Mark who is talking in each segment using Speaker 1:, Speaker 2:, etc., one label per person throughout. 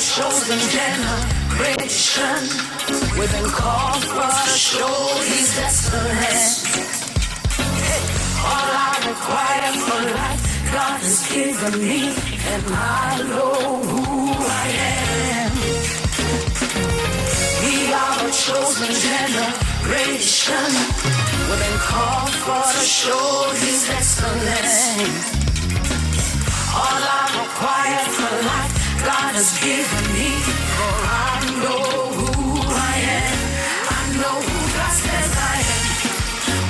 Speaker 1: Chosen generation, we've been called for to show His excellence. All I require for life, God has given me, and I know who I am. We are the chosen generation. We've been called for to show His excellence. All I require for life, God has given me. For I know who I am. I know who God says I am.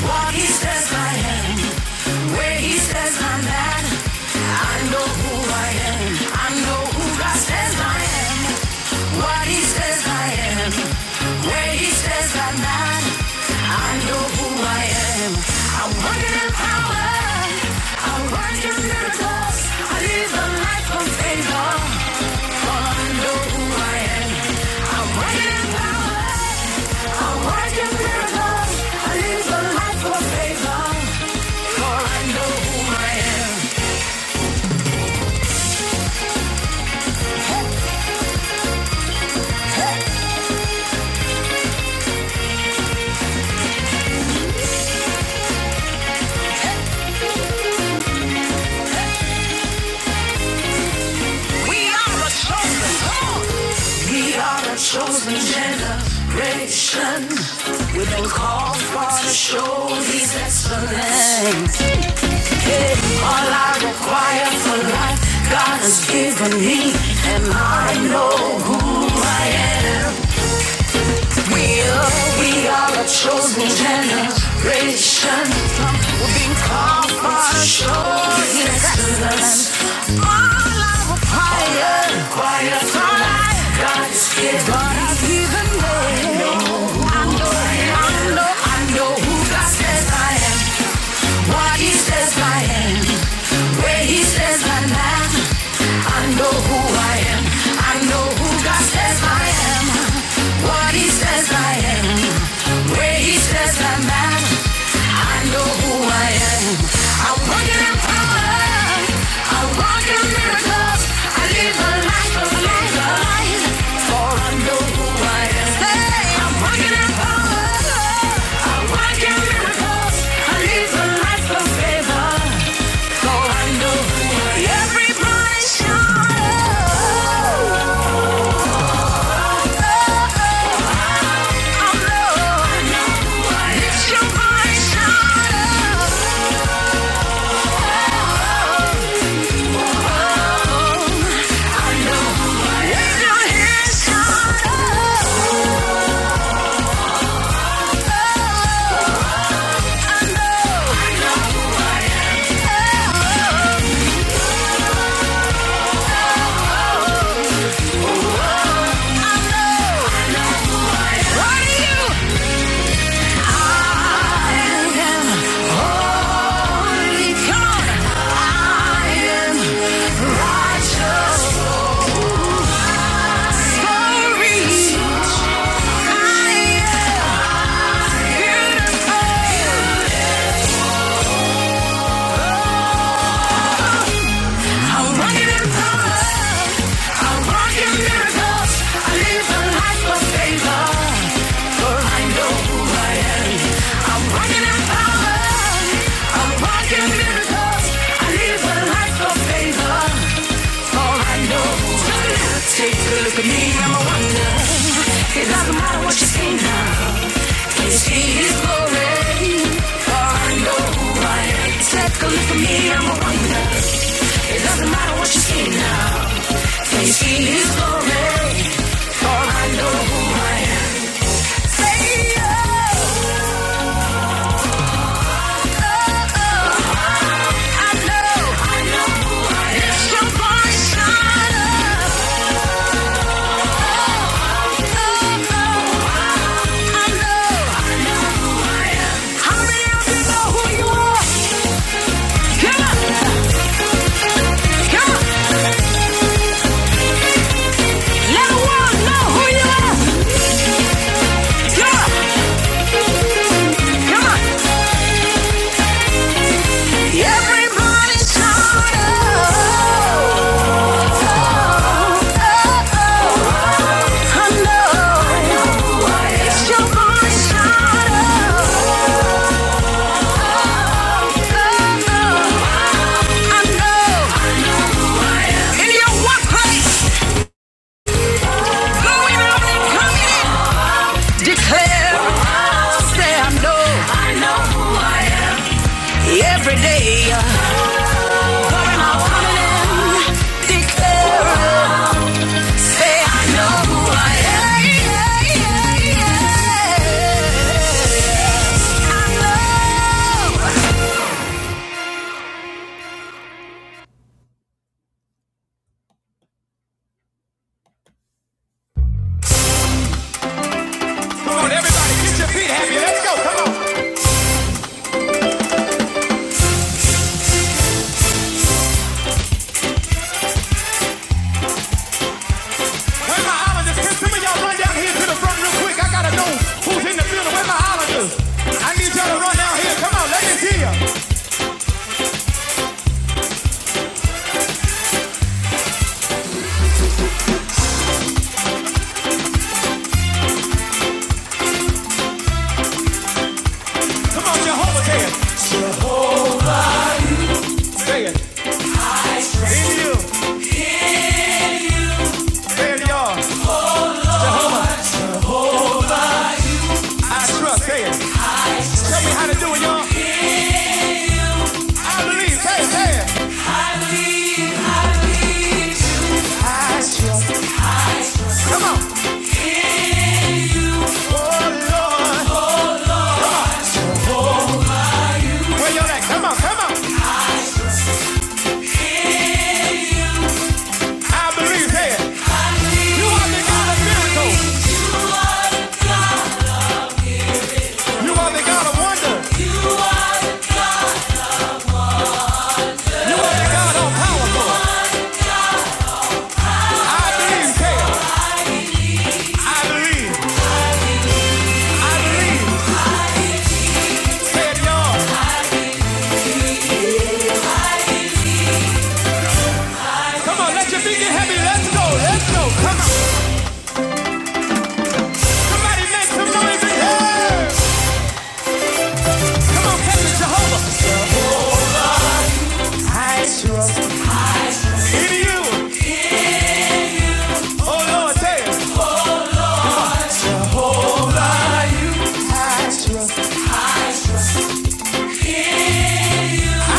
Speaker 1: What he says I am, where he says I'm at. I know who I am. I know who God says I am. What he says I am, where he says I'm at. I know who I am. I work in power. I work in miracles. I live a life of favor. Oh, I know who I am. I work in power. We are a chosen We are a chosen generation. We've been called for to show His excellence. Yeah. All I require for life, God has given me, and I know who we are. We are a chosen generation. Where he says I'm at, I know who I am. I'm walking in power. I'm walking miracles. I live a life of light. For I know who I am. Hey, I'm walking in power. I'm walking miracles. I live a life of favor. For I know who I am. Everybody shout. Oh, I know. I know who I am. Lift your voice, Oh, know. Sorry, I am beautiful. I'm walking in power. I'm walking miracles. I live a life of favor. For I know I am. I'm walking in power. I'm walking miracles. I live a life of favor. For I know who I am. Take a look at me. I'm a wonder. It doesn't matter what you see now. She is foreign. I know who I am. Take a look for me, I'm a wonder. It doesn't matter what you see now. Face she is foreign. For I know who I am. Say oh, I know, I know who I am. It's your voice, shine up, Oh, oh, I know, I know who I am. How many of you know who you are? Come on, come on. Now I want know who you are. Come on, come on. Everybody's on. Oh, oh, oh. I know. It's your body's on. Oh, I know. In your workplace, going out coming in, declare, say I know. Every day, pouring out, coming in, declaring, say I know who I am. Yeah, yeah, yeah, yeah. Come on, everybody, get your feet happy. Let's go. Come on. Where my islanders? Can some of y'all run down here to the front real quick? I gotta know who's in the building. Where my islanders? I need y'all to run down here. Come on, let me see ya. Come on, Jehovah, say it. Say it. In you, say it, y'all. I trust. Say it. Tell me how to do it, y'all. I believe. Hey, hey. I shall. Come on. Oh, Lord. Where y'all at? Come on, come on. I believe. Hey. You are the God of miracles. You are the God of wonder. You are the God of powerful. I believe. Hey. I believe. I believe. Say it, y'all. Come on. Let your feet get heavy. Let's go. Let's go. Come on. Somebody make some noise in here. Come on. Catch it, Jehovah. I trust In you. Oh, Lord. Say it. I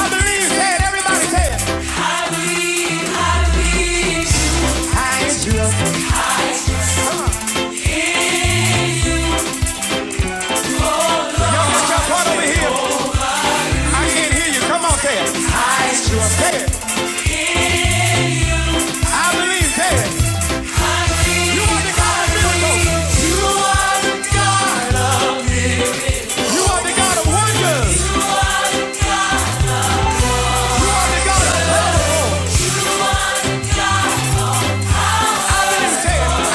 Speaker 1: believe, say everybody say it. Y'all put your part over here. I can't hear you. Come on, say it. Say it. I believe, say You are the God of miracles. You are the God of wonders. You are the God of powerful. Say it, say it,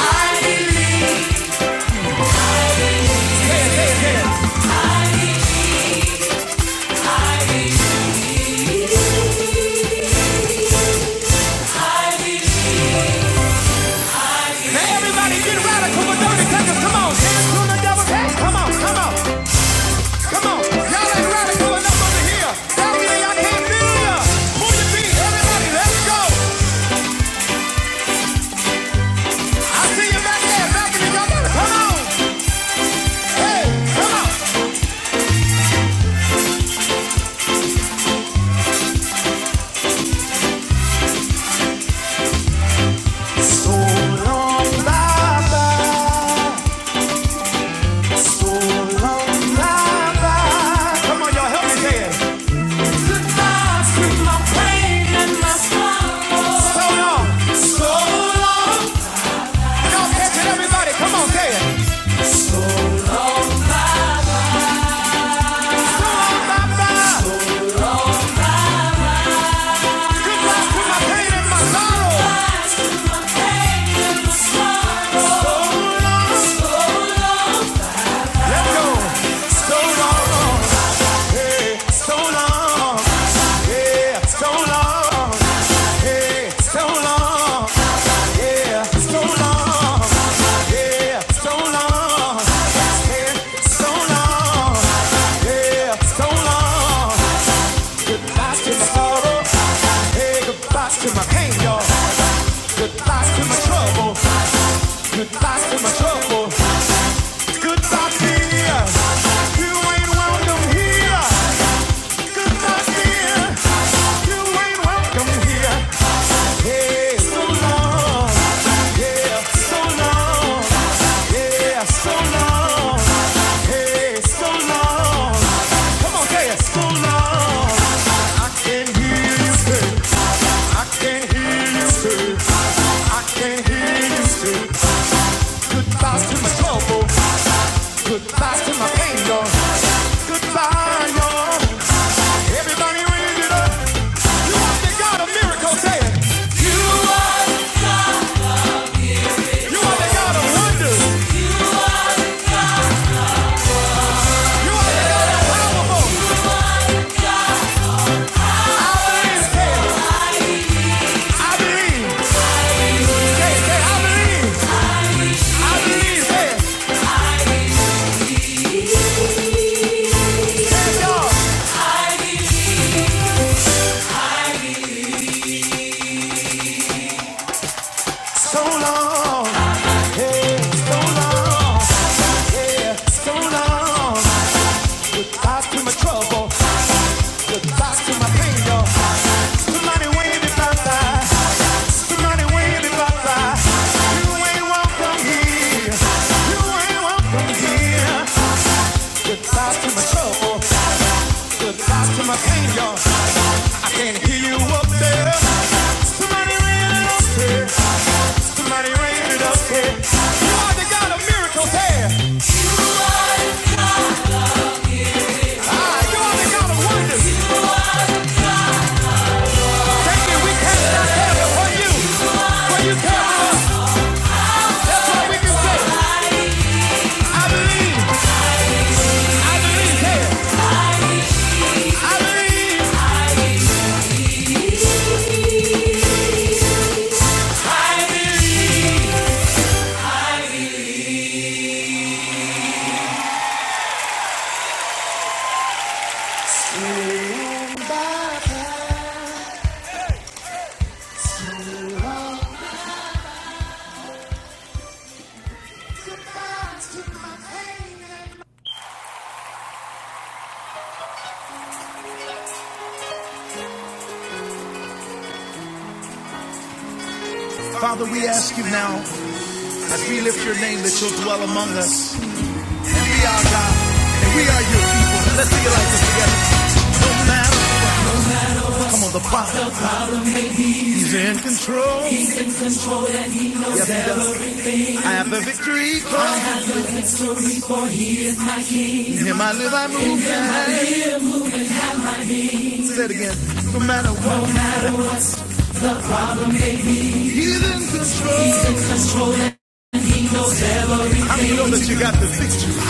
Speaker 1: say it, say it. Now everybody get radical for dirty seconds. Come on, dance to the devil. Hey, come on, come on. Come on, y'all ain't radical enough over here. That mean y'all can't be Move your feet, everybody, let's go. I see you back there, back in the you come on. Hey, come on. So long, bye So long, bye Come on, y'all, help me say So long. So long. Y'all catch it, everybody, come on, say it. Bye-bye. Put Let's go. So long. so long, yeah, so long, yeah, so long, yeah, so long, yeah, so long, yeah, so long, yeah, so long. Goodbye to my sorrow, hey, goodbye to my pain, y'all. Goodbye to my trouble, goodbye to my trouble, goodbye dear. You ain't welcome here. Goodbye fear. You ain't welcome here. Yeah, so long. Yeah, so long. Yeah, so long. Hey, so long. Come on, say it. So long. I can hear you say. I can hear you say. I can hear you say. Goodbye to my trouble. Goodbye to my pain, y'all. Goodbye, y'all. Everybody raise it up. You are the God of miracles, say it. You are. You are the God of wonders. You are the God of powerful. I believe, I believe, I believe, I believe, So long, yeah, so long, yeah, so long. Rise to my trouble, rise to my pain, y'all. Somebody wave if I die. Somebody wave if I die. You ain't welcome here. You ain't welcome here. Goodbye to my trouble. Goodbye to my pain, y'all. I can hear you up there. Somebody ring it up here. Somebody ring it up here. You are the God of miracles here. Ah, you are the God of wonders. Thank you. We can't stop heaven for you. For you tell us. That's why we can say, I believe. I believe here. I believe. Father, we ask you now, as we lift your name, that you'll dwell among us. And we are God. And we are your people. Let's sing it like this together. No matter. Come on, the Father. He's in control. He's so Yes, he I have the victory. In him I live, I move, and I Say it again. No matter what, no matter. he's in control. He's in I many know that you got the victory?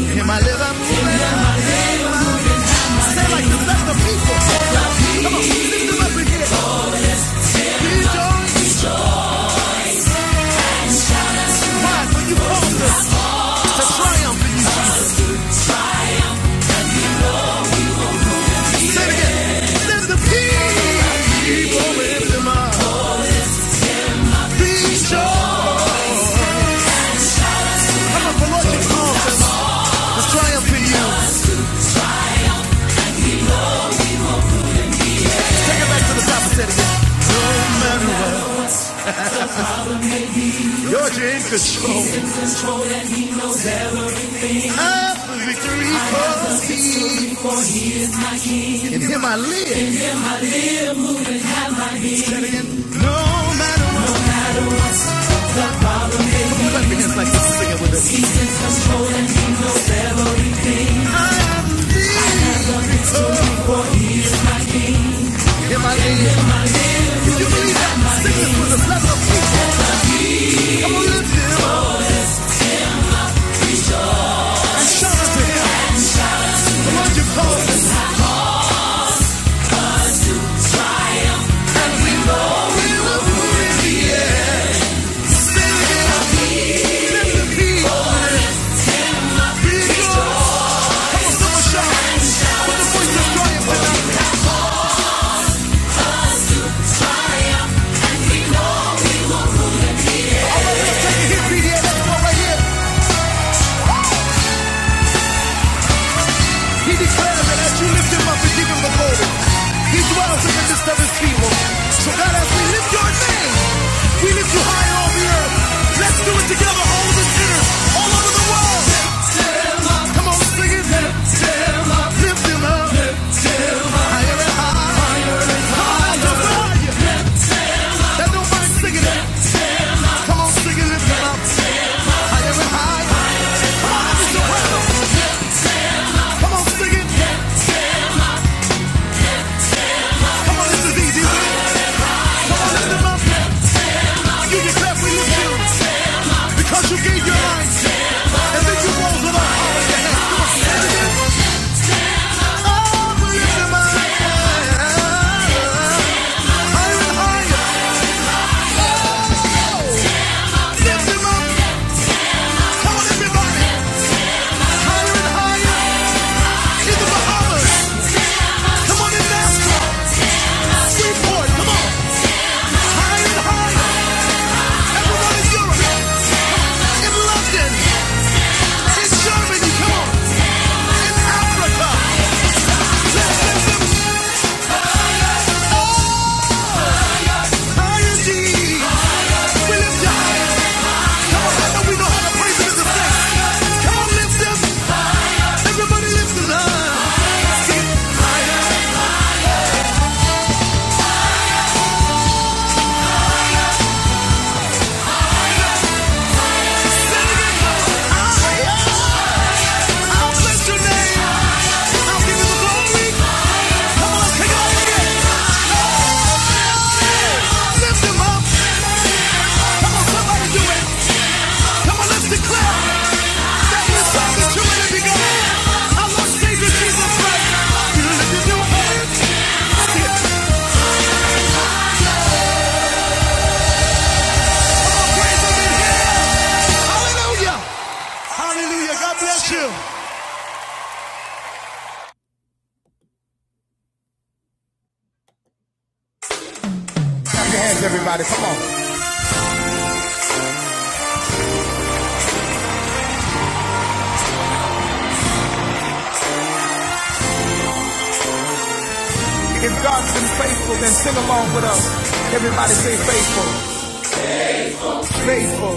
Speaker 1: In him I live, I move, and I Say it like this, let the best of people. Come on, lift him up again. Rejoice. Why? For you called us to triumph in you. Say it again. Let the people lift him up. Rejoice. Come on, for Lord, you called us to triumph in you. Take it back to the top and say it again. No matter what, you're in control. I'm the victory for me. In him I live. Say it again. No matter what. Clap your hands like this and sing it with us. I am the- Him I live. If you believe that, sing this with a level of peace. Come on, lift him up and shout out to him. Come on, you call it. And we know we will do it. Let the beat be yours. Come on, shout. With the voice of triumph. Let's take a hit, BDA, that's one right here. He declares that as you lift him up and the glory, he dwells in the midst of So God, as we lift your name, we lift you high on the earth. Let's do it together, all of the sinners, all over the world. Lift him up. Come on, sing it. Lift him up. Lift him up. Lift him up. Higher and higher. Higher and higher. Let the words sing it out. Come on, sing it, lift 'em up. Higher and higher. Higher is the world. Come on, sing it. Come on, this is easy. with it. Come on, lift 'em up. You declare we lift you because you gave your life and then you rose it up. Oh, yeah. Come on, sing it again. Oh, we lift 'em up. Higher and higher. Oh, lift 'em up. Come on, everybody. Higher and higher. in the Bahamas. Come on in Nashville. come on. Higher and higher. Everyone in Europe. In London. In Germany, come on. In Africa. Let's lift them higher, G. We lift you higher. Come on, I know we know how to praise him in the saints. Come on, lift them. Everybody lift them higher. Higher. Hallelujah. God bless you. God's been faithful, then sing along with us. Everybody say faithful, faithful,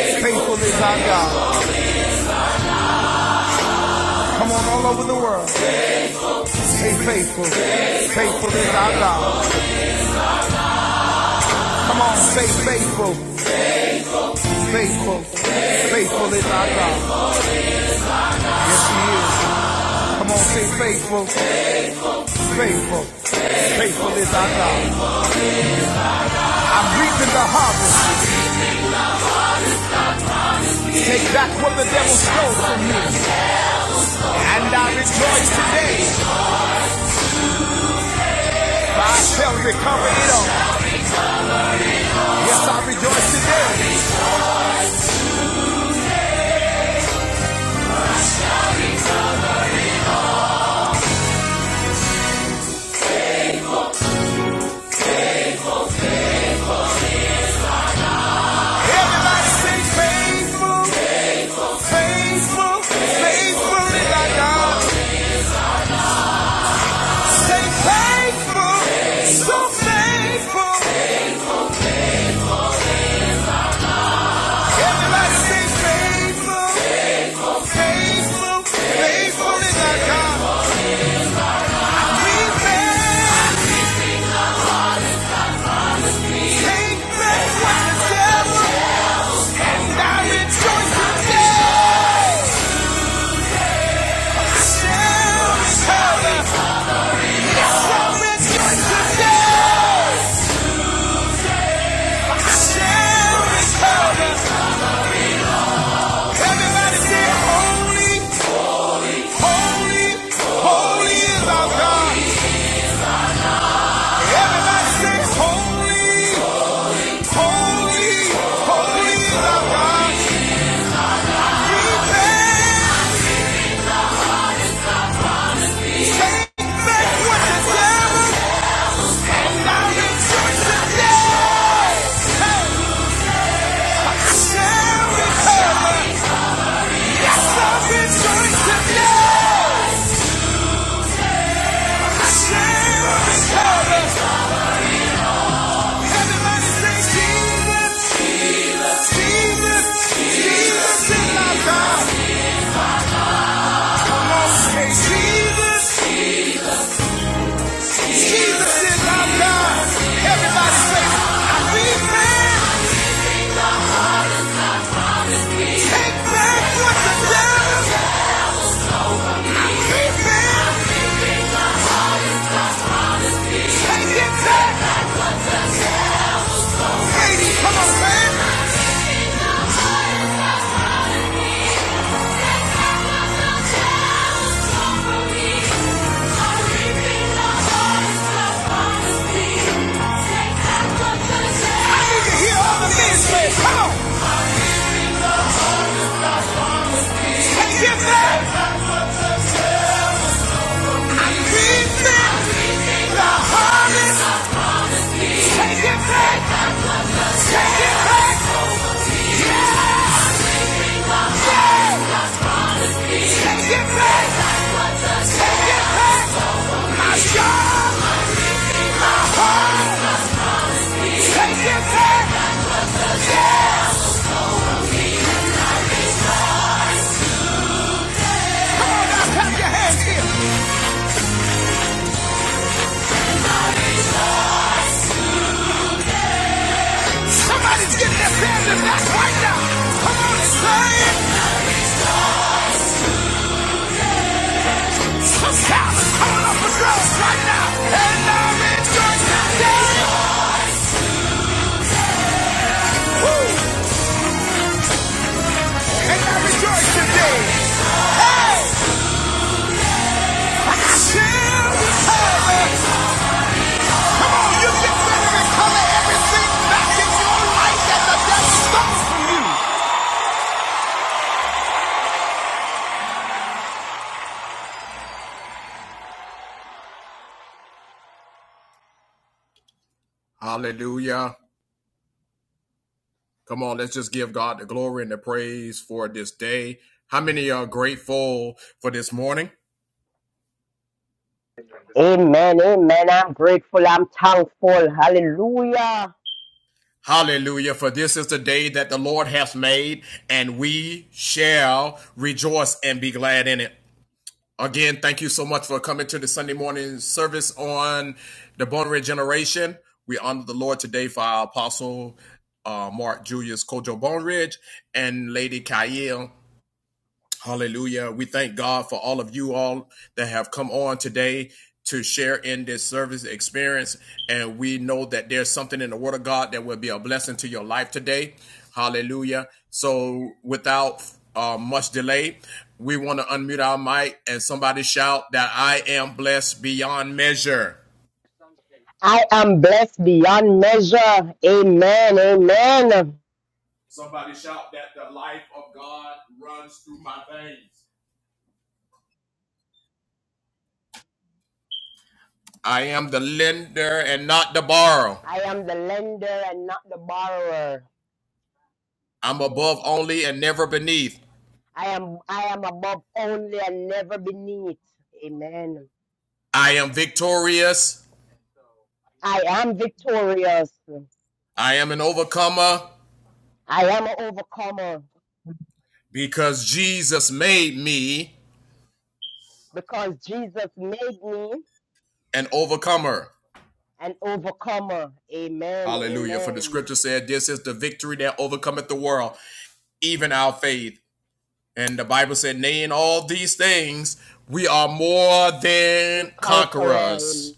Speaker 1: faithful is our God. Come on, all over the world. Say faithful, faithful is our God. Come on, say faithful, faithful, faithful is our God. Yes, He is. Come on, say faithful, faithful, faithful is our God. I'm reaping the harvest. Take back what the devil stole from me. And I rejoice today, for I shall recover it all. Yes, I rejoice today. Everybody say holy, holy, holy is our God. Everybody sings holy, holy, holy is God. We can take back what the devil got in church Share with her. That's our return today. Share with her. Everybody sings Jesus, Jesus, Jesus is our God. Come on, say Jesus, Jesus is what the devil Come on, man. Just shout. Come on up for drugs right now. And now me. I got chills. Hey, man. You can literally color everything back in your life that the devil stole. Hallelujah. Come on, let's just give God the glory and the praise for this day. How many are grateful for this morning?
Speaker 2: Amen. Amen. I'm grateful. I'm thankful. Hallelujah.
Speaker 1: Hallelujah. For this is the day that the Lord hath made, and we shall rejoice and be glad in it. Again, thank you so much for coming to the Sunday morning service on the Born Regeneration. We honor the Lord today for our apostle, uh, Mark Julius Kojo Bone Ridge and Lady Kyle. Hallelujah. We thank God for all of you all that have come on today to share in this service experience. And we know that there's something in the Word of God that will be a blessing to your life today. Hallelujah. So, without uh, much delay, we want to unmute our mic and somebody shout that I am blessed beyond measure.
Speaker 2: I am blessed beyond measure. Amen. Amen.
Speaker 1: Somebody shout that the life of God runs through my veins. I am the lender and not the borrower.
Speaker 2: I am the lender and not the borrower.
Speaker 1: I'm above only and never beneath.
Speaker 2: I am I am above only and never beneath. Amen.
Speaker 1: I am victorious.
Speaker 2: I am victorious.
Speaker 1: I am an overcomer
Speaker 2: I am an overcomer
Speaker 1: because Jesus made me
Speaker 2: because Jesus made me
Speaker 1: an overcomer.
Speaker 2: an overcomer. Amen.
Speaker 1: Hallelujah. For the
Speaker 2: Amen.
Speaker 1: scripture said, This is the victory that overcometh the world, even our faith. And the Bible said, Nay, in all these things, we are more
Speaker 2: A
Speaker 1: than
Speaker 2: conqueror. Amen.
Speaker 1: conquerors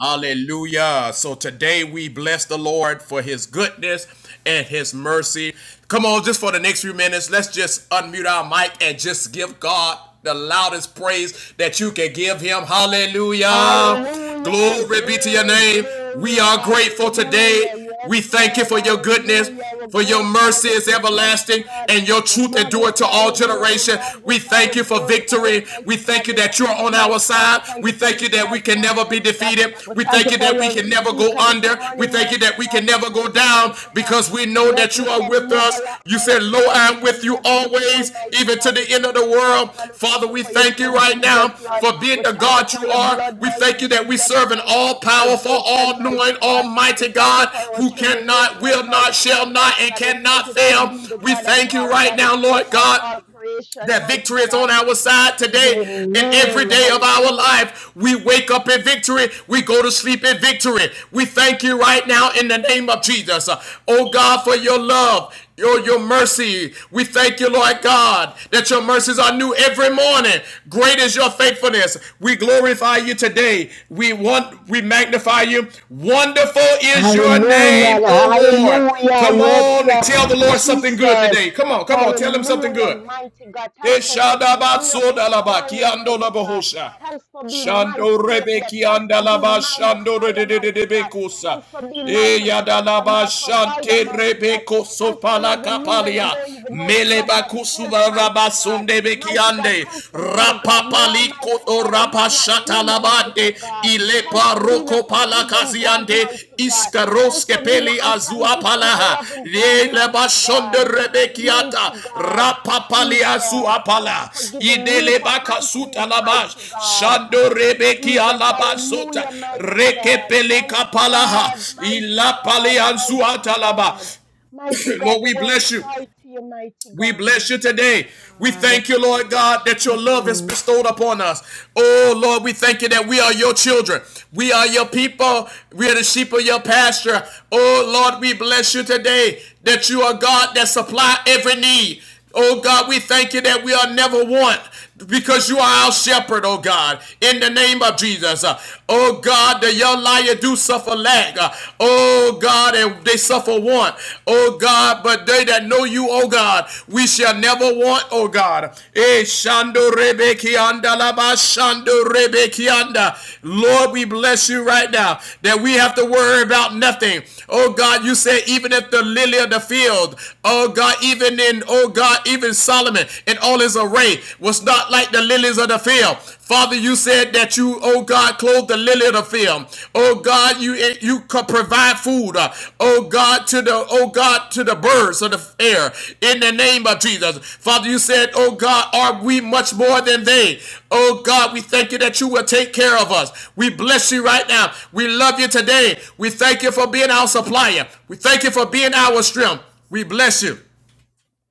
Speaker 1: Hallelujah. So today we bless the Lord for his goodness and his mercy. Come on, just for the next few minutes, let's just unmute our mic and just give God the loudest praise that you can give him. Hallelujah.
Speaker 2: Hallelujah.
Speaker 1: Glory be to your
Speaker 2: Glory,
Speaker 1: name. We
Speaker 2: glory.
Speaker 1: are grateful today.
Speaker 2: Hallelujah. Yes,
Speaker 1: We thank you
Speaker 2: Lord.
Speaker 1: for your goodness.
Speaker 2: Hallelujah. We
Speaker 1: For your
Speaker 2: glorify
Speaker 1: mercy
Speaker 2: your
Speaker 1: is
Speaker 2: name, mighty
Speaker 1: everlasting
Speaker 2: God.
Speaker 1: and your
Speaker 2: We
Speaker 1: truth endureth to
Speaker 2: magnify
Speaker 1: all
Speaker 2: your name. We
Speaker 1: generation. We
Speaker 2: magnify,
Speaker 1: thank
Speaker 2: we
Speaker 1: you for
Speaker 2: glorify your
Speaker 1: victory. We
Speaker 2: mighty God.
Speaker 1: thank you
Speaker 2: We
Speaker 1: that you're
Speaker 2: thank you,
Speaker 1: on our
Speaker 2: mighty God. We
Speaker 1: side.
Speaker 2: thank
Speaker 1: We
Speaker 2: you for
Speaker 1: thank
Speaker 2: this
Speaker 1: you that we can
Speaker 2: platform,
Speaker 1: never be
Speaker 2: mighty God.
Speaker 1: defeated.
Speaker 2: We
Speaker 1: We
Speaker 2: thank
Speaker 1: thank
Speaker 2: you
Speaker 1: you
Speaker 2: for
Speaker 1: that we
Speaker 2: your
Speaker 1: can never go
Speaker 2: speaker this
Speaker 1: under. We
Speaker 2: morning,
Speaker 1: thank you
Speaker 2: mighty
Speaker 1: that we
Speaker 2: God.
Speaker 1: can
Speaker 2: We
Speaker 1: never go
Speaker 2: thank you,
Speaker 1: down
Speaker 2: mighty God.
Speaker 1: because we know
Speaker 2: Yes,
Speaker 1: that
Speaker 2: we
Speaker 1: you are
Speaker 2: can
Speaker 1: with
Speaker 2: never
Speaker 1: us.
Speaker 2: lack,
Speaker 1: You said, said,
Speaker 2: mighty
Speaker 1: Lo,
Speaker 2: God. We
Speaker 1: I'm with
Speaker 2: can
Speaker 1: you
Speaker 2: never be poor,
Speaker 1: always,
Speaker 2: mighty
Speaker 1: even to
Speaker 2: God.
Speaker 1: the
Speaker 2: We
Speaker 1: end of
Speaker 2: thank
Speaker 1: the
Speaker 2: you, mighty
Speaker 1: world.
Speaker 2: God. We
Speaker 1: Father,
Speaker 2: thank you
Speaker 1: we
Speaker 2: for your
Speaker 1: thank you
Speaker 2: son,
Speaker 1: right now
Speaker 2: Jesus, Lord.
Speaker 1: for being
Speaker 2: We
Speaker 1: the
Speaker 2: thank you
Speaker 1: God
Speaker 2: for
Speaker 1: you
Speaker 2: your
Speaker 1: are.
Speaker 2: blood,
Speaker 1: We
Speaker 2: mighty
Speaker 1: thank you that we
Speaker 2: Jesus. We
Speaker 1: serve an
Speaker 2: thank you
Speaker 1: all
Speaker 2: for
Speaker 1: powerful,
Speaker 2: salvation,
Speaker 1: all knowing,
Speaker 2: mighty God. We
Speaker 1: almighty
Speaker 2: thank you
Speaker 1: God
Speaker 2: for our
Speaker 1: who cannot,
Speaker 2: tribulation,
Speaker 1: will not,
Speaker 2: mighty God,
Speaker 1: shall not,
Speaker 2: mighty
Speaker 1: and
Speaker 2: God. We thank
Speaker 1: cannot
Speaker 2: you for
Speaker 1: fail.
Speaker 2: being the
Speaker 1: We
Speaker 2: God of
Speaker 1: thank you
Speaker 2: all,
Speaker 1: right
Speaker 2: God, the
Speaker 1: now, Lord
Speaker 2: creator of
Speaker 1: God
Speaker 2: all creation,
Speaker 1: that
Speaker 2: mighty
Speaker 1: victory is
Speaker 2: God.
Speaker 1: on our side
Speaker 2: Mighty,
Speaker 1: today and every
Speaker 2: amen.
Speaker 1: day of our
Speaker 2: Hallelujah.
Speaker 1: life. We wake up in victory. We go to sleep in victory. We thank you right now in the name of Jesus. Uh, Oh God, for your love. Your, your mercy. We thank you, Lord God, that your mercies are new every morning. Great is your faithfulness. We glorify you today. We want we magnify you. Wonderful is your name,
Speaker 2: Hallelujah,
Speaker 1: oh Lord.
Speaker 2: hallelujah,
Speaker 1: Come
Speaker 2: yes,
Speaker 1: on, tell the
Speaker 2: Lord
Speaker 1: Lord something good
Speaker 2: Jesus.
Speaker 1: today. Come on, come on, tell him something
Speaker 2: Hallelujah,
Speaker 1: good.
Speaker 2: mighty God. Thanks for waking me up this
Speaker 1: Eshadabatsodalaba
Speaker 2: morning, mighty God.
Speaker 1: kiandolabahosha.
Speaker 2: Thanks for being my
Speaker 1: Shando
Speaker 2: Savior.
Speaker 1: rebeki
Speaker 2: Thanks for being
Speaker 1: andalaba
Speaker 2: my
Speaker 1: shando
Speaker 2: Messiah, mighty God.
Speaker 1: redededebekusa.
Speaker 2: Thanks for being my protector, my
Speaker 1: Eyadalaba
Speaker 2: provider,
Speaker 1: shante
Speaker 2: mighty God.
Speaker 1: rebeko
Speaker 2: Thanks for
Speaker 1: sopala
Speaker 2: loving me when I
Speaker 1: kapalia.
Speaker 2: don't even know to love
Speaker 1: Meleba
Speaker 2: myself,
Speaker 1: kusuva
Speaker 2: mighty God.
Speaker 1: rabasunde
Speaker 2: Mighty God,
Speaker 1: bekiande.
Speaker 2: thanks for being the God you are,
Speaker 1: Rapapaliko
Speaker 2: mighty
Speaker 1: o
Speaker 2: God, and you are not human,
Speaker 1: rapashatalabande.
Speaker 2: mighty God. Thanks
Speaker 1: Ilepa
Speaker 2: for being a
Speaker 1: roko
Speaker 2: forgiving God,
Speaker 1: palakaziande.
Speaker 2: mighty God. Thanks for being an
Speaker 1: Iskaroskepeli
Speaker 2: unconditional
Speaker 1: azuapalaha.
Speaker 2: loving God,
Speaker 1: Yele
Speaker 2: mighty
Speaker 1: bashonde
Speaker 2: God.
Speaker 1: rebekiata.
Speaker 2: Mighty God,
Speaker 1: Rapapali
Speaker 2: Jesus. Thanks for
Speaker 1: azuapala.
Speaker 2: forgiving me
Speaker 1: Idele
Speaker 2: for
Speaker 1: baka
Speaker 2: my
Speaker 1: suta
Speaker 2: sins,
Speaker 1: labash.
Speaker 2: mighty God.
Speaker 1: Shando rebeki
Speaker 2: Jesus,
Speaker 1: alabasota.
Speaker 2: hallelujah, mighty God,
Speaker 1: Rekepele
Speaker 2: mighty
Speaker 1: kapalaha.
Speaker 2: God, mighty
Speaker 1: Ilapali
Speaker 2: God, mighty
Speaker 1: azuata laba.
Speaker 2: God. Mighty God,
Speaker 1: Lord,
Speaker 2: the
Speaker 1: we
Speaker 2: world
Speaker 1: bless you.
Speaker 2: cry to you, mighty
Speaker 1: We
Speaker 2: God,
Speaker 1: bless you today.
Speaker 2: mighty
Speaker 1: We
Speaker 2: God.
Speaker 1: thank you, Lord God, that your love is
Speaker 2: Jesus.
Speaker 1: bestowed upon us. Oh, Lord, we thank you that we are your children. We are your people. We are the sheep of your pasture. Oh, Lord, we bless you today that you are God that supply every need. Oh God, we thank you that we are never want because you are our shepherd, oh God, in the name of Jesus. Uh, Oh God, the young lion do suffer lack. Uh, Oh God, and they suffer want. Oh God, but they that know you, oh God, we shall never want, oh God. Eh, shando rebe laba shando rebe Lord, we bless you right now that we have to worry about nothing. Oh God, you said even if the lily of the field, oh God, even and then, oh God, even Solomon in all his array was not like the lilies of the field. Father, you said that you, oh God, clothed the lily of the field. Oh God, you you could provide food. uh, Oh God, to the oh God to the birds of the air. In the name of Jesus, Father, you said, oh God, are we much more than they? Oh God, we thank you that you will take care of us. We bless you right now. We love you today. We thank you for being our supplier. We thank you for being our strength. We bless you.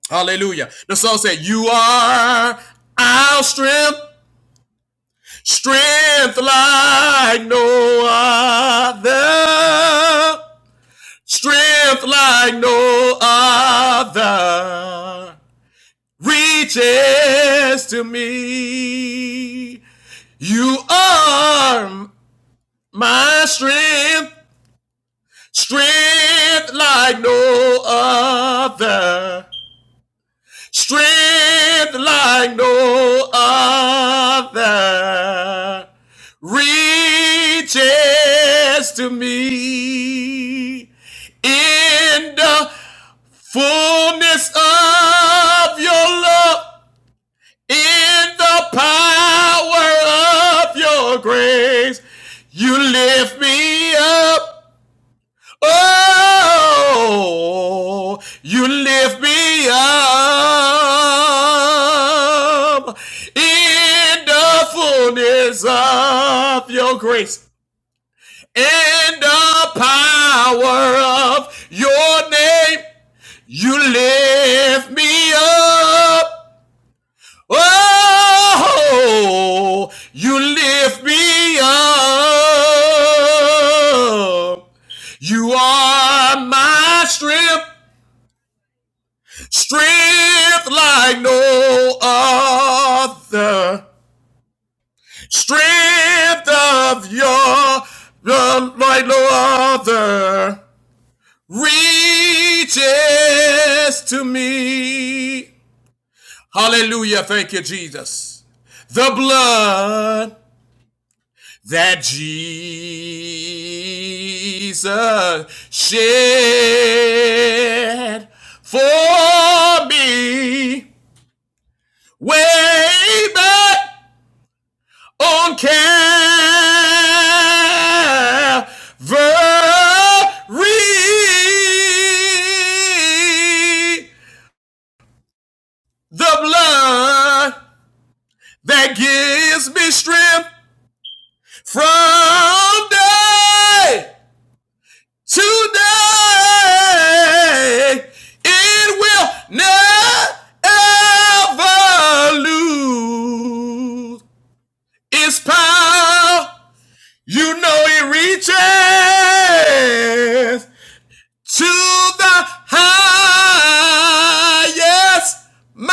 Speaker 1: Hallelujah. The song said, You are our strength, strength like no other, strength like no other reaches to me. You are my strength, strength like no other. strength like no other reaches to me in the fullness of your love, in the power of your grace. You lift me up Oh, you lift me up in the fullness of your grace and the power of your name. You lift me up. Oh, you lift me up. You are my strength. Strength like no other. Strength of your, your like no other. Reaches to me. Hallelujah. Thank you, Jesus. The blood that Jesus shed for me way back on Calvary. The blood that gives me strength from day to day. It will never lose its power. You know it reaches to the highest mountain.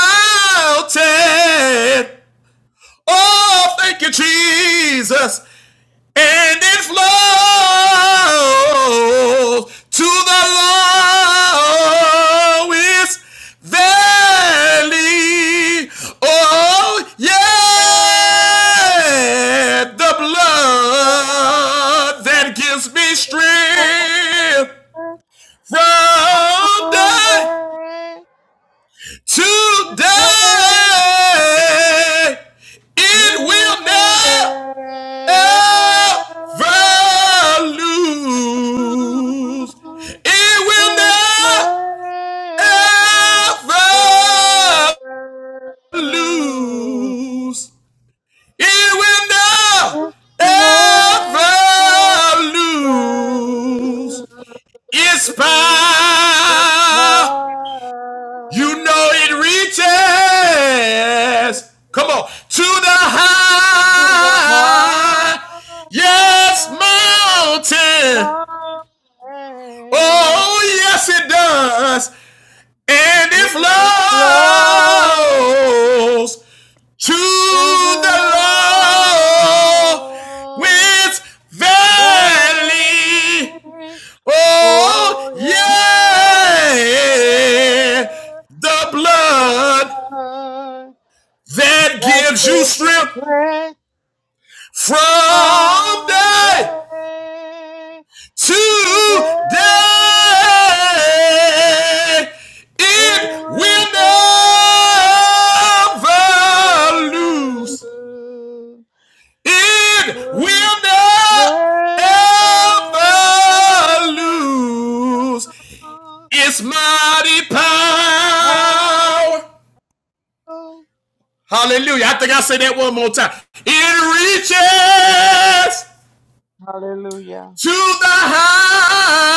Speaker 1: Oh, thank you, Jesus. And it flows to the lowest valley. Oh, yeah, the blood that gives me strength from day to day, it will never
Speaker 3: Hallelujah.
Speaker 1: lose. It will never lose. It will
Speaker 3: Just Slow
Speaker 1: never lose. It's power You know it reaches.
Speaker 3: to
Speaker 1: Come on. To the
Speaker 3: the
Speaker 1: high.
Speaker 3: highest
Speaker 1: Yes, mountain.
Speaker 3: mountain,
Speaker 1: Oh, yes, it does. And it
Speaker 3: it flows
Speaker 1: flows to
Speaker 3: to the
Speaker 1: the low with
Speaker 3: lowest
Speaker 1: valley.
Speaker 3: valley.
Speaker 1: Oh,
Speaker 3: Oh, yeah,
Speaker 1: yeah. The
Speaker 3: the
Speaker 1: blood
Speaker 3: blood
Speaker 1: that
Speaker 3: that
Speaker 1: gives you
Speaker 3: gave me
Speaker 1: strength
Speaker 3: strength
Speaker 1: from
Speaker 3: from
Speaker 1: day
Speaker 3: day to
Speaker 1: to day. It
Speaker 3: day. It will
Speaker 1: will never
Speaker 3: never,
Speaker 1: lose. It
Speaker 3: will
Speaker 1: will
Speaker 3: never,
Speaker 1: never lose. It's mighty power. Hallelujah. I think I say that one more time. It reaches
Speaker 3: Hallelujah.
Speaker 1: to the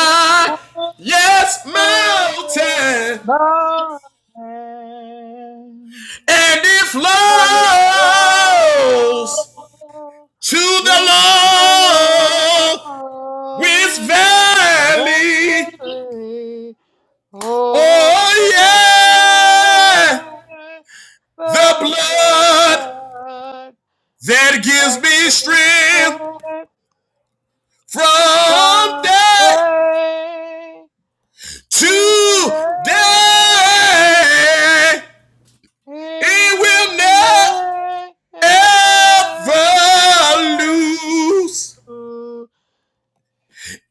Speaker 3: Higher
Speaker 1: yes, mountain,
Speaker 3: thy name,
Speaker 1: and it
Speaker 3: and it grows
Speaker 1: flows to the
Speaker 3: to
Speaker 1: low, with
Speaker 3: glory
Speaker 1: valley.
Speaker 3: very oh
Speaker 1: Oh,
Speaker 3: bear
Speaker 1: yeah, the
Speaker 3: the
Speaker 1: blood
Speaker 3: blood
Speaker 1: that gives
Speaker 3: that
Speaker 1: me
Speaker 3: gives
Speaker 1: strength
Speaker 3: head
Speaker 1: from
Speaker 3: from
Speaker 1: day
Speaker 3: grace. It
Speaker 1: to day.
Speaker 3: It will
Speaker 1: It will never
Speaker 3: never
Speaker 1: ever lose.
Speaker 3: do.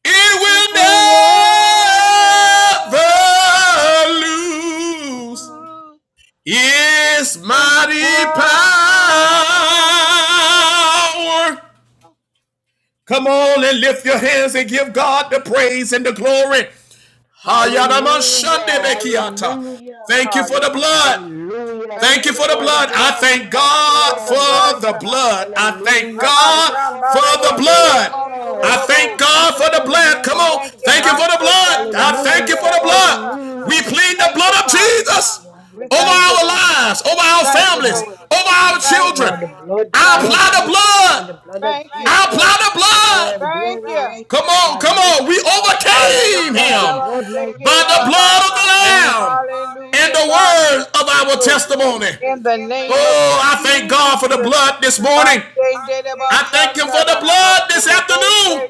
Speaker 1: It will
Speaker 3: It will never
Speaker 1: never lose. It's
Speaker 3: never
Speaker 1: mighty power. Come on and lift your hands and give God the praise and the glory. Hayadama
Speaker 2: Hallelujah,
Speaker 1: shande bekiata.
Speaker 2: hallelujah.
Speaker 1: Thank you for the
Speaker 3: Hallelujah.
Speaker 1: blood.
Speaker 2: Hallelujah.
Speaker 3: Thank
Speaker 1: Thank
Speaker 2: Thank
Speaker 3: you
Speaker 1: you
Speaker 2: you
Speaker 1: for the
Speaker 3: for
Speaker 2: for
Speaker 3: it,
Speaker 2: the
Speaker 1: blood.
Speaker 3: God.
Speaker 1: I
Speaker 2: blood.
Speaker 1: thank
Speaker 2: Thank
Speaker 3: Thank
Speaker 2: you,
Speaker 3: you
Speaker 1: God
Speaker 3: for the
Speaker 2: Lord.
Speaker 1: for
Speaker 3: blood,
Speaker 1: the
Speaker 3: God.
Speaker 1: blood. I thank
Speaker 2: Hallelujah.
Speaker 3: Ah,
Speaker 2: Thank
Speaker 1: God
Speaker 2: you for the
Speaker 1: for
Speaker 3: Shambara
Speaker 1: the
Speaker 3: de
Speaker 2: blood. Yes,
Speaker 3: Kere
Speaker 1: blood.
Speaker 2: Lord.
Speaker 1: I thank
Speaker 2: Thank
Speaker 1: God
Speaker 2: you
Speaker 1: for the
Speaker 2: for the
Speaker 1: blood.
Speaker 2: blood,
Speaker 1: Come on.
Speaker 3: Thank
Speaker 2: mighty
Speaker 3: you.
Speaker 1: Thank you
Speaker 2: God.
Speaker 1: for the
Speaker 3: Hashtag
Speaker 1: blood. I thank you
Speaker 2: Hallelujah.
Speaker 1: for the
Speaker 3: and
Speaker 1: blood. We
Speaker 2: Hallelujah.
Speaker 1: plead the
Speaker 3: Thank you,
Speaker 1: blood of
Speaker 3: Father.
Speaker 1: Jesus
Speaker 2: Hallelujah. The
Speaker 3: We
Speaker 1: over
Speaker 2: blood
Speaker 3: thank
Speaker 2: of
Speaker 3: you,
Speaker 1: our
Speaker 3: Lord.
Speaker 1: lives,
Speaker 2: Jesus.
Speaker 1: over our
Speaker 2: Yes,
Speaker 3: Thank you
Speaker 1: families,
Speaker 2: Lord.
Speaker 3: for it.
Speaker 1: over our
Speaker 2: Yes,
Speaker 3: Thank
Speaker 1: children.
Speaker 3: you.
Speaker 2: Lord. The blood, the
Speaker 1: I
Speaker 3: Thank
Speaker 2: blood,
Speaker 1: apply
Speaker 3: you.
Speaker 1: the
Speaker 2: mighty
Speaker 1: blood.
Speaker 2: God. The blood of
Speaker 3: Thank you.
Speaker 1: I apply
Speaker 2: Jesus.
Speaker 1: the
Speaker 2: Over
Speaker 1: blood.
Speaker 2: our
Speaker 3: Thank
Speaker 2: doorway,
Speaker 3: you.
Speaker 2: mighty
Speaker 1: Come on,
Speaker 2: God.
Speaker 1: come
Speaker 2: Yes,
Speaker 1: on. We
Speaker 2: Lord. The
Speaker 3: Hallelujah.
Speaker 1: overcame
Speaker 2: blood, the
Speaker 1: him
Speaker 2: blood, mighty
Speaker 1: by the
Speaker 2: Jesus.
Speaker 1: blood of
Speaker 2: Your
Speaker 1: the
Speaker 3: Da-da-da-ba-se-ge-da-ba-ba-sa.
Speaker 2: blood.
Speaker 1: Lamb and
Speaker 3: Hallelujah.
Speaker 1: the
Speaker 3: God, we
Speaker 1: word of
Speaker 3: give you
Speaker 1: our
Speaker 3: glory.
Speaker 1: testimony.
Speaker 3: In the name of
Speaker 1: Oh, I thank God for the
Speaker 3: Jesus.
Speaker 1: blood this morning. I thank Him for the blood this afternoon.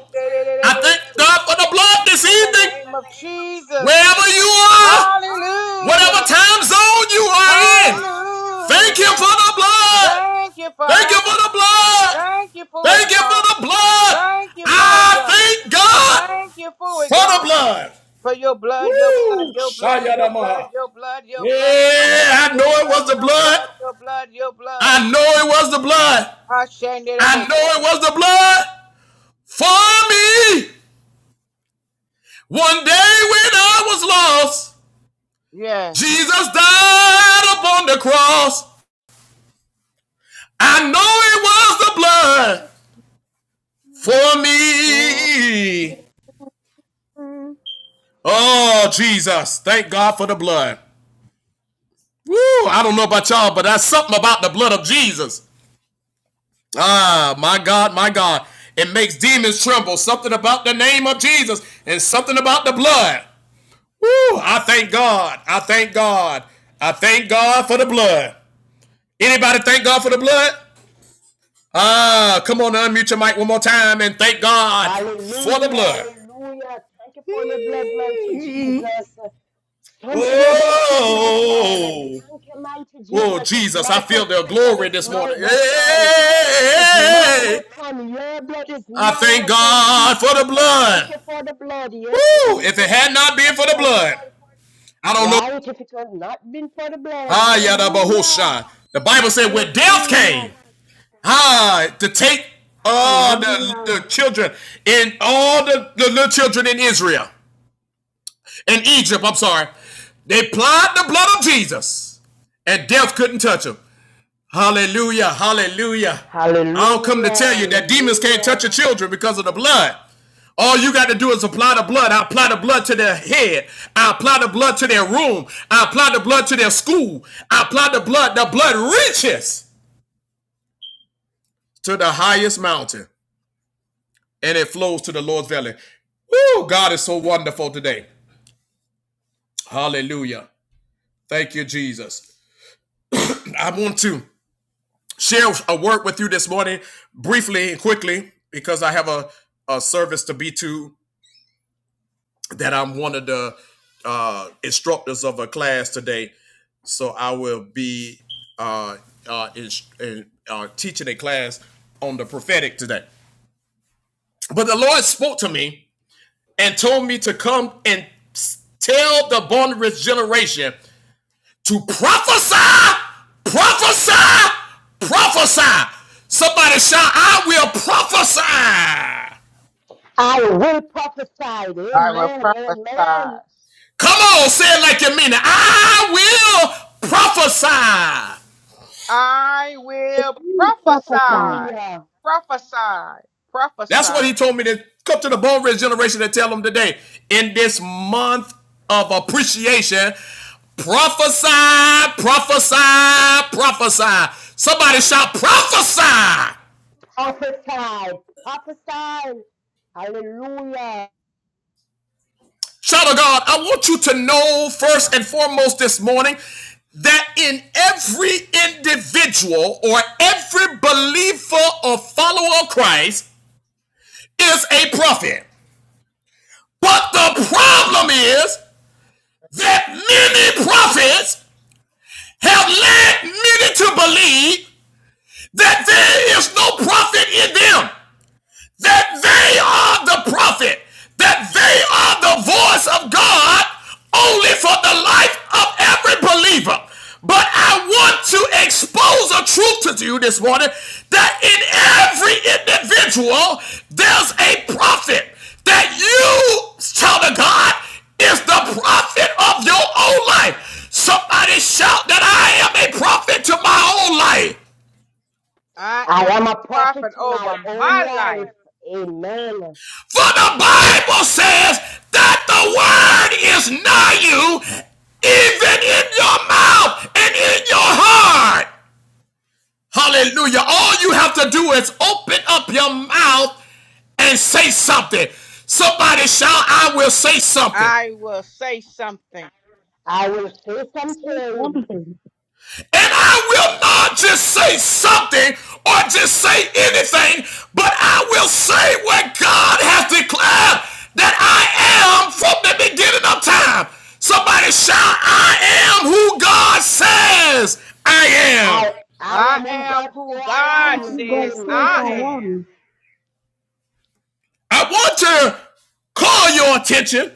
Speaker 1: I thank God for the blood this
Speaker 3: In the
Speaker 1: evening.
Speaker 3: name of Jesus.
Speaker 1: Wherever you are, whatever
Speaker 3: Hallelujah.
Speaker 1: time zone you are in, thank Him for
Speaker 3: Hallelujah.
Speaker 1: the blood.
Speaker 3: Thank you,
Speaker 1: Thank Him
Speaker 3: Father.
Speaker 1: for the blood.
Speaker 3: Thank you for it,
Speaker 1: Thank you
Speaker 3: God.
Speaker 1: for the blood.
Speaker 3: Thank you for it,
Speaker 1: I
Speaker 3: God.
Speaker 1: thank God
Speaker 3: Thank you for it,
Speaker 1: for the
Speaker 3: God.
Speaker 1: blood.
Speaker 3: For your blood, your blood,
Speaker 1: Woo!
Speaker 3: your blood, your blood,
Speaker 1: Shayadamaha.
Speaker 3: your blood, your blood, your blood,
Speaker 1: Yeah, I know
Speaker 3: your
Speaker 1: it
Speaker 3: blood,
Speaker 1: was the
Speaker 3: your
Speaker 1: blood.
Speaker 3: blood, your blood, your blood.
Speaker 1: I know it was the blood.
Speaker 3: Hashanah.
Speaker 1: I know it was the blood for me. One day when I was lost,
Speaker 3: Yes.
Speaker 1: Jesus died upon the cross. I know it was the blood
Speaker 3: Mm.
Speaker 1: for me. Oh, Jesus. Thank God for the blood. Woo! I don't know about y'all, but that's something about the blood of Jesus. Ah, my God, my God. It makes demons tremble. Something about the name of Jesus and something about the blood. Woo! I thank God. I thank God. I thank God for the blood. Anybody thank God for the blood? Ah, come on, unmute your mic one more time and thank God for the
Speaker 2: Hallelujah,
Speaker 1: blood.
Speaker 2: hallelujah. Thank you for your blood, mighty Jesus. Something about your blood, Lord.
Speaker 1: Whoa!
Speaker 2: Thank you, mighty
Speaker 1: Whoa,
Speaker 2: Jesus. It's
Speaker 1: Jesus,
Speaker 2: my
Speaker 1: I feel their
Speaker 2: protection,
Speaker 1: glory
Speaker 2: it's
Speaker 1: this
Speaker 2: my
Speaker 1: morning. Hey! hey,
Speaker 2: weapon.
Speaker 1: hey,
Speaker 2: It is
Speaker 1: hey.
Speaker 2: my
Speaker 1: hey, hey.
Speaker 2: weapon. Your blood is
Speaker 1: I
Speaker 2: my
Speaker 1: thank
Speaker 2: weapon,
Speaker 1: God
Speaker 2: Jesus.
Speaker 1: for the
Speaker 2: I thank
Speaker 1: blood.
Speaker 2: you for the blood. Yes,
Speaker 1: Woo! If it
Speaker 2: Jesus.
Speaker 1: had not
Speaker 2: I
Speaker 1: been for the
Speaker 2: thank you for
Speaker 1: blood, I don't know.
Speaker 2: Right, if it had not been for the blood,
Speaker 1: Ah, yada
Speaker 2: hallelujah,
Speaker 1: bahosha. The Bible said when death
Speaker 2: hallelujah,
Speaker 1: came,
Speaker 2: Jesus.
Speaker 1: ah, to take all the, the
Speaker 2: hallelujah.
Speaker 1: children and all the, the little children in Israel, in Egypt, I'm sorry. They plied the blood of Jesus, and death couldn't touch them. Hallelujah. Hallelujah. I'll come
Speaker 2: Hallelujah,
Speaker 1: to tell you that demons can't
Speaker 2: hallelujah.
Speaker 1: touch your children because of the blood. All you got to do is apply the blood. I apply the blood to their head. I apply the blood to their room. I apply the blood to their school. I apply the blood. The blood reaches to the highest mountain and it flows to the Lord's valley. Woo! God is so wonderful today. Hallelujah. Thank you, Jesus. I want to share a word with you this morning briefly and quickly because I have a, a service to be to that I'm one of the uh, instructors of a class today. So I will be uh, uh, in, in, uh, teaching a class on the prophetic today. But the Lord spoke to me and told me to come and tell the vulnerable generation to prophesy, prophesy, prophesy. Somebody shout, I will prophesy.
Speaker 2: I will prophesy.
Speaker 3: I will
Speaker 2: Amen,
Speaker 3: prophesy.
Speaker 2: amen.
Speaker 1: Come on, say it like you mean it. I will prophesy.
Speaker 3: I will
Speaker 4: We prophesy.
Speaker 3: prophesy.
Speaker 2: Hallelujah.
Speaker 3: Prophesy.
Speaker 1: That's what
Speaker 3: Prophesy.
Speaker 1: he told me to come to the Bone Ridge generation and tell them today. In this month of appreciation, prophesy, prophesy, prophesy. Somebody shout, prophesy.
Speaker 2: Prophesy, prophesy. Hallelujah.
Speaker 1: Child of God, I want you to know first and foremost this morning that in every individual or every believer or follower of Christ is a prophet. But the problem is that many prophets have led many to believe that there is no prophet in them. that they are the prophet, that they are the voice of God only for the life of every believer. But I want to expose a truth to you this morning that in every individual, there's a prophet that you, child of God, is the prophet of your own life. Somebody shout that I am a prophet to my own life.
Speaker 3: I
Speaker 2: I
Speaker 3: am a
Speaker 2: am a prophet
Speaker 3: prophet
Speaker 2: to my
Speaker 3: over
Speaker 2: own
Speaker 3: my
Speaker 2: life.
Speaker 3: life.
Speaker 2: Amen.
Speaker 1: For the Bible says that the word is nigh you, even in your mouth and in your heart. Hallelujah. All you have to do is open up your mouth and say something. Somebody shout, I will say something.
Speaker 3: I will say something.
Speaker 2: I will say
Speaker 4: Say
Speaker 2: something.
Speaker 4: something.
Speaker 1: And I will not just say something or just say anything, but I will say what God has declared that I am from the beginning of time. Somebody shout, I am who God says I am.
Speaker 2: I I
Speaker 3: I
Speaker 2: am who God
Speaker 3: am
Speaker 2: say
Speaker 3: who
Speaker 2: I
Speaker 4: Come
Speaker 3: God
Speaker 2: am.
Speaker 4: to God,
Speaker 3: says
Speaker 4: say
Speaker 3: I
Speaker 4: I
Speaker 2: Amen.
Speaker 3: am.
Speaker 4: am.
Speaker 1: I want to call your attention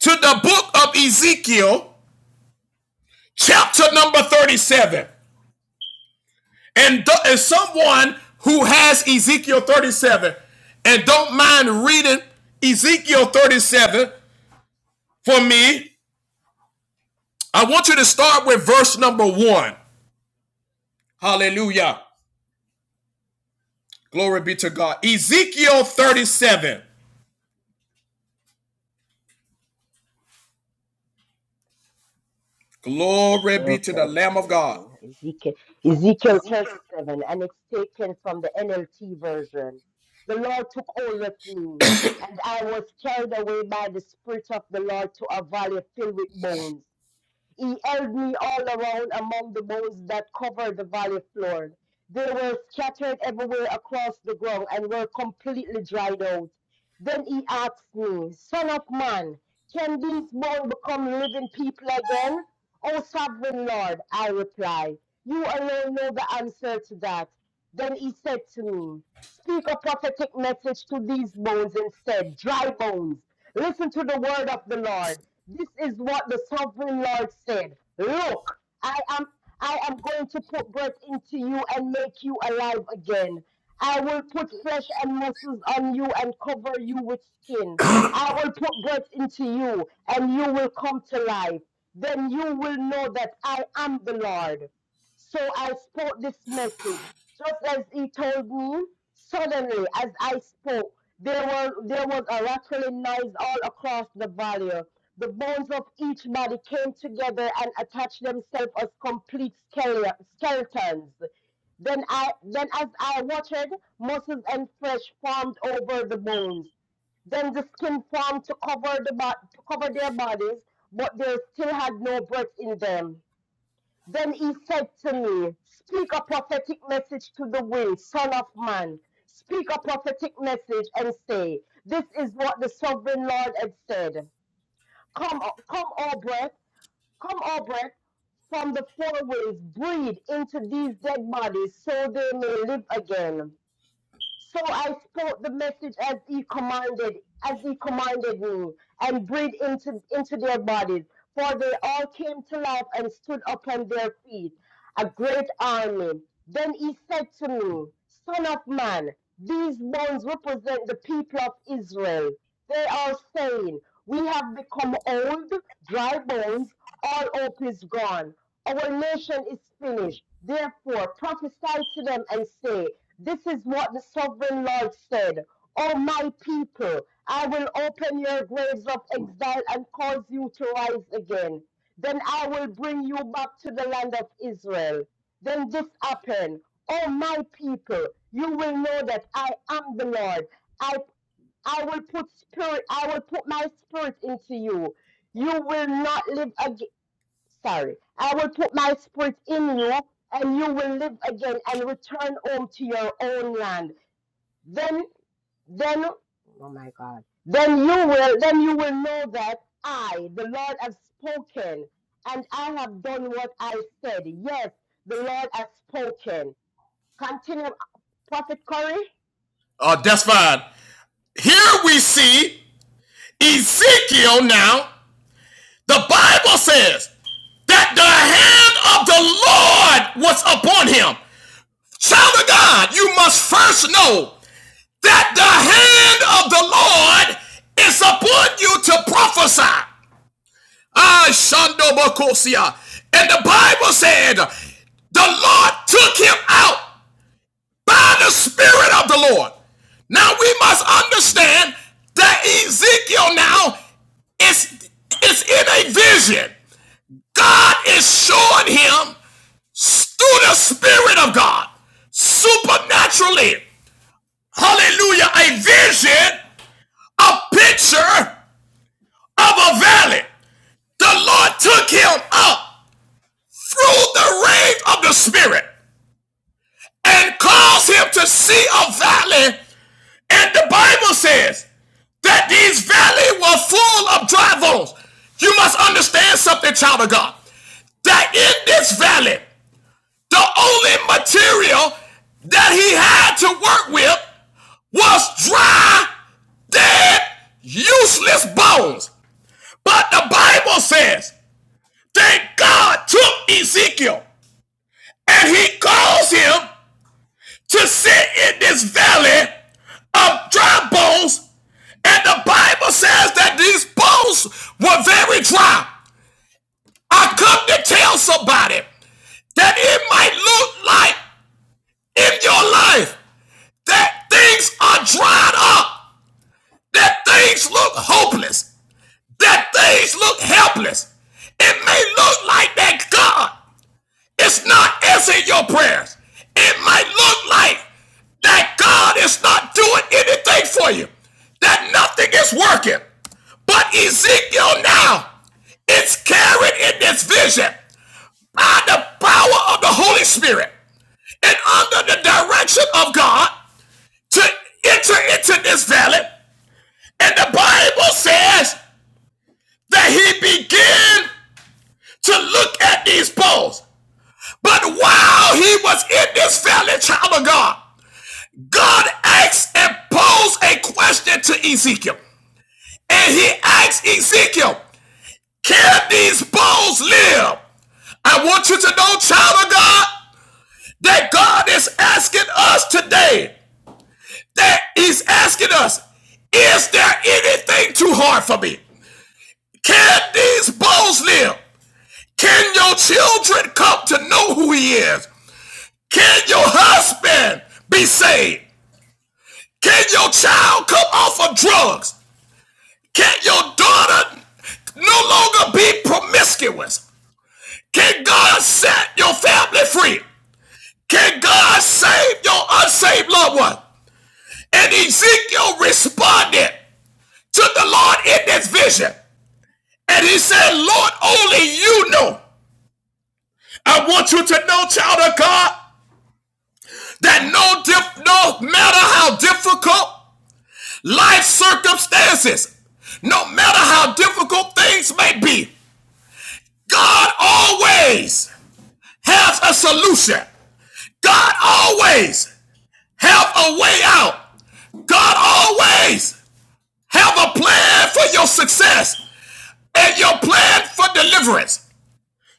Speaker 1: to the book of Ezekiel, chapter number 37. and, th- and someone who has Ezekiel 37 and don't mind reading Ezekiel 37 for me, I want you to start with verse number one. Hallelujah. Glory be to God. Ezekiel 37. Glory
Speaker 2: Ezekiel
Speaker 1: be to the Lamb of God.
Speaker 2: 37. Ezekiel, Ezekiel 37, and it's taken from the NLT version. The Lord took hold of me, and I was carried away by the Spirit of the Lord to a valley filled with bones. He held me all around among the bones that covered the valley floor. They were scattered everywhere across the ground and were completely dried out. Then he asked me, Son of man, can these bones become living people again? O sovereign Lord, I replied, You alone know the answer to that. Then he said to me, Speak a prophetic message to these bones and said, Dry bones, listen to the word of the Lord. This is what the sovereign Lord said. Look, I am I am going to put breath into you and make you alive again. I will put flesh and muscles on you and cover you with skin. I will put breath into you and you will come to life. Then you will know that I am the Lord. So I spoke this message just as he told me. Suddenly, as I spoke, there was there was a rattling noise all across the valley. The bones of each body came together and attached themselves as complete skele- skeletons. Then, I, then as I watered, muscles and flesh formed over the bones. Then the skin formed to cover, the bo- to cover their bodies, but they still had no breath in them. Then he said to me, Speak a prophetic message to the wind, son of man. Speak a prophetic message and say, This is what the sovereign Lord had said. Come, come, all breath, Come, Albrecht, from the four winds, breathe into these dead bodies so they may live again. So I spoke the message as he commanded, as he commanded me, and breathed into, into their bodies. For they all came to life and stood upon their feet, a great army. Then he said to me, Son of man, these bones represent the people of Israel. They are saying, We have become old, dry bones, all hope is gone. Our nation is finished. Therefore, prophesy to them and say, this is what the sovereign Lord said. O my people, I will open your graves of exile and cause you to rise again. Then I will bring you back to the land of Israel. Then this happened. O my people, you will know that I am the Lord. I I will put spirit, I will put my spirit into you. You will not live again. Sorry. I will put my spirit in you, and you will live again and return home to your own land. Then, then, oh my God. Then you will, then you will know that I, the Lord, have spoken, and I have done what I said. Yes, the Lord has spoken. Continue, Prophet Corey.
Speaker 1: Uh, that's fine. Here we see Ezekiel now. The Bible says that the hand of the Lord was upon him Child of God, you must first know that the hand of the Lord is upon you to prophesy. Ah, Shando Bokosia. And the Bible said the Lord took him out by the Spirit of the Lord. Now we must understand that Ezekiel now is, is in a vision. God is showing him through the Spirit of God supernaturally hallelujah, a vision, a picture of a valley. The Lord took him up through the range of the Spirit and caused him to see a valley. And the Bible says that these valleys were full of dry bones. You must understand something, child of God, that in this valley, The only material that he had to work with was dry, dead, useless bones. But the Bible says that God took Ezekiel and he caused him to sit in this valley of dry bones. And the Bible says that these bones were very dry. I come to tell somebody that it might look like in your life that things are dried up, that things look hopeless, that things look helpless. It may look like that God is not answering your prayers. It might look like that God is not doing anything for you, that nothing is working. But Ezekiel now is carried in this vision by the power of the Holy Spirit and under the direction of God to enter into this valley And the Bible says that he began to look at these bones. But while he was in this valley, child of God, God asked and posed a question to Ezekiel. And he asked Ezekiel, Can these bones live? I want you to know, child of God, that God is asking us today, that He's asking us, Is there anything too hard for me? Can these bones live? Can your children come to know who he is? Can your husband be saved? Can your child come off of drugs? Can your daughter no longer be promiscuous? Can God set your family free? Can God save your unsaved loved one? And Ezekiel responded to the Lord in this vision. And he said, Lord, only you know. I want you to know, child of God, that no diff, no matter how difficult life circumstances, no matter how difficult things may be, God always has a solution. God always have a way out. God always have a plan for your success and your plan for deliverance.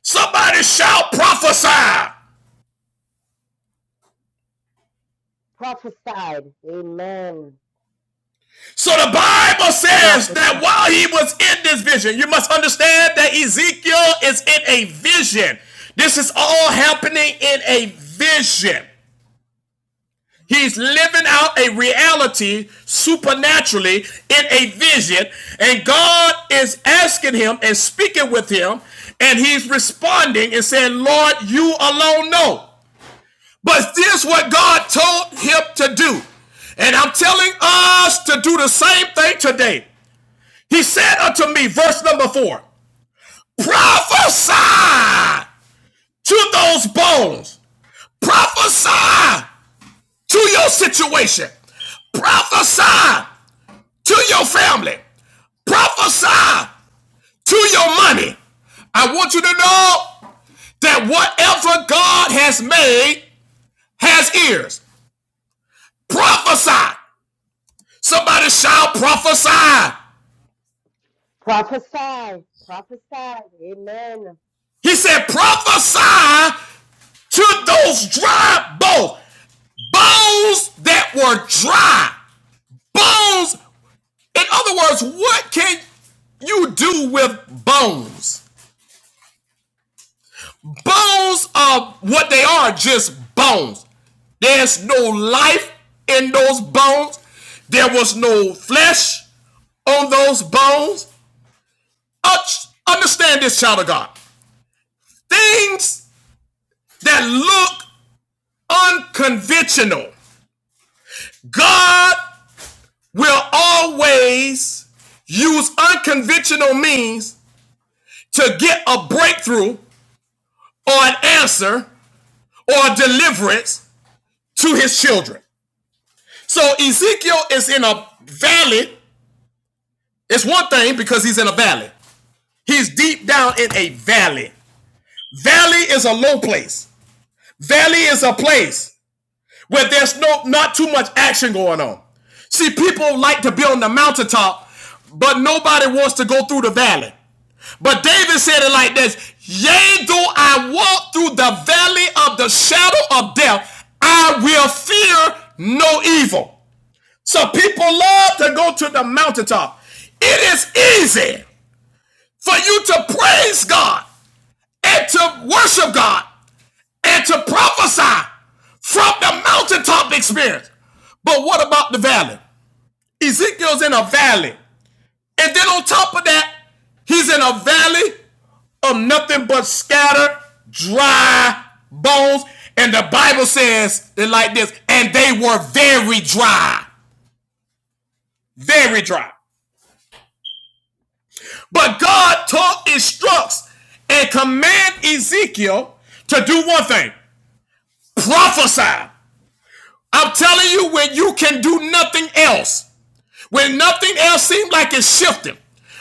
Speaker 1: Somebody shout prophesy.
Speaker 2: Prophesied. Amen.
Speaker 1: So the Bible says that
Speaker 3: Prophesy.
Speaker 1: while he was in this vision, you must understand that Ezekiel is in a vision. This is all happening in a vision. He's living out a reality supernaturally in a vision, and God is asking him and speaking with him, and he's responding and saying, Lord, you alone know. But this is what God told him to do. And I'm telling us to do the same thing today. He said unto me, verse number four, prophesy to those bones, prophesy to your situation, prophesy to your family, prophesy to your money. I want you to know that whatever God has made has ears. Prophesy. Somebody shout, prophesy.
Speaker 2: Prophesy. Prophesy. Amen.
Speaker 1: He said, prophesy to those dry bones. Bones that were dry. Bones. In other words, what can you do with bones? Bones are what they are, just bones. There's no life in those bones. There was no flesh on those bones. Understand this, child of God. Things that look unconventional, God will always use unconventional means to get a breakthrough or an answer or deliverance to his children. So Ezekiel is in a valley. It's one thing because he's in a valley. He's deep down in a valley. Valley is a low place. Valley is a place where there's no not too much action going on. See, people like to be on the mountaintop, but nobody wants to go through the valley. But David said it like this: Yea, though I walk through the valley of the shadow of death, I will fear no evil. So people love to go to the mountaintop. It is easy for you to praise God and to worship God and to prophesy from the mountaintop experience. But what about the valley? Ezekiel's in a valley. And then on top of that, he's in a valley of nothing but scattered, dry bones. And the Bible says it like this, and they were very dry, very dry. But God taught, instructs, and command Ezekiel to do one thing: prophesy I'm telling you, when you can do nothing else, when nothing else seems like it's shifting,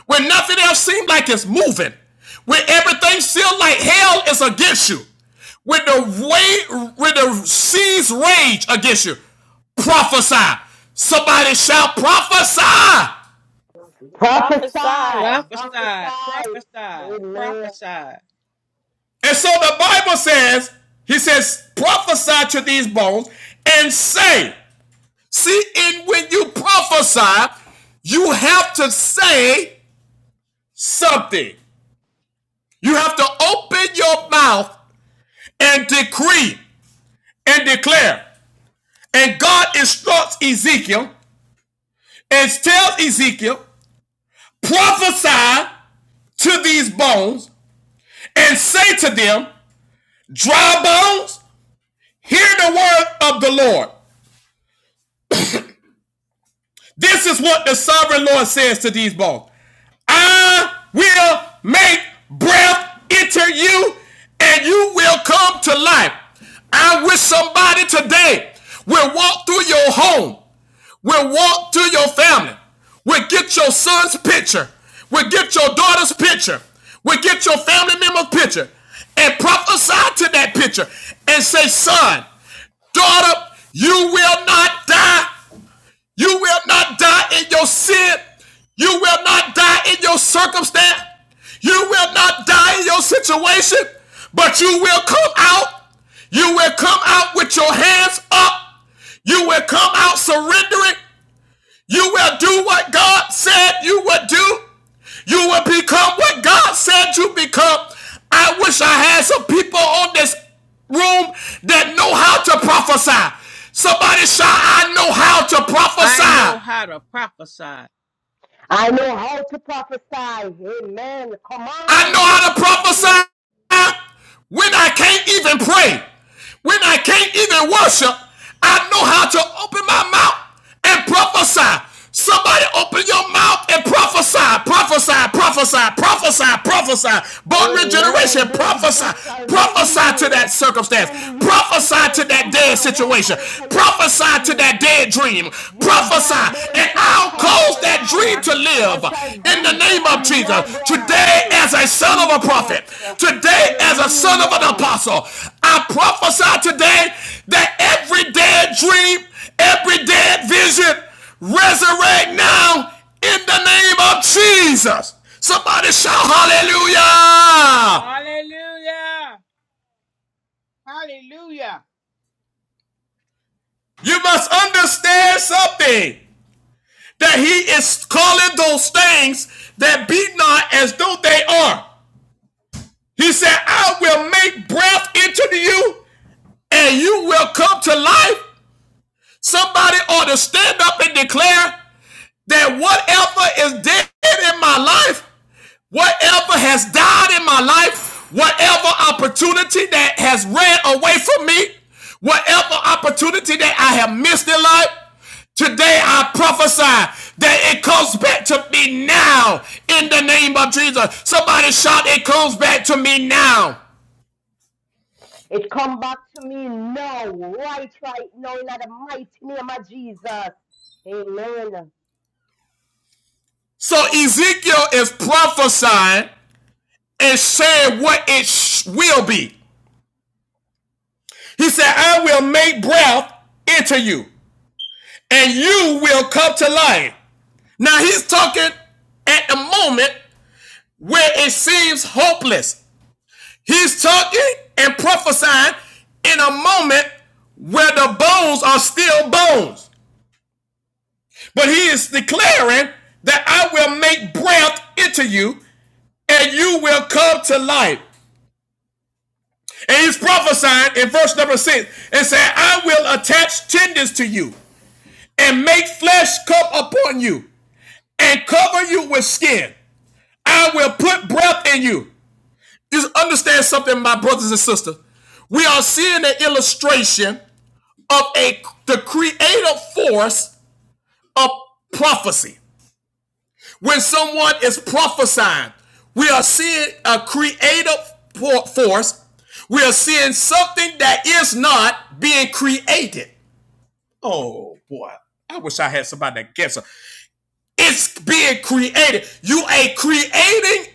Speaker 1: when nothing else seems like it's moving, when everything feels like hell is against you, when the way, when the seas rage against you, prophesy. Somebody shall prophesy.
Speaker 2: Prophesy.
Speaker 5: prophesy
Speaker 3: Prophesy.
Speaker 2: Prophesy.
Speaker 3: Prophesy.
Speaker 2: Amen.
Speaker 3: Prophesy.
Speaker 1: And so the Bible says, he says, prophesy to these bones and say, see, and when you prophesy, you have to say something. You have to open your mouth and decree and declare. And God instructs Ezekiel and tells Ezekiel, prophesy to these bones and say to them, dry bones, hear the word of the Lord. This is what the sovereign Lord says to these bones. I will make breath enter you and you will come to life. I wish somebody today will walk through your home, will walk through your family, will get your son's picture, will get your daughter's picture, will get your family member's picture, and prophesy to that picture and say, Son, daughter, you will not die you will not die in your sin. You will not die in your circumstance. You will not die in your situation, but you will come out. You will come out with your hands up. You will come out surrendering. You will do what God said you would do. You will become what God said you become. I wish I had some people on this room that know how to prophesy. Somebody shout, I know how to
Speaker 3: I know
Speaker 1: prophesy.
Speaker 3: how to prophesy.
Speaker 2: I know how to prophesy. Amen.
Speaker 1: I know
Speaker 2: Command.
Speaker 1: how to prophesy
Speaker 2: Amen.
Speaker 1: when I can't even pray, when I can't even worship. I know how to open my mouth and prophesy. Somebody open your mouth and prophesy, prophesy, prophesy, prophesy, prophesy. Born
Speaker 2: Amen.
Speaker 1: regeneration,
Speaker 2: David,
Speaker 1: prophesy,
Speaker 2: you shall be
Speaker 1: prophesy to that
Speaker 2: healed.
Speaker 1: circumstance,
Speaker 2: Candy, you,
Speaker 1: prophesy to
Speaker 2: Antoinette,
Speaker 1: that
Speaker 2: you
Speaker 1: dead
Speaker 2: shall walk
Speaker 1: situation,
Speaker 2: out of your
Speaker 1: prophesy to
Speaker 2: problems.
Speaker 1: that dead dream.
Speaker 2: Your dry
Speaker 1: Prophesy,
Speaker 2: bones
Speaker 1: and
Speaker 2: shall
Speaker 1: I'll
Speaker 2: come
Speaker 1: cause
Speaker 3: Prophesy.
Speaker 1: that
Speaker 2: alive.
Speaker 1: dream to
Speaker 3: Prophesy.
Speaker 2: I
Speaker 1: live
Speaker 2: shall
Speaker 1: in the
Speaker 2: breathe breath
Speaker 1: name
Speaker 2: in
Speaker 1: of
Speaker 3: Prophesy.
Speaker 2: your
Speaker 1: Jesus.
Speaker 2: breath
Speaker 3: Prophesy.
Speaker 1: Today,
Speaker 2: body.
Speaker 1: as a son of a prophet,
Speaker 2: Jesus.
Speaker 1: today, as a son of an
Speaker 2: Hallelujah.
Speaker 1: apostle, I prophesy today that every dead dream, every dead vision, resurrect now in the name of Jesus. Somebody shout hallelujah.
Speaker 3: Hallelujah. Hallelujah.
Speaker 1: You must understand something. that he is calling those things that be not as though they are. He said, I will make breath into you and you will come to life. Somebody ought to stand up and declare, that whatever is dead in my life, whatever has died in my life, whatever opportunity that has ran away from me, whatever opportunity that I have missed in life, today I prophesy that it comes back to me now in the name of Jesus. Somebody shout, it comes back to me now.
Speaker 2: It come back to me now, right, right now, in the mighty name of Jesus. Amen.
Speaker 1: So Ezekiel is prophesying and saying what it sh- will be. He said, I will make breath into you. and you will come to life. Now he's talking at the moment where it seems hopeless. He's talking and prophesying in a moment where the bones are still bones. But he is declaring that I will make breath into you and you will come to life. And he's prophesying in verse number six and said, I will attach tendons to you and make flesh come upon you and cover you with skin. I will put breath in you. You understand something, my brothers and sisters. We are seeing an illustration of a the creative force of prophecy. When someone is prophesying, we are seeing a creative force. We are seeing something that is not being created. Oh boy, I wish I had somebody that guess. it. It's being created. You are creating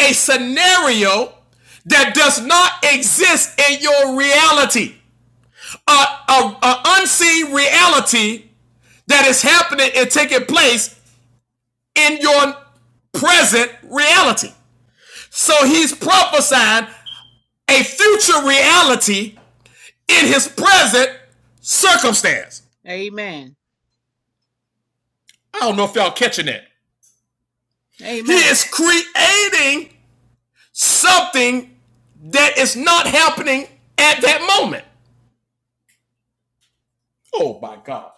Speaker 1: a scenario that does not exist in your reality. A, unseen reality that is happening and taking place in your present reality. So he's prophesying a future reality in his present circumstance.
Speaker 3: Amen.
Speaker 1: I don't know if y'all catching that. He
Speaker 3: Amen.
Speaker 1: is creating something that is not happening at that moment. Oh my God.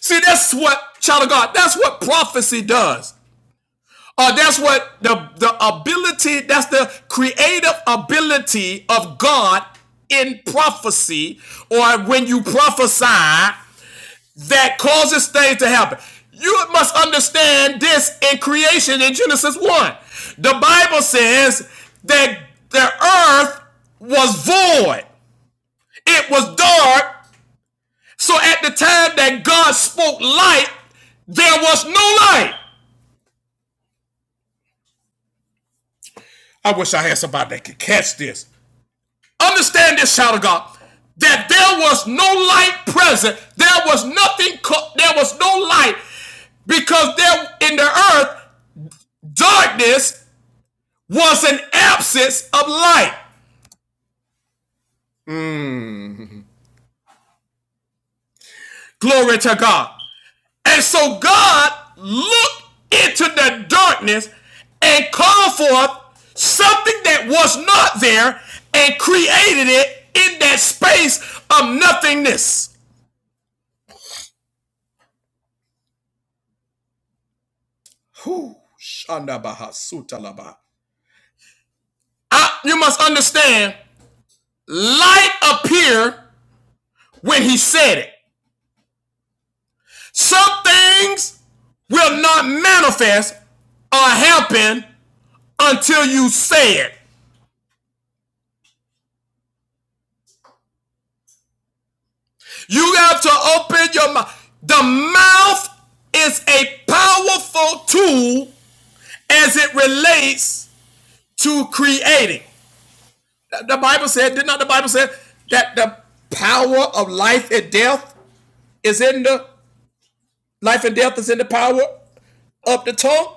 Speaker 1: See, that's what, child of God, that's what prophecy does. Uh, that's what the the ability. That's the creative ability of God in prophecy, or when you prophesy, that causes things to happen. You must understand this in creation in Genesis one. The Bible says that the earth was void. It was dark. So at the time that God spoke light, there was no light. I wish I had somebody that could catch this. Understand this, child of God, that there was no light present. There was nothing, co- there was no light because there in the earth, darkness was an absence of light. Glory to God. And so God looked into the darkness and called forth something that was not there and created it in that space of nothingness. Whew. Shandabahasutalaba. I, you must understand, light appeared when he said it. Some things will not manifest or happen until you say it. You have to open your mouth. The mouth is a powerful tool as it relates to creating. The- Bible said, did not the Bible say that the power of life and death is in the life and death is in the power of the tongue?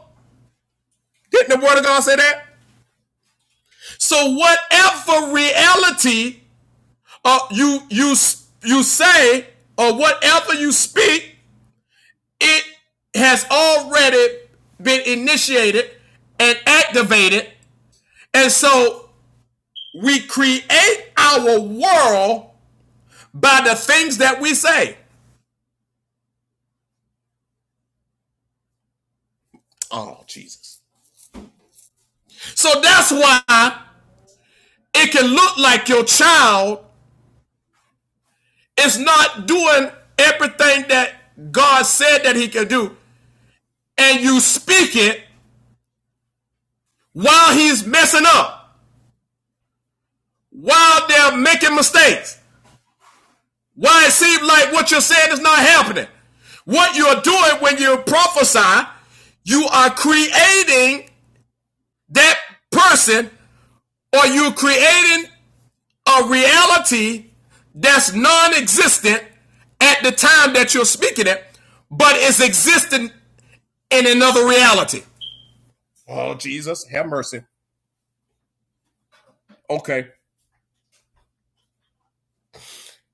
Speaker 1: Didn't the word of God say that? So whatever reality uh, you you you say or whatever you speak, it has already been initiated and activated. And so we create our world by the things that we say. Oh, Jesus. So that's why it can look like your child is not doing everything that God said that he can do. and you speak it while he's messing up, while they're making mistakes, while it seems like what you're saying is not happening. What you're doing when you prophesy, you are creating that person or you're creating a reality that's non existent at the time that you're speaking it, but it's existing in another reality. Oh, Jesus, have mercy. Okay.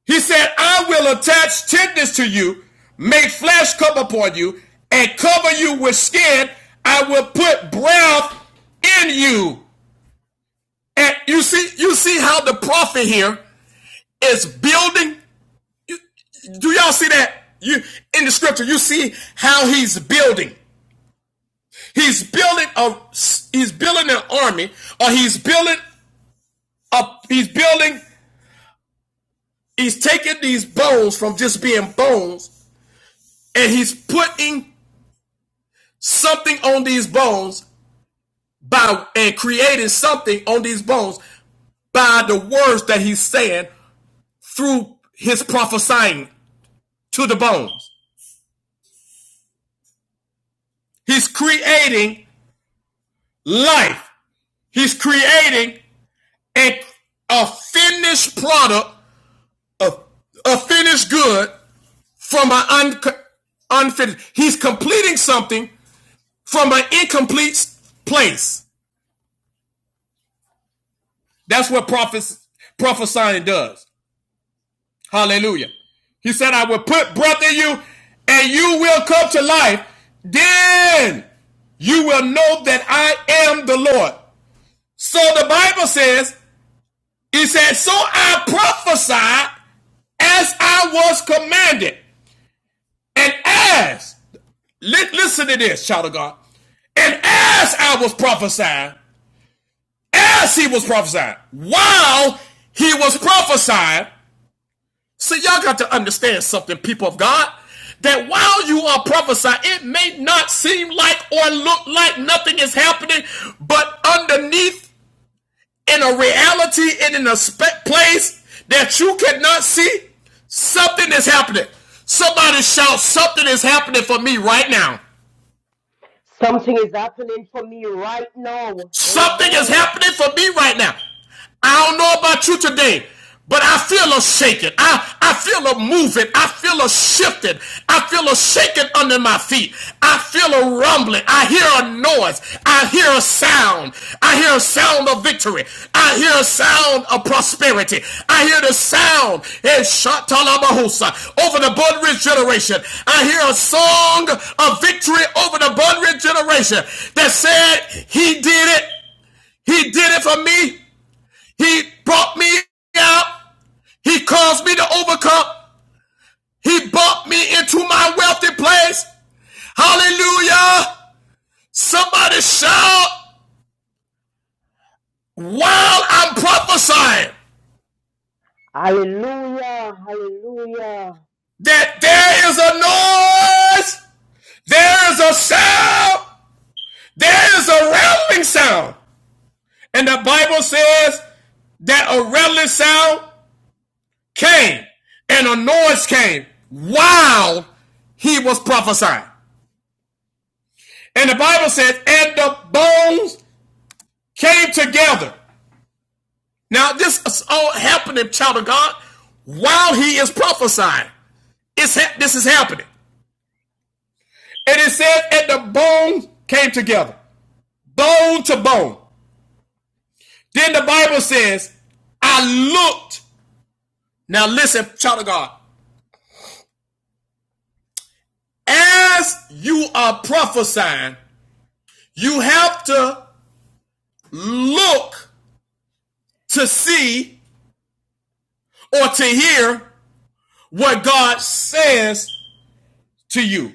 Speaker 1: He said, I will attach tendons to you, make flesh come upon you, and cover you with skin. I will put breath in you. And you see, you see how the prophet here is building. Do y'all see that? You in the scripture, you see how he's building. He's building a he's building an army, or he's building a he's building, he's taking these bones from just being bones, and he's putting something on these bones by and creating something on these bones by the words that he's saying through his prophesying to the bones. He's creating life. He's creating a, a finished product, a finished good from an un, unfinished. He's completing something from an incomplete place. That's what prophes- prophesying does. Hallelujah. He said, I will put breath in you and you will come to life. Then you will know that I am the Lord. So the Bible says, He said, So I prophesied as I was commanded. And as, listen to this, child of God. And as I was prophesying, as he was prophesying, while he was prophesying, See, y'all got to understand something, people of God, that while you are prophesying, it may not seem like or look like nothing is happening, but underneath in a reality and in a spe- place that you cannot see, something is happening. Somebody shout, something is happening for me right now.
Speaker 2: Something is happening for me right now.
Speaker 1: Something is
Speaker 2: Amen.
Speaker 1: happening for me right now. I don't know about you today, but I feel a shaking. I, I feel a moving. I feel a shifting. I feel a shaking under my feet. I feel a rumbling. I hear a noise. I hear a sound. I hear a sound of victory. I hear a sound of prosperity. I hear the sound in Shatalabahusa over the Bud Ridge generation. I hear a song of victory over the Bud Ridge generation that said, He did it. He did it for me. He brought me out. He caused me to overcome. He brought me into my wealthy place. Hallelujah. Somebody shout while I'm prophesying.
Speaker 2: Hallelujah. Hallelujah.
Speaker 1: that there is a noise, there is a sound, there is a rattling sound. And the Bible says that a rattling sound came and a noise came while he was prophesying. And the Bible says, and the bones came together. Now, this is all happening, child of God, while he is prophesying. It's ha- this is happening. And it says, and the bones came together, bone to bone. Then the Bible says, I looked. Now listen, child of God. As you are prophesying, you have to look to see or to hear what God says to you.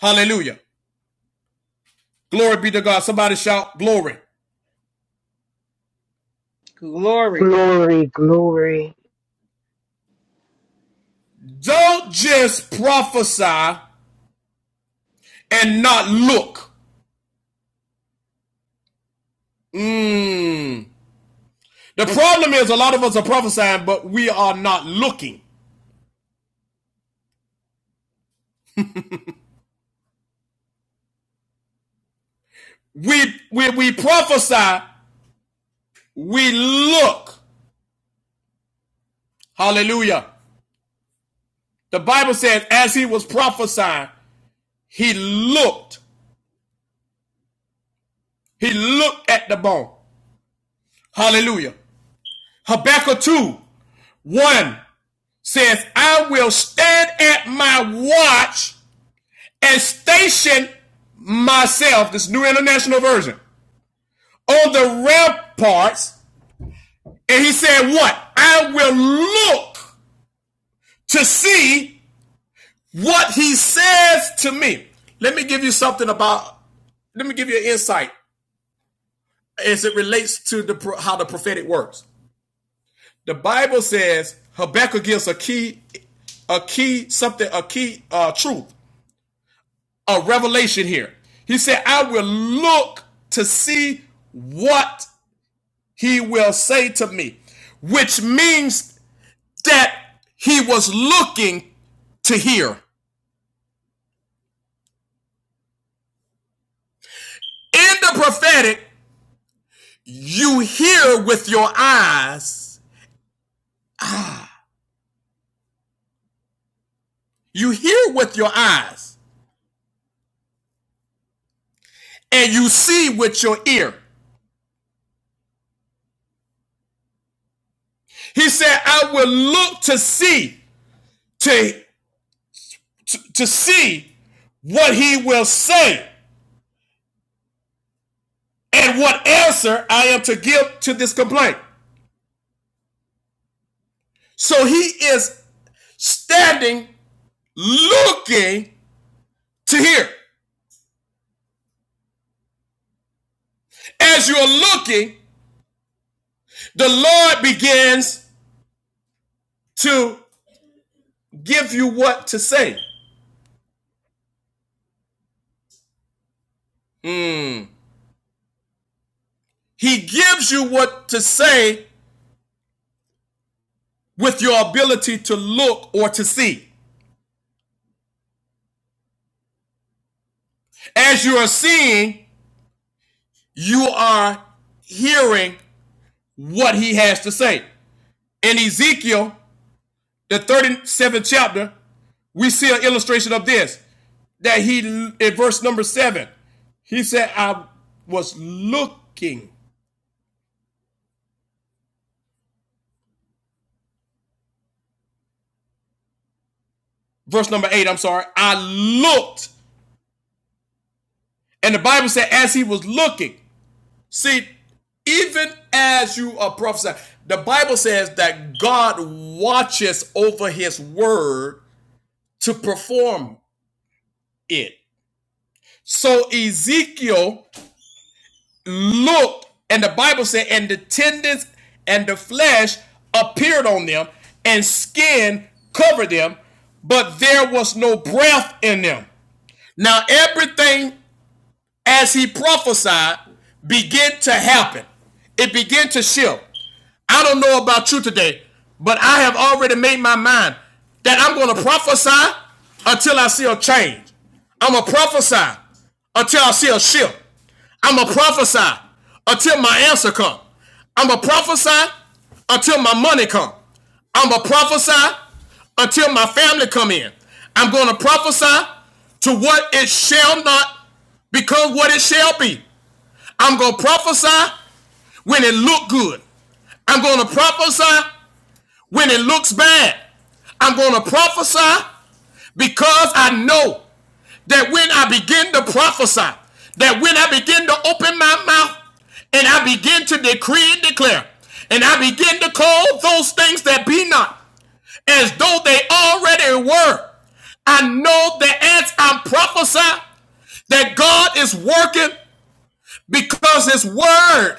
Speaker 1: Hallelujah. Glory be to God. Somebody shout glory.
Speaker 3: Glory.
Speaker 2: Glory, glory.
Speaker 1: Don't just prophesy and not look. Mm. The problem is a lot of us are prophesying, but we are not looking. We, we, we prophesy we look. Hallelujah. The Bible says, as he was prophesying, he looked. He looked at the bone. Hallelujah. Habakkuk 2 1 says, I will stand at my watch and station myself, this new international version, on the ramparts. And he said, What? I will look to see what he says to me. Let me give you something about, let me give you an insight as it relates to the how the prophetic works. The Bible says Habakkuk gives a key, a key something, a key uh, truth, a revelation here. He said, "I will look to see what he will say to me," which means that he was looking to hear. In the prophetic, you hear with your eyes, you hear with your eyes, and you see with your ear. He said, I will look to see, to, to, to see what he will say and what answer I am to give to this complaint. So he is standing looking to hear. As you're looking, the Lord begins to give you what to say. Mm. He gives you what to say with your ability to look or to see. As you are seeing, you are hearing what he has to say. In Ezekiel, the 37th chapter, we see an illustration of this. That he, in verse number seven, he said, I was looking. Verse number eight, I'm sorry. I looked. And the Bible said, as he was looking. See, even as you are prophesying, the Bible says that God watches over his word to perform it. So Ezekiel looked, and the Bible said, and the tendons and the flesh appeared on them, and skin covered them, but there was no breath in them. Now everything as he prophesied began to happen. It began to shift. I don't know about you today, but I have already made my mind that I'm going to prophesy until I see a change. I'm going to prophesy until I see a shift. I'm going to prophesy until my answer come. I'm going to prophesy until my money come. I'm going to prophesy until my family come in. I'm going to prophesy to what it shall not become what it shall be. I'm going to prophesy when it look good. I'm going to prophesy when it looks bad. I'm going to prophesy because I know that when I begin to prophesy, that when I begin to open my mouth and I begin to decree and declare, and I begin to call those things that be not as though they already were, I know that as i prophesy, that God is working because His word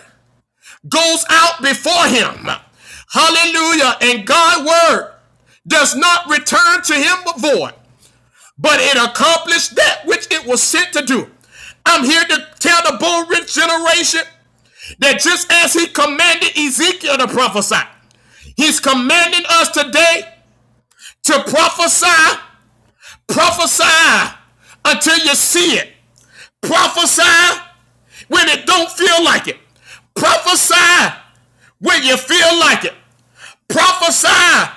Speaker 1: goes out before him. Hallelujah. And God's word does not return to him void, but it accomplished that which it was sent to do. I'm here to tell the bold rich generation that just as he commanded Ezekiel to prophesy, he's commanding us today to prophesy, prophesy until you see it. Prophesy when it don't feel like it. Prophesy when you feel like it. Prophesy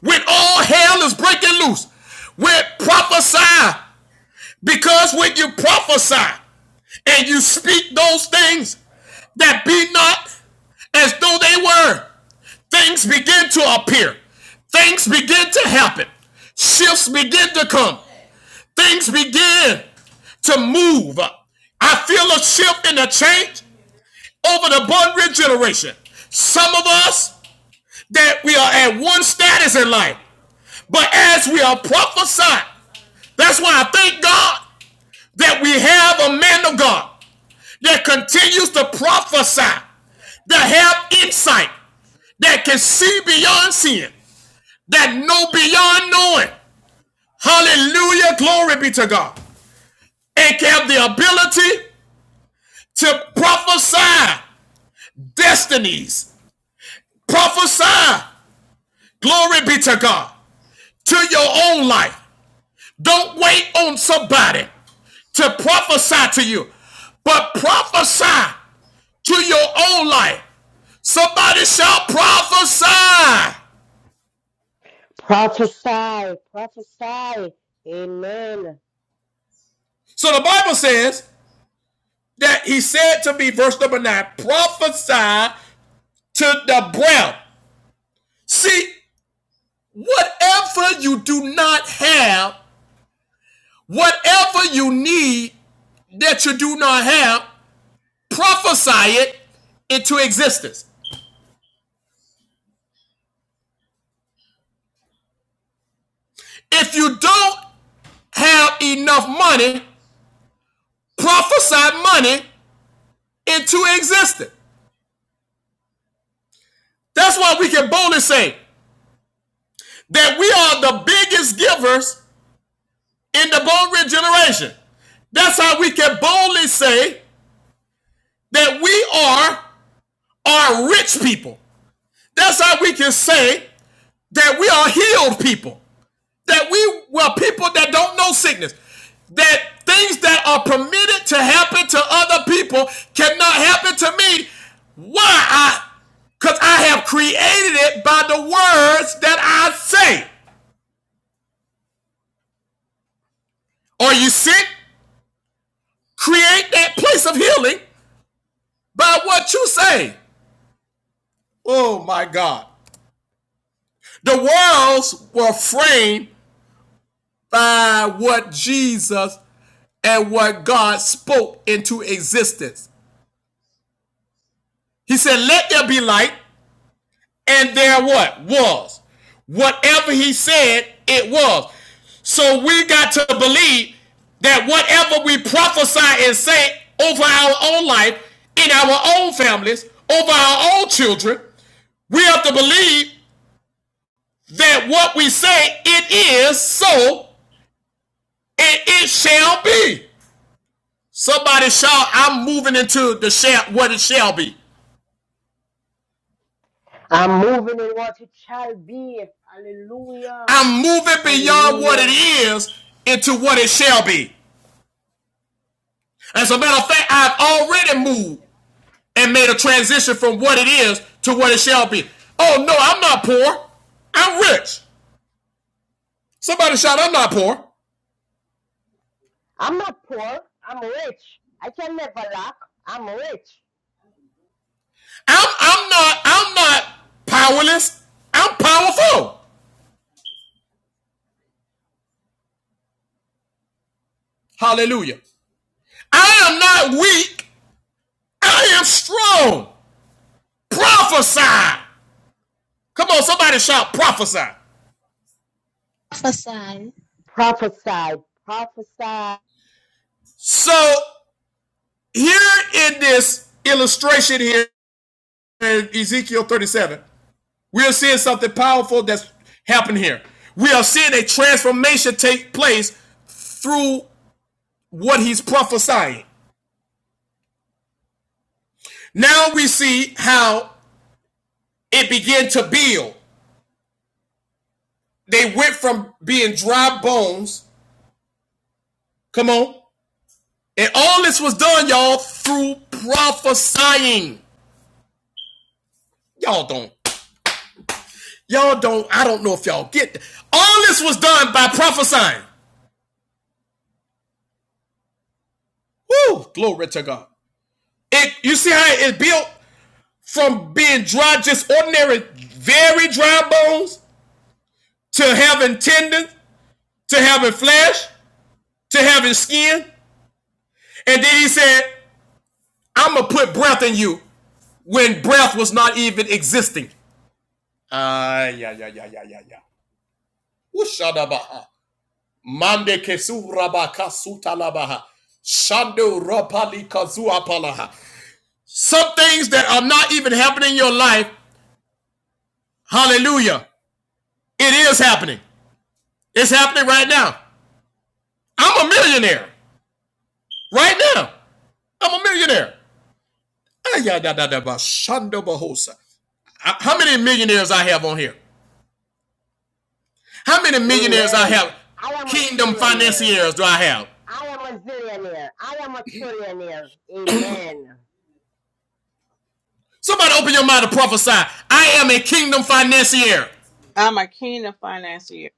Speaker 1: when all hell is breaking loose. When prophesy because when you prophesy and you speak those things that be not as though they were, things begin to appear. Things begin to happen. Shifts begin to come. Things begin to move. I feel a shift and a change over the Bun Ridge generation. Some of us that we are at one status in life, but as we are prophesying, that's why I thank God that we have a man of God that continues to prophesy, that have insight, that can see beyond seeing, that know beyond knowing. Hallelujah. Glory be to God. and have the ability to prophesy destinies. Prophesy. Glory be to God. To your own life. Don't wait on somebody to prophesy to you, but prophesy to your own life. Somebody shall prophesy.
Speaker 2: Prophesy, prophesy. Amen.
Speaker 1: So the Bible says that he said to me, verse number nine, prophesy to the breath. See, whatever you do not have Whatever you need that you do not have, prophesy it into existence. If you don't have enough money, prophesy money into existence. That's why we can boldly say that we are the biggest givers in the Bone Ridge generation. That's how we can boldly say that we are are rich people. That's how we can say that we are healed people. that we were people that don't know sickness. That things that are permitted to happen to other people cannot happen to me. Why? I because I have created it by the words that I say. Are you sick? Create that place of healing by what you say. Oh my God. The worlds were framed by what Jesus and what God spoke into existence. He said, Let there be light, And there what? Was. Whatever he said, it was. So we got to believe that whatever we prophesy and say over our own life, in our own families, over our own children, we have to believe that what we say, it is so and it shall be. Somebody shout, I'm moving into the shall, what it shall be.
Speaker 2: I'm moving in what it shall be. Hallelujah.
Speaker 1: I'm moving beyond what it
Speaker 2: Hallelujah.
Speaker 1: is into what it shall be. As a matter of fact, I've already moved and made a transition from what it is to what it shall be. Oh no, I'm not poor. I'm rich. Somebody shout, I'm not poor.
Speaker 2: I'm not poor. I'm rich. I can never lack. I'm rich.
Speaker 1: I'm I'm not I'm not powerless. I'm powerful. Hallelujah. I am not weak. I am strong. Prophesy. Come on, somebody shout prophesy.
Speaker 4: Prophesy.
Speaker 2: Prophesy, prophesy.
Speaker 1: So here in this illustration here in Ezekiel 37, We are seeing something powerful that's happening here. We are seeing a transformation take place through what he's prophesying. Now we see how it began to build. They went from being dry bones, come on, and all this was done, y'all, through prophesying. Y'all don't, y'all don't, I don't know if y'all get that. All this was done by prophesying. Woo, glory to God. It, you see how it built? from being dry, just ordinary, very dry bones, to having tendons, to having flesh, to having skin. And then he said, I'm going to put breath in you when breath was not even existing. Ah, uh, yeah, yeah, yeah, yeah, yeah, yeah. Ushadabaha. Mande kesurabaka sutalabaha. Shando rapali kazuapalaha. Some things that are not even happening in your life, hallelujah, it is happening. It's happening right now. I'm a millionaire. Right now, I'm a millionaire. Ayadadadabashando bahosa. Uh, How many millionaires I have on here? How many millionaires I
Speaker 2: Amen.
Speaker 1: have?
Speaker 2: I am a
Speaker 1: Kingdom
Speaker 2: trillionaire.
Speaker 1: financiers do I have?
Speaker 2: I am a zillionaire. I am a trillionaire. Amen.
Speaker 1: Somebody open your mouth to prophesy. I am a kingdom financier.
Speaker 3: I'm a kingdom financier.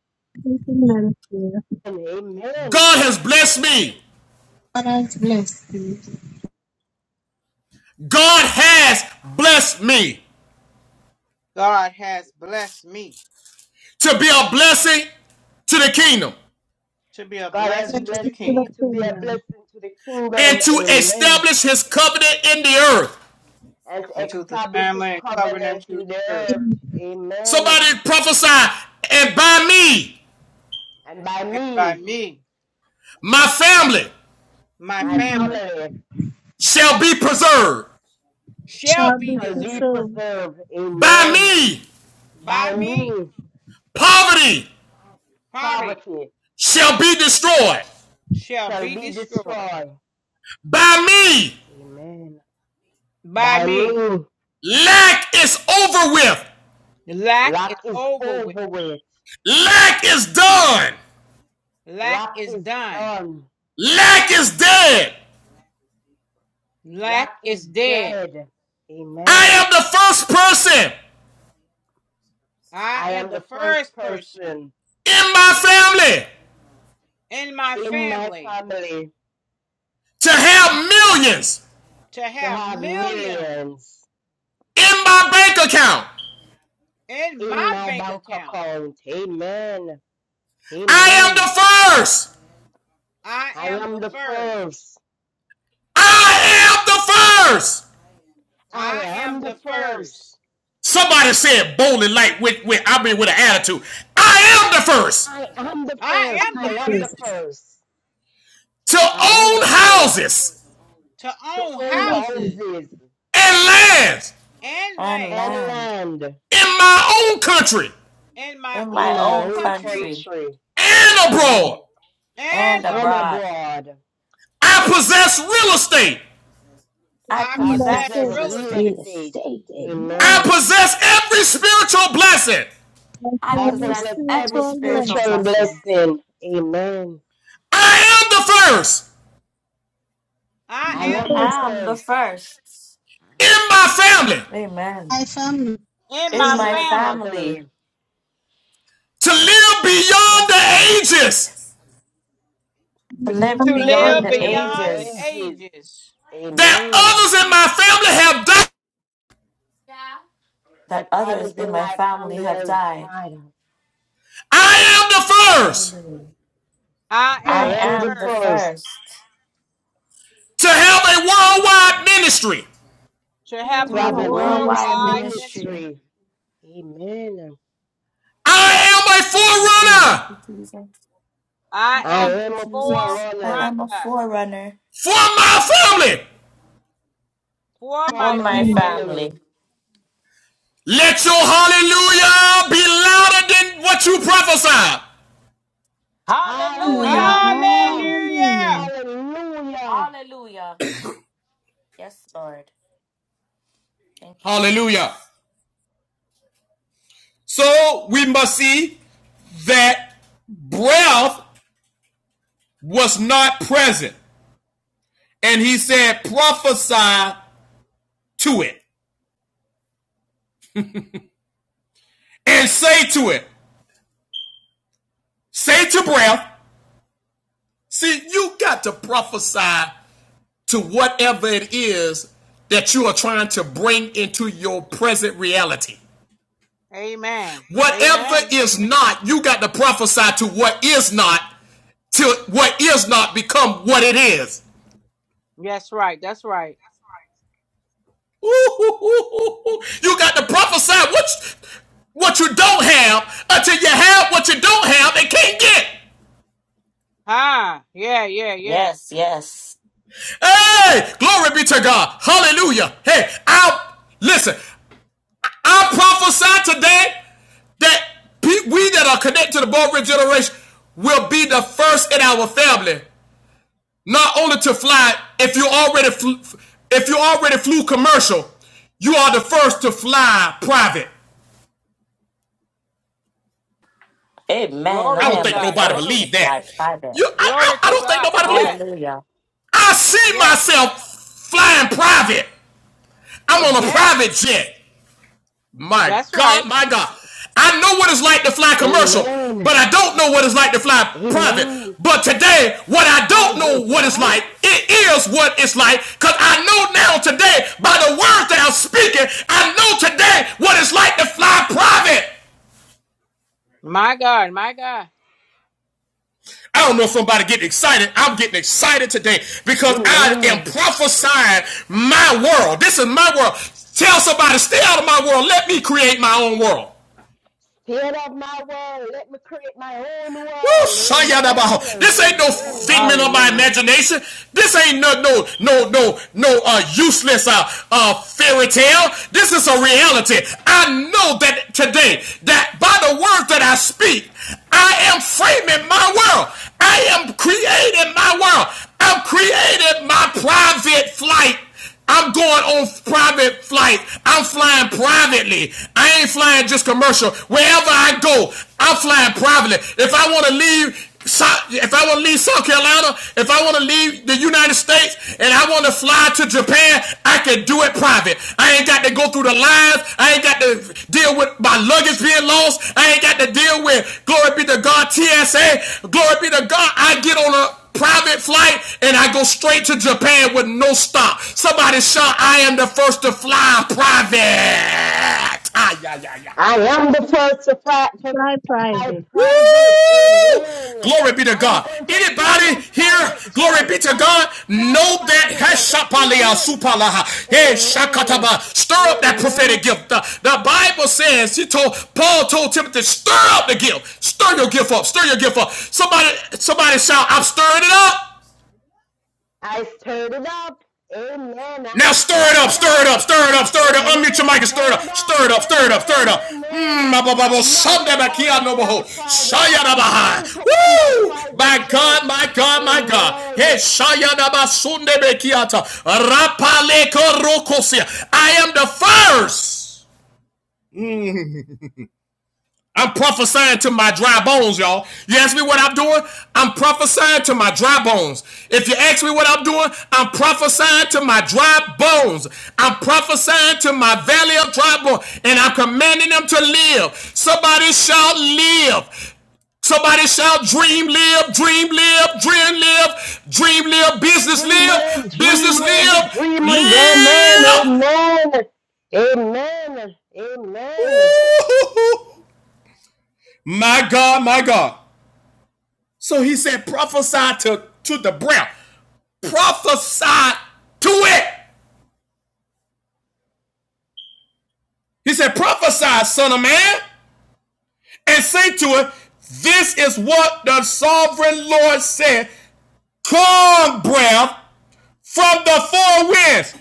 Speaker 4: Thank you, Nancy.
Speaker 2: And amen.
Speaker 1: God has blessed me.
Speaker 4: God has blessed you.
Speaker 1: God has blessed me
Speaker 3: God has blessed me
Speaker 1: to be a blessing to the kingdom
Speaker 3: to be a
Speaker 2: God has
Speaker 4: Bless
Speaker 3: blessing to the
Speaker 4: you
Speaker 2: blessed
Speaker 4: to the
Speaker 2: me
Speaker 3: kingdom
Speaker 2: to be a
Speaker 4: kingdom.
Speaker 2: blessing to the kingdom.
Speaker 1: and to
Speaker 2: Amen.
Speaker 1: establish his covenant in the earth.
Speaker 2: And to
Speaker 3: and to the
Speaker 2: establish his
Speaker 3: family and
Speaker 2: covenant
Speaker 3: covenant to the
Speaker 2: in the
Speaker 3: earth.
Speaker 2: earth.
Speaker 4: In
Speaker 2: Amen.
Speaker 1: Somebody prophesy and by me,
Speaker 2: And by
Speaker 3: And by
Speaker 2: me,
Speaker 3: me.
Speaker 1: my family,
Speaker 3: my
Speaker 2: my
Speaker 3: family
Speaker 4: you
Speaker 2: family
Speaker 1: shall be preserved.
Speaker 3: shall
Speaker 4: shall
Speaker 3: be
Speaker 4: be
Speaker 2: shall be
Speaker 3: deserted
Speaker 4: preserved.
Speaker 2: preserved.
Speaker 1: By
Speaker 2: Amen.
Speaker 1: me,
Speaker 2: By
Speaker 3: by me.
Speaker 2: me,
Speaker 1: poverty
Speaker 3: Poverty
Speaker 2: poverty
Speaker 1: shall be destroyed.
Speaker 3: shall
Speaker 2: shall
Speaker 3: be
Speaker 2: be
Speaker 3: destroyed
Speaker 2: destroyed.
Speaker 1: By me,
Speaker 2: Amen.
Speaker 3: by
Speaker 2: By
Speaker 3: me.
Speaker 2: me,
Speaker 1: lack is over with.
Speaker 3: Lack is
Speaker 2: lack is
Speaker 3: over with.
Speaker 2: over with.
Speaker 1: Lack is done.
Speaker 3: Lack
Speaker 2: Lack
Speaker 3: is
Speaker 2: is
Speaker 3: done.
Speaker 2: done.
Speaker 1: Lack is dead.
Speaker 2: Lack
Speaker 3: Lack
Speaker 2: is
Speaker 3: is dead.
Speaker 2: dead.
Speaker 1: I
Speaker 2: Amen.
Speaker 1: am the first person
Speaker 3: I
Speaker 2: I
Speaker 3: am
Speaker 2: am
Speaker 3: the
Speaker 2: the first
Speaker 3: first person
Speaker 2: person
Speaker 1: in my family
Speaker 3: in my
Speaker 2: in my
Speaker 3: family
Speaker 2: family
Speaker 1: to have millions
Speaker 3: to
Speaker 2: to
Speaker 3: have
Speaker 2: have
Speaker 3: millions
Speaker 2: millions
Speaker 1: in my bank account.
Speaker 3: in my
Speaker 2: in my
Speaker 3: bank
Speaker 2: bank
Speaker 3: account.
Speaker 2: account. Amen.
Speaker 1: I am
Speaker 2: Amen.
Speaker 1: the first.
Speaker 3: I
Speaker 2: I
Speaker 3: am
Speaker 2: am
Speaker 3: the
Speaker 2: the
Speaker 3: first.
Speaker 2: first.
Speaker 1: I am the first.
Speaker 2: I
Speaker 3: I
Speaker 2: am
Speaker 3: am
Speaker 2: the
Speaker 3: the
Speaker 2: first.
Speaker 3: first.
Speaker 1: Somebody said bowling like with, with I mean with an attitude. I am the first.
Speaker 2: I am the first.
Speaker 3: I am
Speaker 2: I
Speaker 3: the
Speaker 2: am the
Speaker 4: Promises,
Speaker 3: first
Speaker 2: first.
Speaker 1: to
Speaker 2: I am
Speaker 1: own
Speaker 2: the first
Speaker 1: houses
Speaker 3: to
Speaker 2: to
Speaker 3: own
Speaker 2: own
Speaker 4: promises,
Speaker 3: houses
Speaker 2: houses
Speaker 1: and lands
Speaker 3: and
Speaker 5: and
Speaker 3: land.
Speaker 2: and
Speaker 5: land
Speaker 2: land
Speaker 1: in my own country
Speaker 3: in my
Speaker 5: in
Speaker 2: in
Speaker 5: my
Speaker 2: my
Speaker 3: own
Speaker 5: own
Speaker 2: own
Speaker 3: country
Speaker 5: country
Speaker 2: country.
Speaker 1: and abroad.
Speaker 2: Amen.
Speaker 3: and
Speaker 5: and
Speaker 2: And
Speaker 3: abroad.
Speaker 5: abroad.
Speaker 2: abroad.
Speaker 1: I possess real estate.
Speaker 5: I
Speaker 3: I
Speaker 4: in
Speaker 2: I
Speaker 4: the
Speaker 5: possess
Speaker 3: possess
Speaker 2: possess
Speaker 5: real
Speaker 3: real
Speaker 4: steps,
Speaker 2: real
Speaker 3: estate.
Speaker 6: real
Speaker 5: estate.
Speaker 2: estate.
Speaker 6: estate. Amen.
Speaker 1: I
Speaker 2: Amen.
Speaker 1: possess every spiritual blessing.
Speaker 4: and
Speaker 5: I
Speaker 2: I
Speaker 4: every
Speaker 5: possess
Speaker 2: possess every
Speaker 5: every
Speaker 4: spiritual
Speaker 5: spiritual
Speaker 2: spiritual
Speaker 4: blessing.
Speaker 5: blessing.
Speaker 2: blessing. Amen.
Speaker 1: I am the first
Speaker 3: I
Speaker 2: I
Speaker 3: am
Speaker 5: I
Speaker 2: am
Speaker 3: the
Speaker 2: the
Speaker 4: First,
Speaker 3: first
Speaker 5: am the
Speaker 2: first
Speaker 5: first.
Speaker 1: in my family
Speaker 4: I
Speaker 5: Amen.
Speaker 4: family,
Speaker 3: in
Speaker 5: In
Speaker 2: in
Speaker 3: my
Speaker 5: my
Speaker 2: my
Speaker 3: family
Speaker 5: family,
Speaker 2: family
Speaker 1: to live beyond the
Speaker 5: yes, Lord.
Speaker 1: ages
Speaker 5: To
Speaker 3: b-
Speaker 5: live
Speaker 3: to
Speaker 4: and
Speaker 2: to
Speaker 4: the
Speaker 5: beyond
Speaker 3: live
Speaker 2: live
Speaker 5: the
Speaker 4: agent.
Speaker 2: beyond
Speaker 3: beyond the
Speaker 2: the
Speaker 5: ages
Speaker 2: ages.
Speaker 3: ages.
Speaker 1: that
Speaker 2: Amen.
Speaker 1: others in my family have died.
Speaker 5: that
Speaker 2: That
Speaker 5: others
Speaker 2: others
Speaker 5: in
Speaker 2: in
Speaker 5: my
Speaker 2: my
Speaker 5: family
Speaker 2: family
Speaker 5: have
Speaker 2: has
Speaker 5: died.
Speaker 2: died.
Speaker 1: I am the first
Speaker 5: Hallelujah.
Speaker 3: I
Speaker 2: I
Speaker 3: am
Speaker 5: I
Speaker 4: Faith,
Speaker 3: the
Speaker 2: am the
Speaker 5: am the
Speaker 3: first
Speaker 2: first
Speaker 5: first
Speaker 1: to have a worldwide ministry.
Speaker 3: to have
Speaker 5: to
Speaker 2: to
Speaker 3: a
Speaker 4: in
Speaker 5: have
Speaker 2: have
Speaker 4: my
Speaker 5: a
Speaker 2: a
Speaker 5: worldwide
Speaker 2: worldwide
Speaker 4: ministry.
Speaker 3: worldwide ministry.
Speaker 5: ministry.
Speaker 2: ministry. Amen.
Speaker 1: I am
Speaker 2: Amen.
Speaker 1: a
Speaker 5: Thank
Speaker 1: forerunner
Speaker 5: you, Jesus.
Speaker 3: I
Speaker 2: I
Speaker 3: am
Speaker 5: Thank
Speaker 2: am
Speaker 5: you,
Speaker 3: a
Speaker 2: a
Speaker 5: Jesus. I
Speaker 2: forerunner
Speaker 3: forerunner
Speaker 5: am a forerunner
Speaker 1: for my family
Speaker 3: for
Speaker 2: for
Speaker 5: for
Speaker 3: my
Speaker 2: my
Speaker 5: my
Speaker 3: family.
Speaker 2: family.
Speaker 5: family.
Speaker 1: Let your hallelujah be louder than what you prophesy.
Speaker 4: Hallelujah,
Speaker 5: Hallelujah.
Speaker 2: Hallelujah.
Speaker 4: hallelujah.
Speaker 3: Hallelujah.
Speaker 2: Hallelujah.
Speaker 5: Hallelujah. Yes, Lord. Thank you,
Speaker 1: Hallelujah.
Speaker 5: Jesus.
Speaker 1: So we must see that breath was not present. And he said, prophesy to it and say to it, say to breath. See, you got to prophesy to whatever it is that you are trying to bring into your present reality.
Speaker 3: Amen.
Speaker 1: Whatever
Speaker 3: Amen.
Speaker 1: is not, you got to prophesy to what is not till what is not become what it is.
Speaker 3: Yes, right. That's right.
Speaker 1: Ooh, You got to prophesy what you, what you don't have until you have what you don't have and can't get.
Speaker 3: Ah, yeah, yeah, yeah.
Speaker 5: Yes, yes.
Speaker 1: Hey, glory be to God. Hallelujah. Hey, I listen. I prophesy today that we that are connected to the Bold River generation will be the first in our family Not only to fly, if you already flew, if you already flew commercial, you are the first to fly private.
Speaker 5: Amen.
Speaker 3: Glory
Speaker 1: I
Speaker 5: I
Speaker 1: don't
Speaker 3: to
Speaker 5: am the
Speaker 1: think
Speaker 3: God.
Speaker 1: nobody
Speaker 5: first
Speaker 3: Glory.
Speaker 5: to
Speaker 1: believed that.
Speaker 5: fly private.
Speaker 1: You, I, I,
Speaker 3: Glory
Speaker 1: I
Speaker 3: to
Speaker 1: don't think
Speaker 3: God.
Speaker 1: nobody believed.
Speaker 3: Yes.
Speaker 1: it.
Speaker 5: Hallelujah.
Speaker 1: I see
Speaker 3: Yes.
Speaker 1: myself flying private. I'm on a
Speaker 3: Yes.
Speaker 5: Yes.
Speaker 1: private jet. My
Speaker 3: That's
Speaker 1: God,
Speaker 3: right.
Speaker 1: my God.
Speaker 5: Yes.
Speaker 1: I know what it's like to fly commercial,
Speaker 2: Amen.
Speaker 1: but I don't know what it's like to fly private.
Speaker 2: Amen.
Speaker 1: But today, what I don't know
Speaker 2: Private,
Speaker 1: what it's
Speaker 2: right?
Speaker 1: like, it is what it's like, because I know now today, by the words that I'm speaking, I know today what it's like to fly private.
Speaker 3: My God. My God.
Speaker 1: I don't know if somebody getting excited. I'm getting excited today because I am
Speaker 2: Amen.
Speaker 1: prophesying
Speaker 2: Side.
Speaker 1: my world. This is my world. Tell somebody, stay out of my world. Let me create my own world.
Speaker 2: Instead of my world, let me create my own
Speaker 1: Woo,
Speaker 2: world.
Speaker 1: shayadabaho.
Speaker 2: Amen.
Speaker 1: This ain't
Speaker 3: Amen.
Speaker 1: no figment of
Speaker 2: Amen.
Speaker 1: my
Speaker 3: Hallelujah.
Speaker 1: imagination. This ain't no no no no no uh, useless uh, uh, fairy tale. This is a reality. I know that today that by the words that I speak, I am framing my world. I am creating my world. I'm creating my private flight I'm going on private flight. I'm flying privately. I ain't flying just commercial. Wherever I go, I'm flying privately. If I want to leave, if I want to leave South Carolina, if I want to leave the United States, and I want to fly to Japan, I can do it private. I ain't got to go go through the lines. I ain't got to deal with my luggage being lost. I ain't got to deal with, glory be to God, TSA. Glory be to God, I get on a private flight and I go straight to Japan with no stop. Somebody shout, I am the first to fly private. Ah, yeah, yeah, yeah.
Speaker 2: I am the first to fly to
Speaker 4: Fly
Speaker 2: fight
Speaker 4: private.
Speaker 1: Woo!
Speaker 2: private. Amen.
Speaker 1: Glory be to
Speaker 2: I am
Speaker 1: God.
Speaker 2: going to own
Speaker 1: Anybody
Speaker 2: that
Speaker 1: here,
Speaker 2: private
Speaker 1: glory
Speaker 2: jet.
Speaker 1: be to
Speaker 2: Not
Speaker 1: God,
Speaker 2: just fly
Speaker 1: know that
Speaker 2: private, but to own
Speaker 1: Heshapalia
Speaker 2: it.
Speaker 1: Supalaha. Hey
Speaker 2: Amen.
Speaker 1: Stir up that
Speaker 2: Amen.
Speaker 1: prophetic gift. The, the Bible says, he told Paul told Timothy, stir up the gift. Stir your gift up. Stir your gift up. Somebody, somebody shout, I'm stirring it up.
Speaker 2: I stirred it up. Amen. I
Speaker 1: Now stir it
Speaker 2: stirred
Speaker 1: up,
Speaker 2: it
Speaker 1: stir it
Speaker 2: up.
Speaker 1: up, stir it up, stir it up. Unmute your
Speaker 2: Amen.
Speaker 1: mic and stir it
Speaker 2: Stirred
Speaker 1: up,
Speaker 2: it up.
Speaker 1: stir it up, stir it
Speaker 2: Amen.
Speaker 1: up, stir it up.
Speaker 2: Amen.
Speaker 1: Mmm, blah, blah,
Speaker 2: I'm not going
Speaker 1: Sunday, my
Speaker 2: to only
Speaker 1: no,
Speaker 2: fly
Speaker 1: boho.
Speaker 2: private. I
Speaker 1: Shaya, da,
Speaker 2: am going to own that
Speaker 1: Woo!
Speaker 2: private
Speaker 1: My
Speaker 2: jet.
Speaker 1: God, my God, my God. Hey,
Speaker 2: Amen.
Speaker 1: Shaya, da, Sunday, be, ta. Rapa, le, I am the first. I'm prophesying to my dry bones, y'all. You ask me what I'm doing? I'm prophesying to my dry bones. If you ask me what I'm doing, I'm prophesying to my dry bones. I'm prophesying to my valley of dry bones, and I'm commanding them to live. Somebody shall live. Somebody shall dream, live, dream, live, dream, live, dream, live, business,
Speaker 2: Dream
Speaker 1: live,
Speaker 2: live, dream
Speaker 1: business,
Speaker 2: live,
Speaker 1: live,
Speaker 2: dream live.
Speaker 1: live.
Speaker 2: Amen. Amen. Amen. Amen.
Speaker 1: Woo-hoo-hoo. My God, my God. So he said, prophesy to, to the brown. Prophesy to it. He said, prophesy, son of man, and say to it, this is what the sovereign Lord said. Come, breath from the four winds.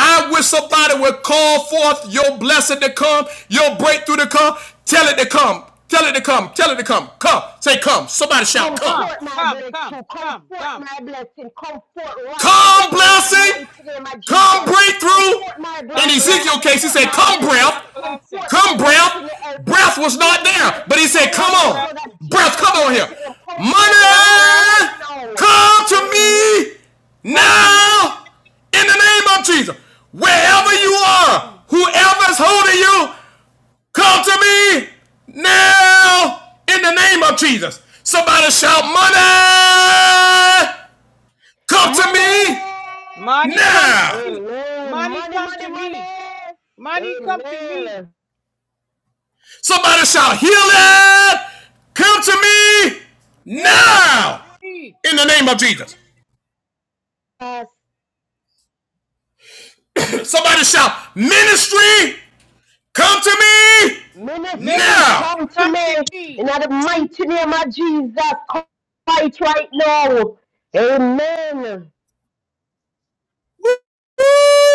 Speaker 1: I wish somebody would call forth your blessing to come, your breakthrough to come. Tell it to come. Tell it to come. Tell it to come. Come. Say come. Somebody shout come.
Speaker 3: Come.
Speaker 2: Comfort my
Speaker 3: Come. Come.
Speaker 2: breakthrough.
Speaker 3: Come.
Speaker 2: Comfort
Speaker 3: Come.
Speaker 2: my blessing. Comfort right right
Speaker 1: Come
Speaker 2: now in the
Speaker 1: blessing.
Speaker 2: mighty name of
Speaker 1: Come
Speaker 2: Jesus.
Speaker 1: breakthrough.
Speaker 2: Comfort my
Speaker 1: In
Speaker 3: Come
Speaker 2: breakthrough.
Speaker 1: Ezekiel's
Speaker 3: blessing.
Speaker 1: case, he
Speaker 2: Comfort
Speaker 1: said,
Speaker 3: Come.
Speaker 2: my
Speaker 1: come
Speaker 2: blessing.
Speaker 3: Come
Speaker 1: breath.
Speaker 2: Comfort
Speaker 3: blessing.
Speaker 2: my
Speaker 1: Come, breath.
Speaker 2: destiny helpers.
Speaker 1: Breath was not
Speaker 2: Holy
Speaker 1: there,
Speaker 2: Ghost
Speaker 1: but he said,
Speaker 2: fire
Speaker 1: Come
Speaker 2: in
Speaker 3: Come
Speaker 2: the
Speaker 1: on.
Speaker 3: breath.
Speaker 2: blood of
Speaker 1: Breath,
Speaker 2: Jesus
Speaker 1: come on here.
Speaker 2: mighty name. Comfort
Speaker 3: Come
Speaker 2: right
Speaker 3: breath.
Speaker 2: right
Speaker 1: Money,
Speaker 2: now.
Speaker 1: come to
Speaker 2: Amen.
Speaker 1: me
Speaker 3: Come to me
Speaker 1: now in the name of Jesus.
Speaker 3: in the
Speaker 1: Wherever
Speaker 3: name
Speaker 1: you
Speaker 3: of
Speaker 1: are,
Speaker 3: Jesus.
Speaker 1: whoever's holding you, come to me now in the name of Jesus. Somebody shout, Money, come to
Speaker 2: Money.
Speaker 1: me
Speaker 3: Money come to
Speaker 1: now.
Speaker 3: me.
Speaker 2: Amen.
Speaker 3: Money
Speaker 2: Money,
Speaker 3: come
Speaker 2: money,
Speaker 3: to me.
Speaker 2: money.
Speaker 3: Money come to me.
Speaker 2: Amen.
Speaker 1: Somebody shout, Healing, come to me
Speaker 3: Healing come
Speaker 1: now
Speaker 3: to me.
Speaker 1: in the name of Jesus.
Speaker 2: Yes.
Speaker 1: Somebody shout, Ministry, come to me
Speaker 2: Ministry,
Speaker 3: Ministry
Speaker 1: now.
Speaker 2: come to
Speaker 3: come
Speaker 2: me
Speaker 3: to me.
Speaker 2: in the mighty name of Jesus. Come fight right now. Amen.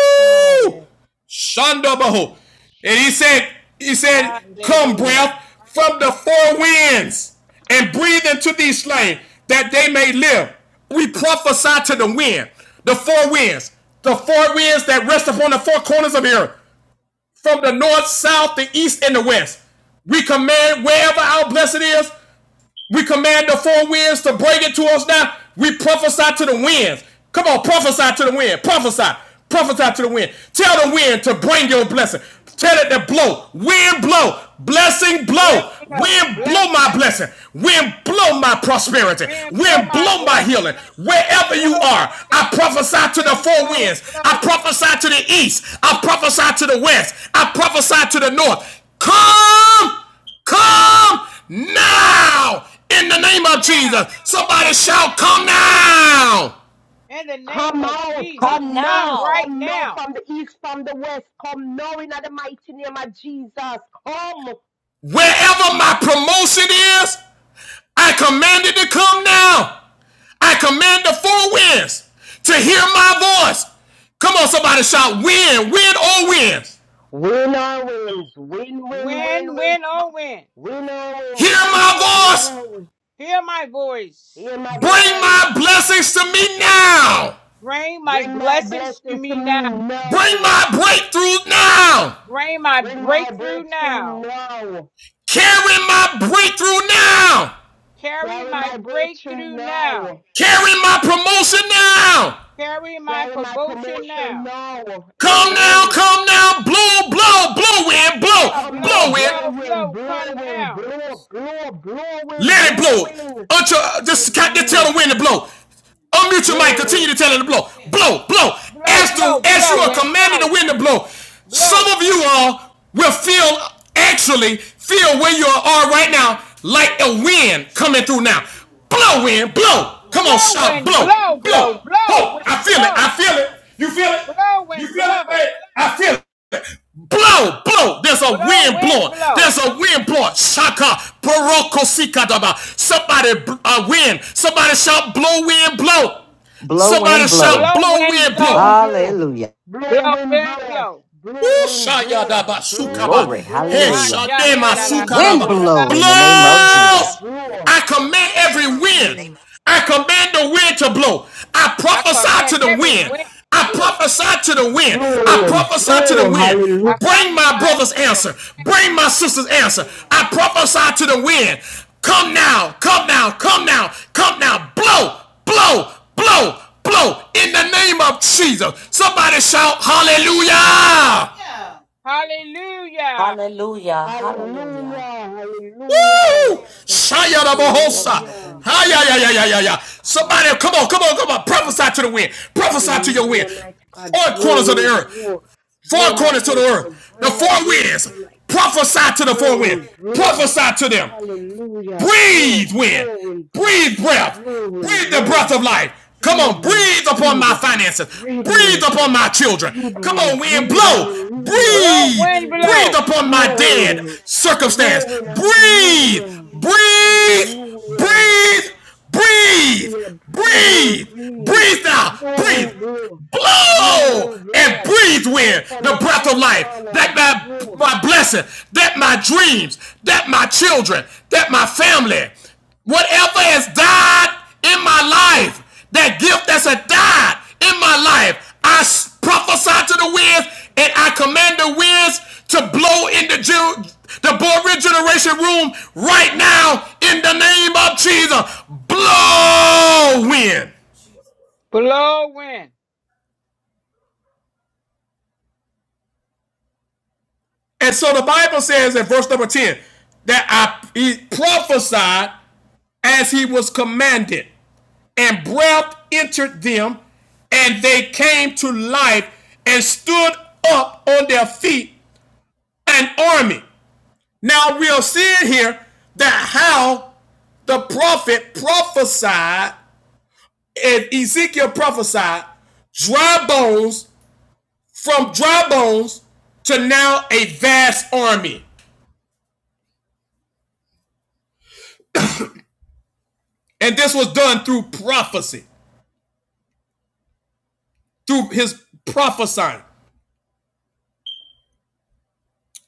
Speaker 2: To God,
Speaker 1: Shanda Baho.
Speaker 2: Jesus,
Speaker 1: And he
Speaker 2: Jesus,
Speaker 1: said, He said, Come,
Speaker 3: Hallelujah.
Speaker 2: Hallelujah,
Speaker 1: breath from the four
Speaker 2: Jesus.
Speaker 1: winds and breathe into these slain that they may live. We prophesy to the wind, the four winds, the four winds that rest upon the four corners of the earth, from the north, south, the east, and the west. We command wherever our blessing is We command the four winds to bring it to us now. We prophesy to the winds. Come on, prophesy to the wind. Prophesy. Prophesy to the wind. Tell the wind to bring your blessing. Tell it to blow. Wind blow. Blessing
Speaker 3: Wind
Speaker 1: blow. Wind
Speaker 3: blow.
Speaker 1: blow my blessing. Wind blow my prosperity.
Speaker 3: Wind, blow
Speaker 1: Wind
Speaker 3: my
Speaker 1: blow my
Speaker 3: blessings.
Speaker 1: healing. Wherever you
Speaker 3: Blow my
Speaker 1: are, I prophesy to the
Speaker 3: wind,
Speaker 1: four
Speaker 3: blow,
Speaker 1: winds. I
Speaker 3: blow.
Speaker 1: prophesy to the east. I prophesy to the west. I prophesy to the north. Come. Come
Speaker 3: Come
Speaker 1: now in the name of
Speaker 3: now
Speaker 1: Jesus.
Speaker 3: in the
Speaker 1: Somebody shout,
Speaker 3: name of
Speaker 1: Come
Speaker 3: Jesus.
Speaker 1: now.
Speaker 3: In the name
Speaker 2: Come
Speaker 3: of
Speaker 2: out,
Speaker 3: Jesus.
Speaker 5: Come
Speaker 2: come now,
Speaker 3: Come
Speaker 5: now.
Speaker 3: right
Speaker 2: come now
Speaker 3: now.
Speaker 2: from the east, from the west, come now in the mighty name of Jesus. Come,
Speaker 1: Wherever my promotion is, I command it to come now. I command the four winds to hear my voice. Come on, somebody shout, Win, win, or wins.
Speaker 2: winner wins, win, win, win,
Speaker 3: Win,
Speaker 2: win.
Speaker 3: win, oh
Speaker 2: Come,
Speaker 3: win.
Speaker 2: winner wins,
Speaker 1: Hear
Speaker 2: come forth
Speaker 1: my voice.
Speaker 2: now.
Speaker 3: Hear my voice.
Speaker 2: Hear my
Speaker 1: Bring
Speaker 2: voice.
Speaker 1: my blessings to me now.
Speaker 3: Bring my
Speaker 2: Bring my
Speaker 3: blessings to
Speaker 2: blessing to
Speaker 3: me
Speaker 2: me
Speaker 3: now.
Speaker 1: Bring
Speaker 2: now.
Speaker 1: my breakthrough now.
Speaker 3: Bring my
Speaker 2: Bring my
Speaker 3: breakthrough
Speaker 2: breakthrough
Speaker 3: now.
Speaker 2: now.
Speaker 1: Carry my breakthrough now.
Speaker 3: Carry
Speaker 2: Carry
Speaker 3: my
Speaker 2: my breakthrough
Speaker 3: breakthrough now.
Speaker 2: now.
Speaker 1: Carry my promotion now.
Speaker 3: Carry my
Speaker 2: Carry my
Speaker 3: promotion
Speaker 2: promotion
Speaker 3: now.
Speaker 2: now.
Speaker 1: Come now,
Speaker 2: Amen.
Speaker 1: come now, blow, blow, blow wind,
Speaker 3: Come
Speaker 1: blow,
Speaker 3: now,
Speaker 2: Come now,
Speaker 3: blow,
Speaker 1: blow wind.
Speaker 3: blow,
Speaker 2: blowing,
Speaker 3: blow. Come
Speaker 2: blowing,
Speaker 3: now.
Speaker 2: blow, blow, blowing,
Speaker 1: Let it blow.
Speaker 2: blowing.
Speaker 1: Until, just, just tell
Speaker 2: Amen.
Speaker 1: the wind to blow. Unmute your mic. Continue
Speaker 2: Blowing,
Speaker 1: to tell it to blow. Blow, blow.
Speaker 3: Blow,
Speaker 1: As, the,
Speaker 3: blow,
Speaker 1: as you
Speaker 3: blow,
Speaker 1: are
Speaker 3: and
Speaker 1: commanding
Speaker 3: blow,
Speaker 1: the wind to blow, some
Speaker 3: blow.
Speaker 1: of you all will feel, actually, feel where you are right now like a wind coming through now. Blow, wind, blow. Come on,
Speaker 3: Blow,
Speaker 1: shout,
Speaker 3: wind,
Speaker 1: blow,
Speaker 3: blow, blow,
Speaker 1: blow.
Speaker 3: blow,
Speaker 1: Whoa, I
Speaker 3: wind,
Speaker 1: feel it. I
Speaker 3: blow,
Speaker 1: feel it. You feel it?
Speaker 3: blow,
Speaker 1: You
Speaker 3: wind,
Speaker 1: feel it,
Speaker 3: blow,
Speaker 1: man? I feel it. Blow, blow. There's a
Speaker 3: blow,
Speaker 1: wind
Speaker 3: wind,
Speaker 1: blowing.
Speaker 3: blow,
Speaker 1: There's a wind blowing. Shaka, baroko, sikadaba. Somebody, bl- a wind. Somebody shout, blow, wind, blow.
Speaker 7: Blow,
Speaker 1: Somebody
Speaker 7: wind,
Speaker 1: shout,
Speaker 7: blow.
Speaker 3: blow,
Speaker 1: blow,
Speaker 3: wind,
Speaker 1: wind, blow.
Speaker 3: blow,
Speaker 2: blow,
Speaker 7: Hallelujah.
Speaker 3: blow,
Speaker 2: blowing,
Speaker 3: wind,
Speaker 2: blow,
Speaker 3: blow.
Speaker 2: blowing, blow,
Speaker 1: Ushayadaba sukaba.
Speaker 2: blowing,
Speaker 7: Glory.
Speaker 2: blow,
Speaker 3: Ah,
Speaker 7: Hallelujah.
Speaker 3: shanda, da,
Speaker 1: Heshadema
Speaker 3: da, da,
Speaker 2: blowing,
Speaker 7: Wind
Speaker 1: sukaraba.
Speaker 3: oh, da,
Speaker 2: blow,
Speaker 3: da,
Speaker 7: blow
Speaker 1: Blow!
Speaker 7: in the name
Speaker 3: shanda,
Speaker 7: of
Speaker 3: da, da,
Speaker 2: blowing,
Speaker 3: da,
Speaker 7: Jesus.
Speaker 3: baby.
Speaker 2: blow.
Speaker 1: I command every
Speaker 2: Amen.
Speaker 1: wind. I command the wind to blow. I
Speaker 3: I command
Speaker 1: prophesy to the
Speaker 3: every
Speaker 1: wind.
Speaker 3: wind
Speaker 1: I
Speaker 3: to blow.
Speaker 1: prophesy to the wind.
Speaker 2: through
Speaker 1: I
Speaker 2: and
Speaker 1: prophesy to the
Speaker 2: through.
Speaker 1: wind.
Speaker 2: Hallelujah.
Speaker 3: I
Speaker 1: Bring my
Speaker 3: prophesy
Speaker 1: brother's
Speaker 3: to the
Speaker 1: answer.
Speaker 3: wind.
Speaker 1: Bring my sister's answer. I prophesy to the wind. Come now, come now, come now, come now. Blow, blow, blow, blow. In the name of Jesus. Somebody shout hallelujah.
Speaker 3: Hallelujah.
Speaker 5: Hallelujah. Hallelujah.
Speaker 2: Hallelujah. Hallelujah.
Speaker 1: Woo!
Speaker 5: Yes,
Speaker 1: Shaya da
Speaker 5: Lord. Lord, my
Speaker 1: bohosa.
Speaker 2: Hallelujah.
Speaker 5: Lord.
Speaker 1: Ah, yeah, yeah, yeah,
Speaker 3: Mm.
Speaker 1: yeah, yeah, yeah.
Speaker 2: Mighty
Speaker 1: Somebody,
Speaker 2: God.
Speaker 1: come on, come on, come on.
Speaker 2: Yes, God.
Speaker 1: Prophesy to the wind. Prophesy to your wind.
Speaker 2: Hallelujah, mighty God.
Speaker 1: Four
Speaker 2: Blow
Speaker 1: corners of the
Speaker 2: and
Speaker 1: earth.
Speaker 2: blow.
Speaker 1: Four
Speaker 2: Blow my
Speaker 1: corners to the
Speaker 2: helpers.
Speaker 1: earth. The
Speaker 2: Blow my
Speaker 1: four winds.
Speaker 2: breakthrough, my
Speaker 1: Prophesy to the four
Speaker 2: blow
Speaker 1: winds.
Speaker 2: and blow.
Speaker 1: Prophesy to them.
Speaker 2: Hallelujah. Blow,
Speaker 1: Breathe wind.
Speaker 2: blow and blow.
Speaker 1: Breathe breath.
Speaker 2: Blow and
Speaker 1: Breathe the breath
Speaker 2: blow.
Speaker 1: of life. Come
Speaker 2: Breathe
Speaker 1: on,
Speaker 2: and
Speaker 1: breathe upon
Speaker 2: breathe.
Speaker 1: my finances.
Speaker 2: Breathe
Speaker 1: Breathe
Speaker 2: wind.
Speaker 1: upon my children.
Speaker 2: Breathe,
Speaker 1: Come
Speaker 2: wind,
Speaker 1: on, wind,
Speaker 2: breathe,
Speaker 1: blow.
Speaker 2: hallelujah.
Speaker 3: Blow,
Speaker 1: Breathe.
Speaker 3: wind,
Speaker 2: Breathe,
Speaker 1: Breathe
Speaker 3: blow,
Speaker 1: upon my
Speaker 2: blow
Speaker 1: dead
Speaker 2: in, Lord. Blow
Speaker 1: circumstance.
Speaker 2: in,
Speaker 1: Breathe.
Speaker 2: hallelujah.
Speaker 1: Breathe.
Speaker 2: Hallelujah.
Speaker 1: Breathe. Breathe.
Speaker 2: Hallelujah. Breathe, wind,
Speaker 1: Breathe.
Speaker 2: breathe.
Speaker 1: Breathe now.
Speaker 2: Blow in,
Speaker 1: Breathe
Speaker 2: blow. Blow
Speaker 1: blow
Speaker 2: in,
Speaker 1: and
Speaker 2: blow.
Speaker 1: breathe
Speaker 2: Blow
Speaker 1: with
Speaker 2: from
Speaker 1: the
Speaker 2: the
Speaker 1: breath of
Speaker 2: four
Speaker 1: life
Speaker 2: corner.
Speaker 1: that my
Speaker 2: Blow.
Speaker 1: my blessing that my dreams that my children that my family whatever has died in my life that gift that's a died in my life I prophesy to the winds and i command the winds to blow in the the born regeneration room right now in the name of jesus blow wind
Speaker 3: blow, wind.
Speaker 1: And so the Bible says in verse number 10 that I he prophesied as he was commanded, and breath entered them, and they came to life and stood up on their feet an army. Now we are seeing here that how the prophet prophesied, and Ezekiel prophesied dry bones from dry bones to now a vast army. And this was done through prophecy. through his prophesying.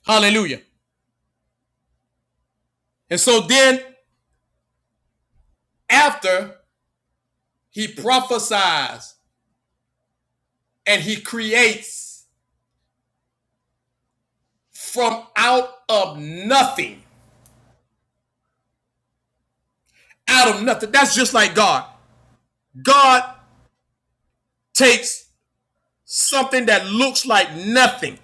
Speaker 1: Hallelujah. And so then after he prophesies and he creates from out of nothing, out of nothing. That's just like God. God takes something that looks like nothing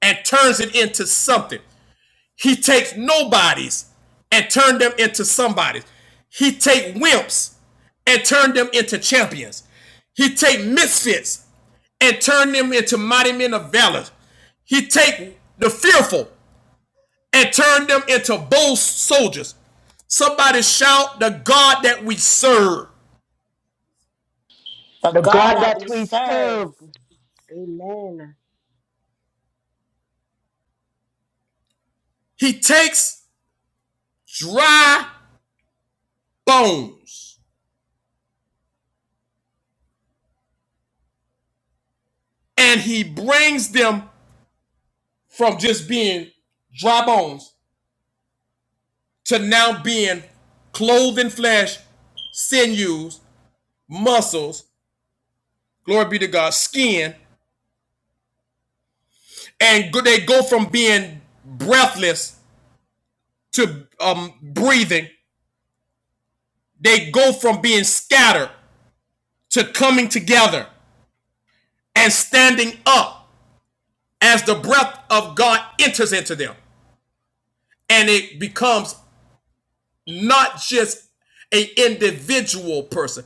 Speaker 1: and turns it into something. He takes nobodies and turn them into somebodies. He take wimps and turn them into champions. He take misfits and turn them into mighty men of valor. He take the fearful and turn them into bold soldiers. Somebody shout the God that we serve.
Speaker 5: The
Speaker 2: The
Speaker 5: God
Speaker 2: God
Speaker 5: that
Speaker 2: that
Speaker 5: we
Speaker 2: we
Speaker 5: serve.
Speaker 2: serve. Amen.
Speaker 1: He takes dry bones and he brings them from just being dry bones to now being clothed in flesh, sinews, muscles, glory be to God, skin, and they go from being breathless to um, breathing, they go from being scattered to coming together and standing up as the breath of God enters into them. And it becomes not just an individual person,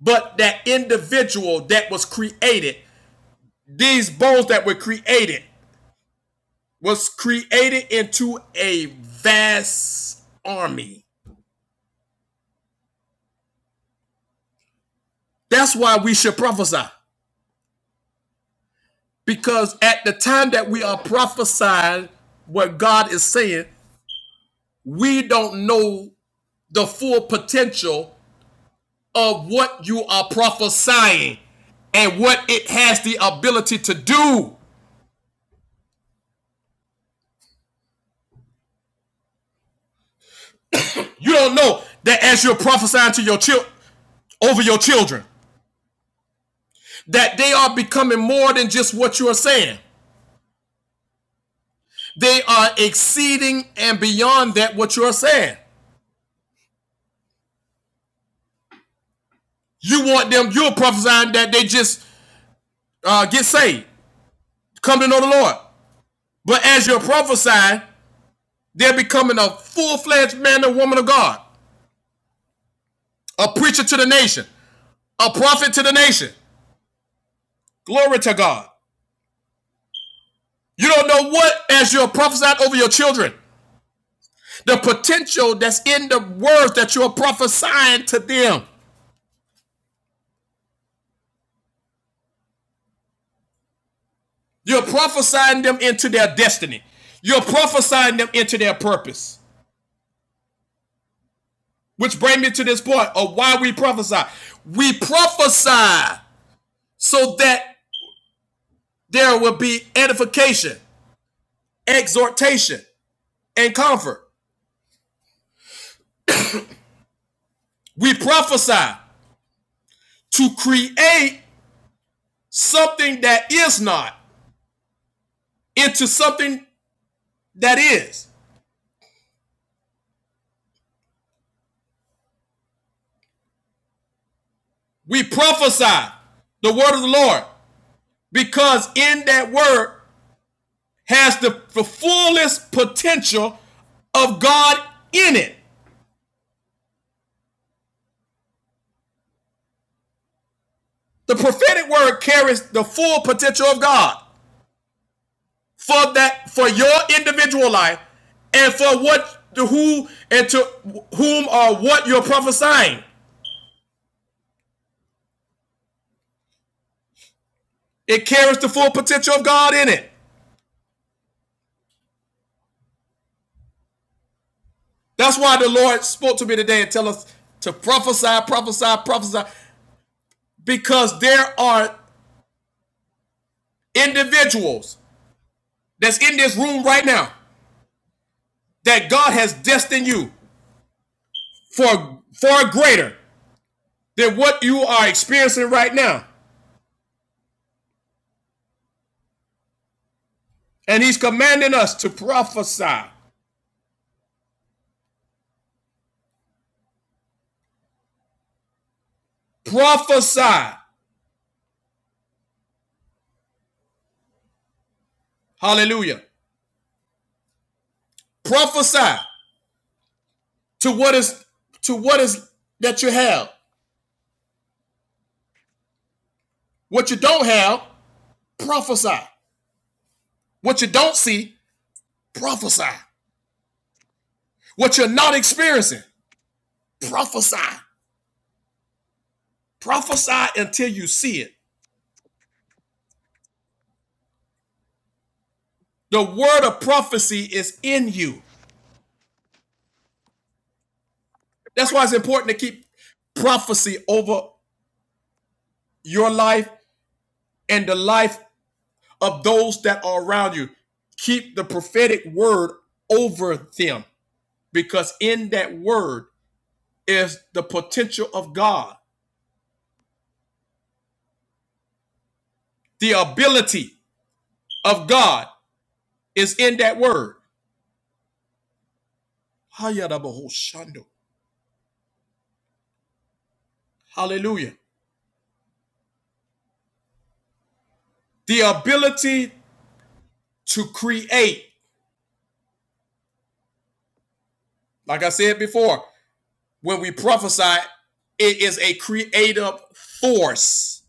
Speaker 1: but that individual that was created, these bones that were created, was created into a vast army. That's why we should prophesy. Because at the time that we are prophesying what God is saying, we don't know the full potential of what you are prophesying and what it has the ability to do. You don't know that as you're prophesying to your children over your children, that they are becoming more than just what you are saying. They are exceeding and beyond that what you are saying. You want them, you're prophesying that they just uh, get saved, come to know the Lord. But as you're prophesying, they're becoming a full fledged man and woman of God, a preacher to the nation, a prophet to the nation. Glory to God. You don't know what as you're prophesying over your children, the potential that's in the words that you're prophesying to them. You're prophesying them into their destiny. You're prophesying them into their purpose. Which brings me to this point of why we prophesy. We prophesy so that there will be edification, exhortation, and comfort. We prophesy to create something that is not into something that is. We prophesy the word of the Lord because in that word has the, the fullest potential of God in it. The prophetic word carries the full potential of God for that for your individual life and for what to who and to whom or what you're prophesying. It carries the full potential of God in it. That's why the Lord spoke to me today and tell us to prophesy, prophesy, prophesy, because there are individuals that's in this room right now that God has destined you for far greater than what you are experiencing right now. And He's commanding us to prophesy, prophesy, hallelujah, prophesy to what is to what is that you have. What you don't have, prophesy. What you don't see, prophesy. What you're not experiencing, prophesy. Prophesy until you see it. The word of prophecy is in you. That's why it's important to keep prophecy over your life and the life of those that are around you. Keep the prophetic word over them because in that word is the potential of God. The ability of God is in that word. Hallelujah. The ability to create, like I said before, when we prophesy, it is a creative force.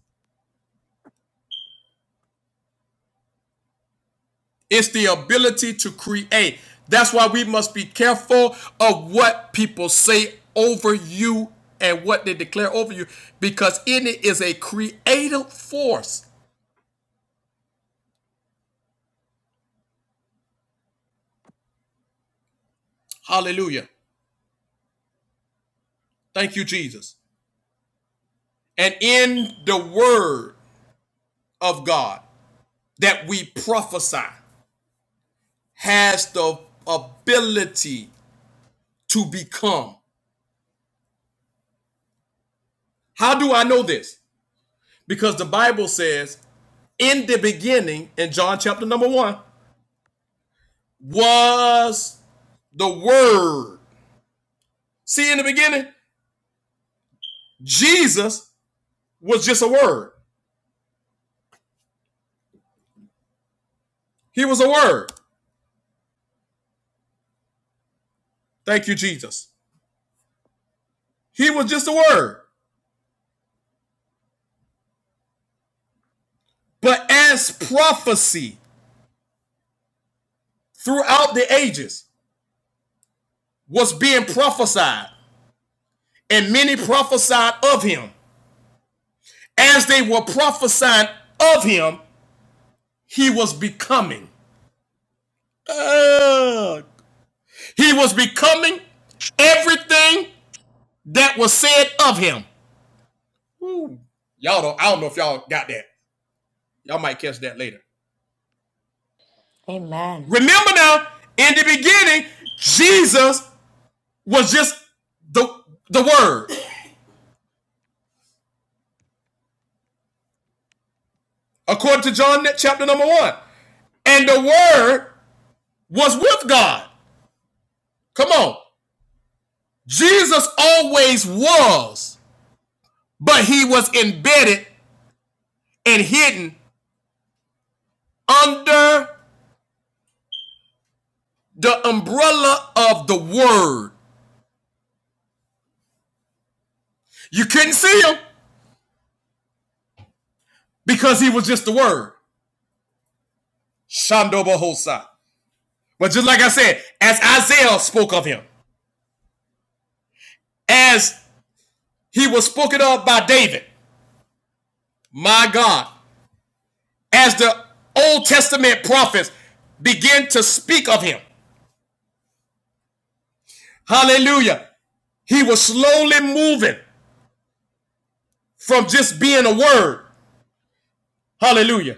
Speaker 1: It's the ability to create. That's why we must be careful of what people say over you and what they declare over you, because in it is a creative force. Hallelujah. Thank you, Jesus. And in the word of God that we prophesy has the ability to become. How do I know this? Because the Bible says, in the beginning, in John chapter number one, was the Word. See, in the beginning, Jesus was just a Word. He was a Word. Thank you, Jesus. He was just a Word. But as prophecy throughout the ages was being prophesied, and many prophesied of him, as they were prophesying of him, he was becoming. Uh, he was becoming everything that was said of him. Y'all don't, I don't know if y'all got that. Y'all might catch that later.
Speaker 5: Amen.
Speaker 1: Remember now, in the beginning, Jesus was just the the word, according to John chapter number one. And the word was with God. Come on. Jesus always was, but he was embedded and hidden under the umbrella of the word. You couldn't see him because he was just the word. Shandoba Hosa. But just like I said, as Isaiah spoke of him, as he was spoken of by David, my God, as the Old Testament prophets begin to speak of him. Hallelujah. He was slowly moving from just being a word. Hallelujah.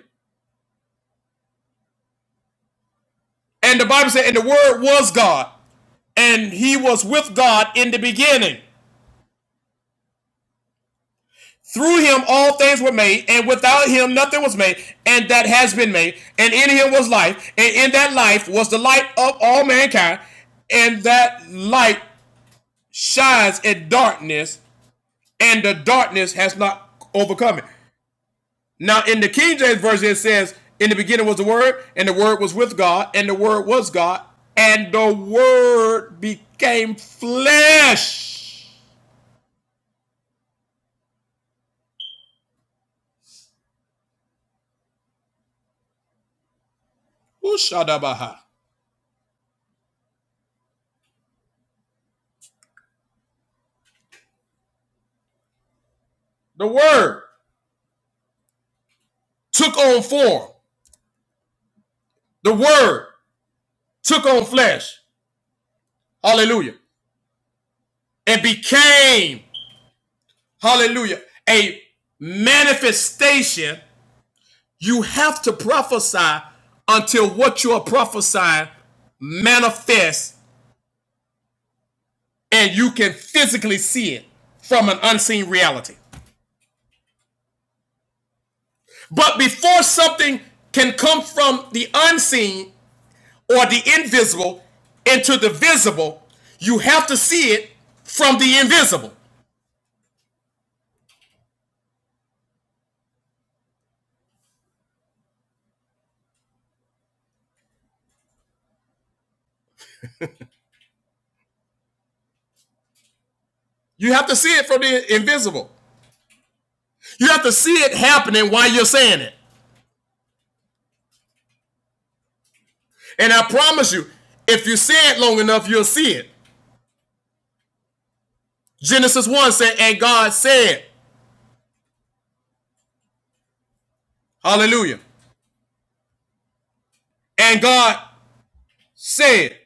Speaker 1: And the Bible said, and the word was God, and he was with God in the beginning. Through him all things were made, and without him nothing was made, and that has been made. And in him was life, and in that life was the light of all mankind. And that light shines in darkness, and the darkness has not overcome it. Now, in the King James Version, it says, In the beginning was the Word, and the Word was with God, and the Word was God, and the Word became flesh. Ushadabaha. The Word took on form. The Word took on flesh, hallelujah, and became, hallelujah, a manifestation. You have to prophesy until what you are prophesying manifests and you can physically see it from an unseen reality. But before something can come from the unseen or the invisible into the visible, you have to see it from the invisible. You have to see it from the invisible. You have to see it happening while you're saying it. And I promise you, if you say it long enough, you'll see it. Genesis 1 said, and God said, Hallelujah. And God said,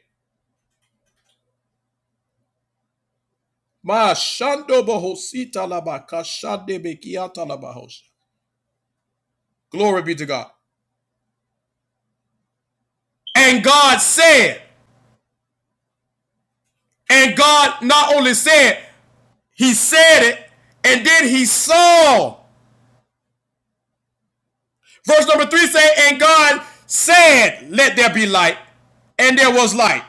Speaker 1: Glory be to God. And God said, and God not only said, he said it, and then he saw. Verse number three said, and God said, let there be light, and there was light.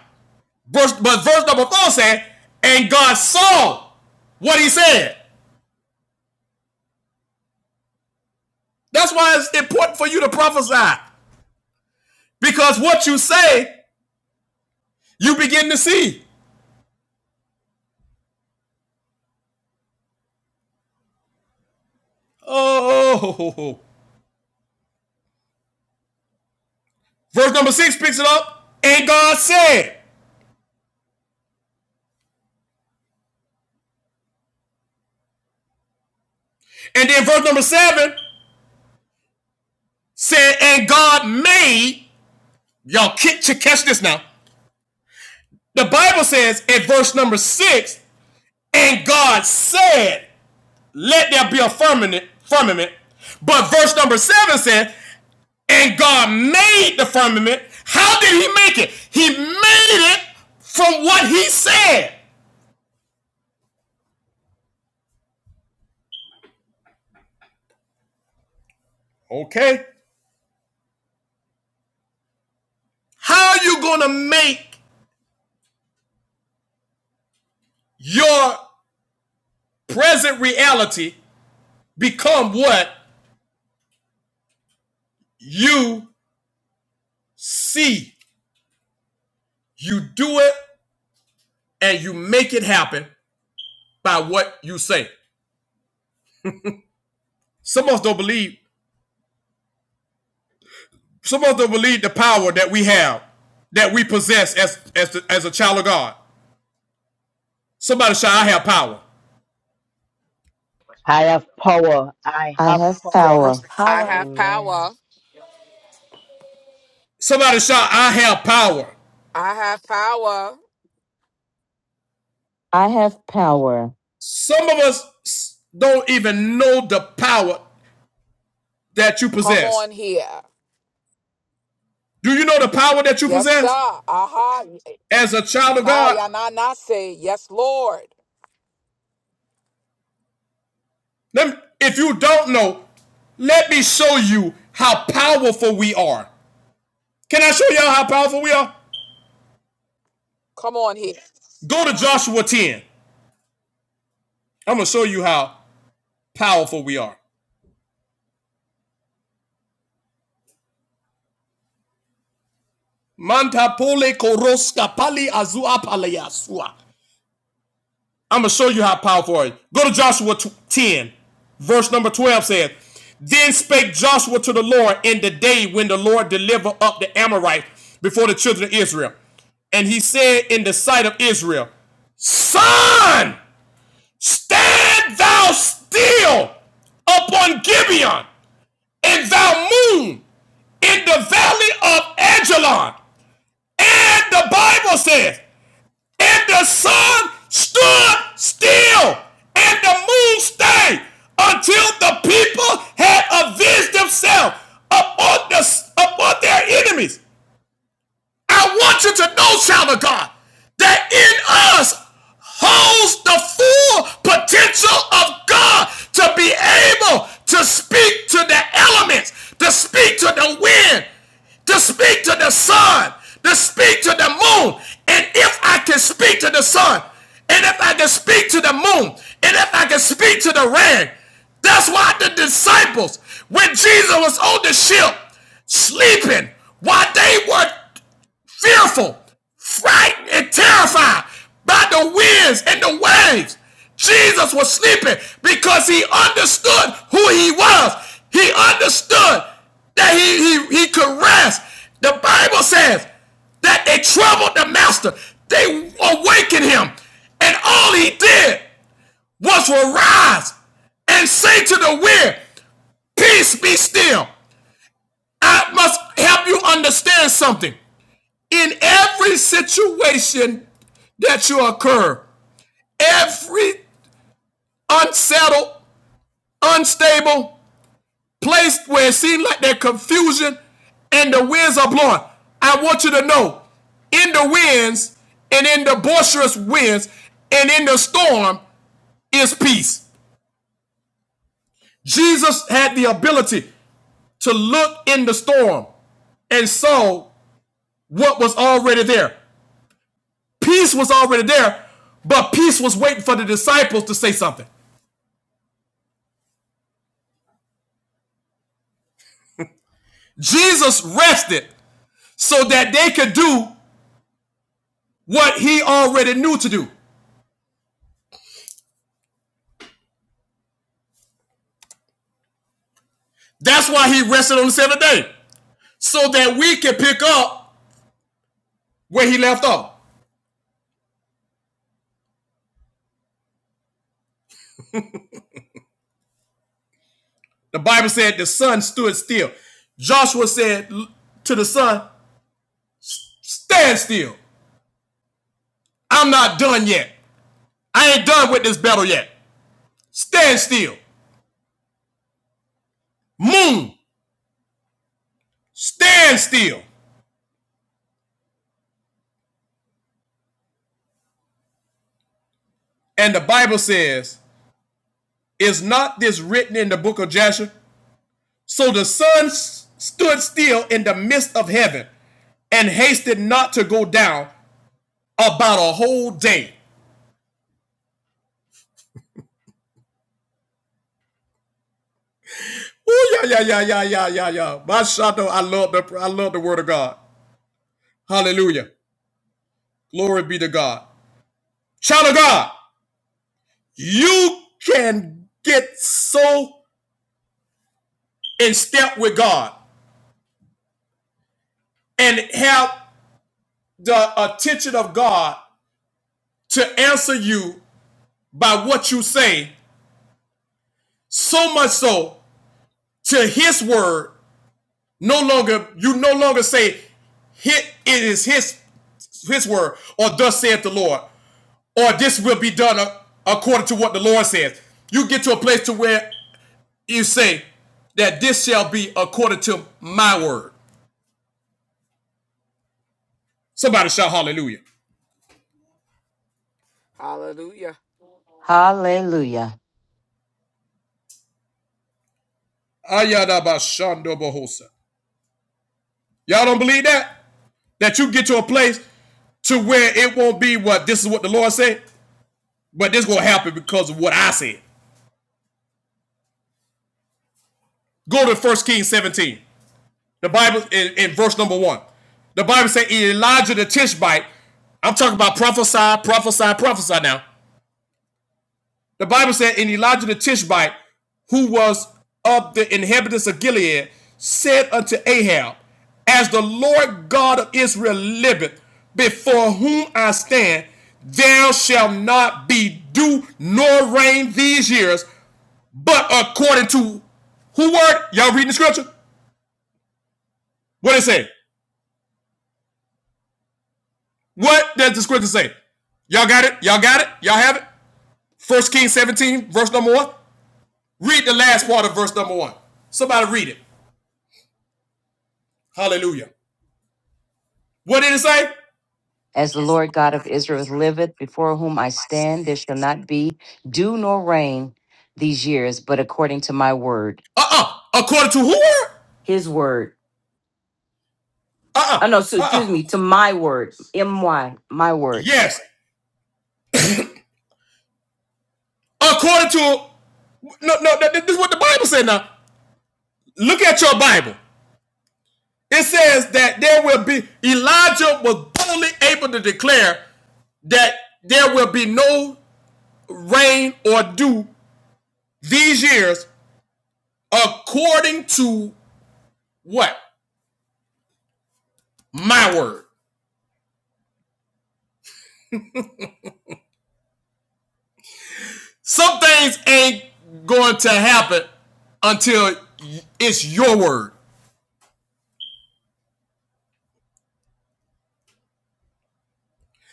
Speaker 1: Verse, but verse number four said, and God saw what he said. That's why it's important for you to prophesy. Because what you say, you begin to see. Oh. Verse number six picks it up. And God said. And then verse number seven said, and God made. Y'all catch, catch this now. The Bible says at verse number six, and God said, let there be a firmament, firmament. But verse number seven said, and God made the firmament. How did he make it? He made it from what he said. Okay. How are you going to make your present reality become what you see? You do it and you make it happen by what you say. Some of us don't believe. Some of us don't believe the power that we have, that we possess as as, the, as a child of God. Somebody shout, "I have power."
Speaker 2: I have power. I
Speaker 7: I
Speaker 2: have
Speaker 7: have
Speaker 5: That
Speaker 2: power.
Speaker 7: power.
Speaker 5: has
Speaker 8: I
Speaker 5: power.
Speaker 8: have
Speaker 2: Amen.
Speaker 8: power.
Speaker 1: Somebody shout, "I have power."
Speaker 8: I have power.
Speaker 7: I have power.
Speaker 1: Some of us don't even know the power that you
Speaker 8: Come
Speaker 1: possess.
Speaker 8: on here.
Speaker 1: Do you know the power that you
Speaker 8: Yes, sir.
Speaker 1: possess
Speaker 8: Aha.
Speaker 1: as a child of God?
Speaker 8: Ikaya na na say, Yes, Lord.
Speaker 1: Let me- if you don't know, let me show you how powerful we are. Can I show y'all how powerful we are?
Speaker 8: Come on here.
Speaker 1: Go to Joshua 10. I'm going to show you how powerful we are. Manta koroska pali azua palayasua. I'm going to show you how powerful are Go to Joshua 10, verse number 12 says, Then spake Joshua to the Lord in the day when the Lord delivered up the Amorites before the children of Israel. And he said in the sight of Israel, Son, stand thou still upon Gibeon, and thou moon in the valley of Ajalon. And the Bible says, and the sun stood still, and the moon stayed until the people had avenged themselves upon, the, upon their enemies. I want you to know, child of God, that in us holds the full potential of God to be able to speak to the elements, to speak to the wind, to speak to the sun, to speak to the moon. And if I can speak to the sun, and if I can speak to the moon, and if I can speak to the rain, that's why the disciples, when Jesus was on the ship, sleeping, while they were fearful, frightened, and terrified by the winds and the waves. Jesus was sleeping because he understood who he was. He understood that he, he, he could rest. The Bible says that they troubled the master. They awakened him. And all he did was arise and say to the wind, Peace be still. I must help you understand something in every situation that you occur, every unsettled, unstable place where it seems like there's confusion and the winds are blowing. I want you to know in the winds and in the boisterous winds and in the storm is peace. Jesus had the ability to look in the storm and saw what was already there. Peace was already there, but peace was waiting for the disciples to say something. Jesus rested so that they could do what he already knew to do. That's why he rested on the seventh day, so that we can pick up where he left off. The Bible said the sun stood still. Joshua said to the sun, Stand still. I'm not done yet. I ain't done with this battle yet. Stand still. Moon, stand still. And the Bible says, Is not this written in the book of Joshua? So the sun s- stood still in the midst of heaven and hasted not to go down about a whole day. Oh yeah, yeah, yeah, yeah, yeah, yeah, yeah. My shadow, I love the I love the word of God. Hallelujah. Glory be to God. Child of God, you can get so in step with God and have the attention of God to answer you by what you say, so much so to his word No longer, you no longer say, "Hit it is his his word," or "Thus saith the Lord," or "This will be done uh, according to what the Lord says." You get to a place to where you say that this shall be according to my word. Somebody shout hallelujah.
Speaker 8: Hallelujah.
Speaker 7: Hallelujah.
Speaker 1: Ayadabashandobohosa. Y'all don't believe that? That you get to a place to where it won't be what this is what the Lord said, but this gonna happen because of what I said. Go to First Kings 17. The Bible in, in verse number one. The Bible said Elijah the Tishbite. I'm talking about prophesy, prophesy, prophesy now. The Bible said in Elijah the Tishbite, who was of the inhabitants of Gilead, said unto Ahab, As the Lord God of Israel liveth, before whom I stand, there shall not be dew nor rain these years, but according to who word? Y'all reading the scripture? What it say? What does the scripture say? Y'all got it? Y'all got it? Y'all have it? First Kings 17, verse number one. Read the last part of verse number one. Somebody read it. Hallelujah. What did it say? As
Speaker 7: As the
Speaker 1: the
Speaker 7: Lord
Speaker 1: Lord
Speaker 7: God of
Speaker 1: God of
Speaker 7: Israel
Speaker 1: Israel is with
Speaker 7: liveth,
Speaker 1: them,
Speaker 7: before whom I
Speaker 1: by
Speaker 7: stand, there
Speaker 1: stand
Speaker 7: shall
Speaker 1: they
Speaker 7: not be dew nor rain these years, but according to my word.
Speaker 1: shall. Uh-uh. According to who?
Speaker 7: His word. Oh,
Speaker 1: Uh-uh.
Speaker 7: no, so, excuse
Speaker 1: Uh-uh.
Speaker 7: me, to my word. M-Y, my word.
Speaker 1: Yes. According to no, no, this is what the Bible said now. Look at your Bible. It says that there will be Elijah was boldly able to declare that there will be no rain or dew these years according to what? My word. Some things ain't going to happen until it's your word.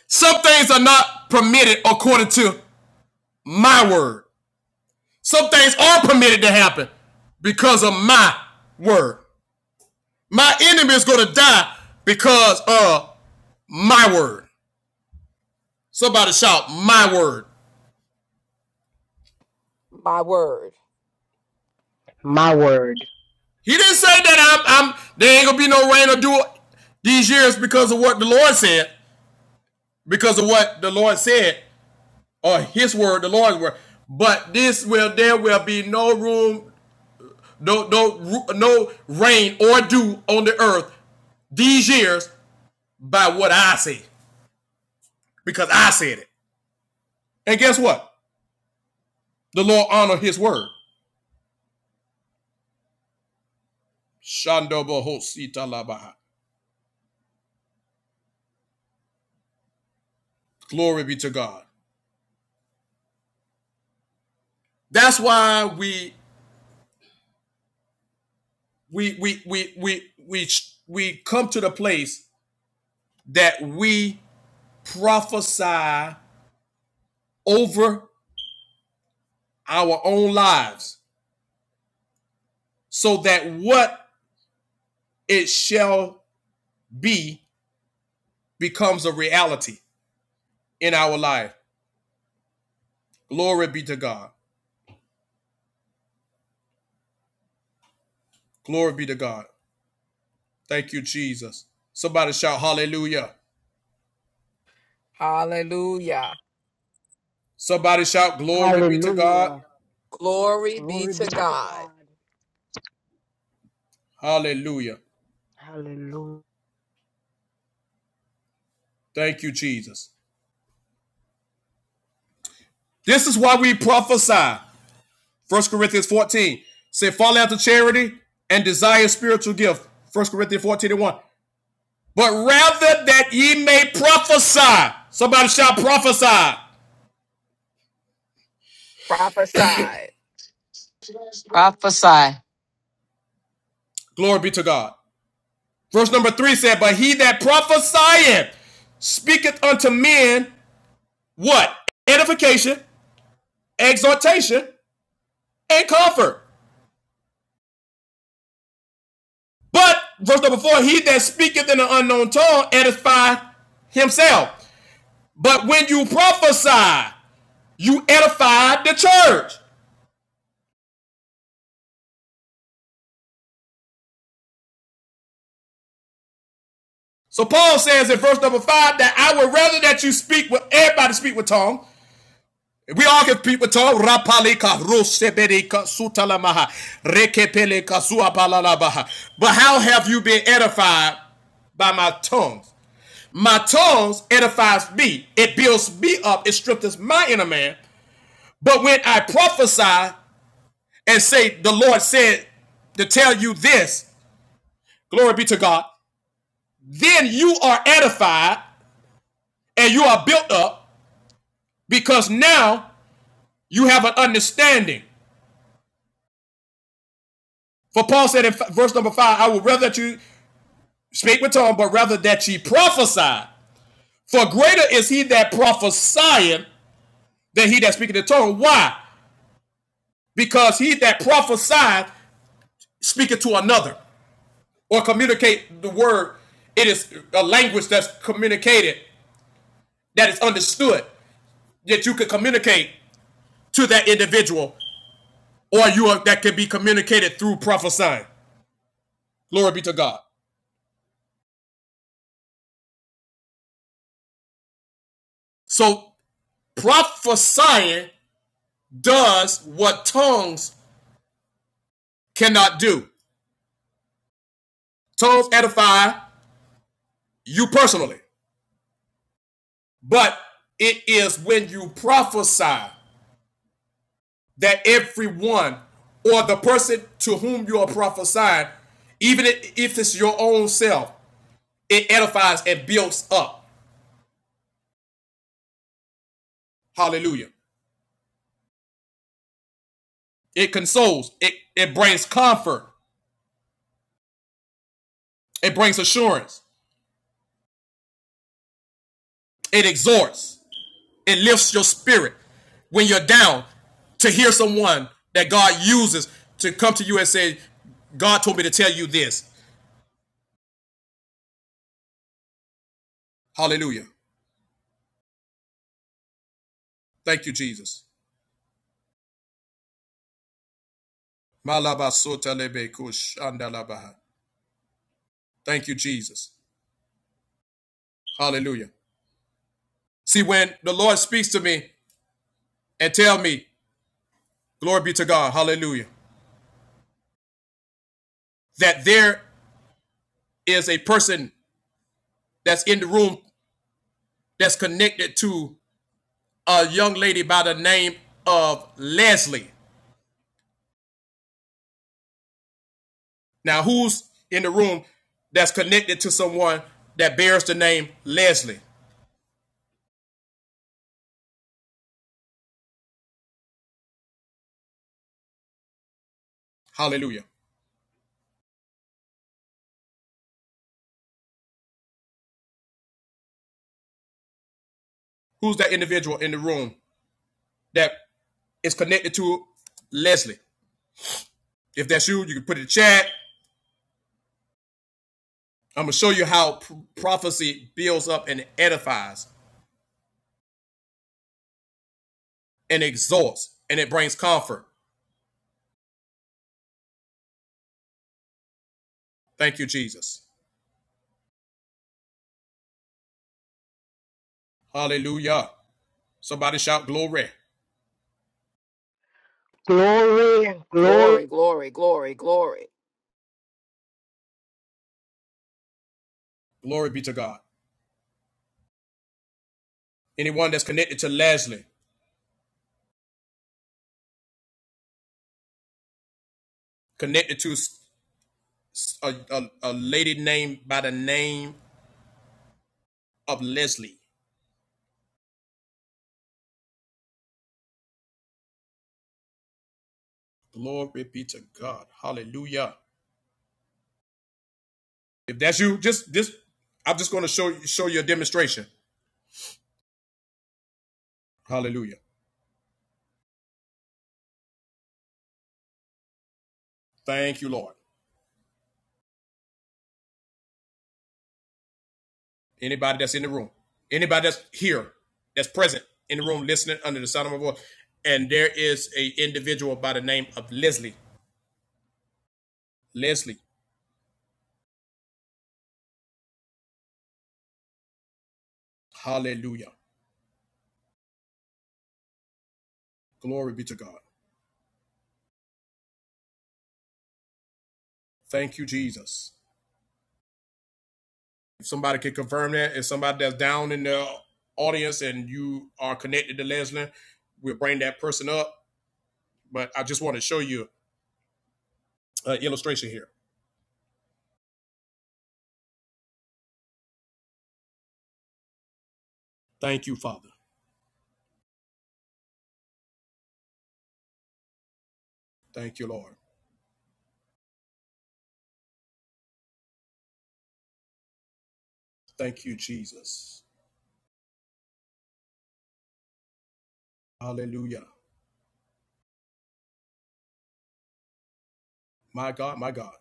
Speaker 1: Some things are not permitted according to my word. Some things are permitted to happen because of my word. My enemy is going to die because of my word. Somebody shout, my word.
Speaker 8: My word.
Speaker 2: My word.
Speaker 1: He didn't say that I'm, I'm there ain't going to be no rain or dew these years because of what the Lord said. because of what the Lord said, or His word, the Lord's word. But this will there will be no room, no no no rain or dew on the earth these years by what I say, because I said it. And guess what? The Lord honored His word. Shandobahositalabaha. Glory be to God. That's why we we we we we we we come to the place that we prophesy over our own lives so that what it shall be becomes a reality in our life. Glory be to God. Glory be to God. Thank you, Jesus. Somebody shout hallelujah.
Speaker 8: Hallelujah.
Speaker 1: Somebody shout glory be to God.
Speaker 2: Hallelujah.
Speaker 8: Glory be
Speaker 2: Glory be
Speaker 8: to
Speaker 2: to
Speaker 8: God.
Speaker 2: God.
Speaker 1: Hallelujah.
Speaker 2: Hallelujah.
Speaker 1: Thank you, Jesus. This is why we prophesy. First Corinthians 14. Say, fall after charity and desire spiritual gift. First Corinthians 14 and 1. But rather that ye may prophesy. Somebody shout prophesy.
Speaker 8: Prophesy.
Speaker 7: Prophesy.
Speaker 1: Glory be to God. Verse number three said, But he that prophesieth speaketh unto men what? Edification, exhortation, and comfort. But verse number four, he that speaketh in an unknown tongue edifieth himself. But when you prophesy, you edify the church. So Paul says in verse number five that I would rather that you speak with everybody speak with tongue We all give people talk. Rapalika, Roseberika, Sutalamaha, Rekepeleka, Suapalalabaha. But how have you been edified by my tongues? My tongues edifies me. It builds me up. It strengthens my inner man. But when I prophesy and say, the Lord said to tell you this, glory be to God, then you are edified and you are built up because now you have an understanding. For Paul said in verse number five, I would rather that you spake with tongue, but rather that she prophesied. For greater is he that prophesieth than he that speaketh in tongue. Why? Because he that prophesieth speaketh to another or communicate the word. It is a language that's communicated, that is understood, that you can communicate to that individual, or you are, that can be communicated through prophesying. Glory be to God. So prophesying does what tongues cannot do. Tongues edify, you personally, but it is when you prophesy that everyone or the person to whom you are prophesying, even if it's your own self, it edifies and builds up. Hallelujah. It consoles, it, it brings comfort, it brings assurance, it exhorts, it lifts your spirit when you're down to hear someone that God uses to come to you and say, God told me to tell you this. Hallelujah. Thank you, Jesus. Thank you, Jesus. Hallelujah. See, when the Lord speaks to me and tell me, glory be to God, hallelujah, that there is a person that's in the room that's connected to a young lady by the name of Leslie. Now, who's in the room that's connected to someone that bears the name Leslie? Hallelujah. Who's that individual in the room that is connected to Leslie? If that's you, you can put it in the chat. I'm gonna show you how p- prophecy builds up and edifies and exalts and it brings comfort. Thank you, Jesus. Hallelujah. Somebody shout glory.
Speaker 2: Glory, glory.
Speaker 8: Glory, glory, glory, glory.
Speaker 1: Glory be to God. Anyone that's connected to Leslie, connected to a a, a lady named by the name of Leslie. Glory be to God. Hallelujah. If that's you, just just I'm just gonna show you show you a demonstration. Hallelujah. Thank you, Lord. Anybody that's in the room, anybody that's here, that's present in the room, listening under the sound of my voice, and there is a individual by the name of Leslie. Leslie, hallelujah, glory be to God. Thank you, Jesus. If somebody can confirm that, if somebody that's down in the audience and you are connected to Leslie, we'll bring that person up. But I just want to show you an illustration here. Thank you, Father. Thank you, Lord. Thank you, Jesus. Hallelujah. My God, my God.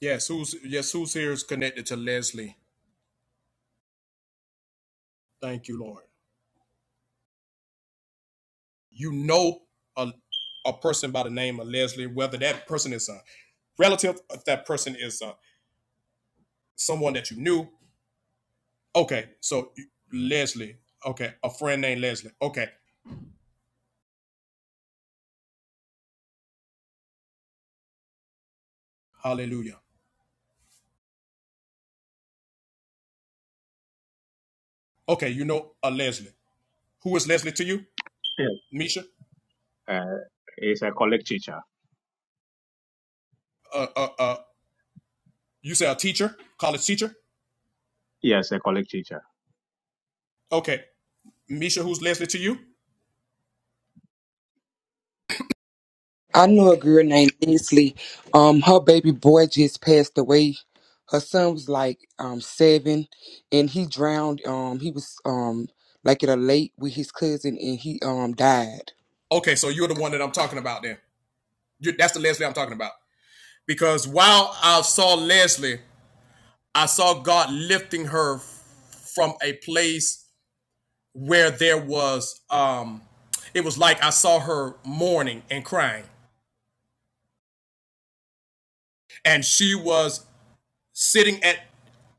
Speaker 1: Yes, who's yes, who's here is connected to Leslie. Thank you, Lord. You know a a person by the name of Leslie, whether that person is a relative, if that person is uh, someone that you knew. Okay, so you- Leslie. Okay, a friend named Leslie. Okay, hallelujah. Okay, you know a Leslie. Who is Leslie to you,
Speaker 9: Yeah.
Speaker 1: Misha?
Speaker 9: Uh, it's a collect teacher.
Speaker 1: Uh, uh, uh, you say a teacher, college teacher.
Speaker 9: Yes, a collect teacher.
Speaker 1: Okay, Misha, who's Leslie to you?
Speaker 10: I knew a girl named Leslie. Um, her baby boy just passed away. Her son was like um seven, and he drowned. Um, he was um like at a lake with his cousin, and he um died.
Speaker 1: Okay, so you're the one that I'm talking about. Then you, that's the Leslie I'm talking about. because while I saw Leslie, I saw God lifting her from a place where there was um it was like I saw her mourning and crying. And she was sitting at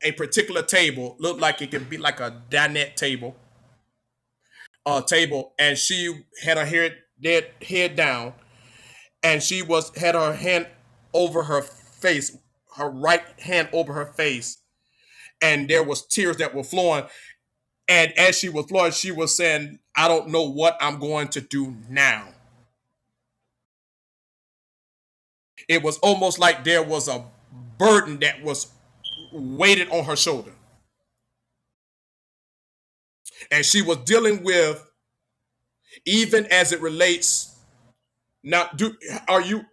Speaker 1: a particular table, looked like it could be like a dinette table, uh table, and she had her hair dead head down, and she was had her hand over her face, her right hand over her face, and there was tears that were flowing, And as she was floored, she was saying, I don't know what I'm going to do now. It was almost like there was a burden that was weighted on her shoulder. And she was dealing with, even as it relates, now do are you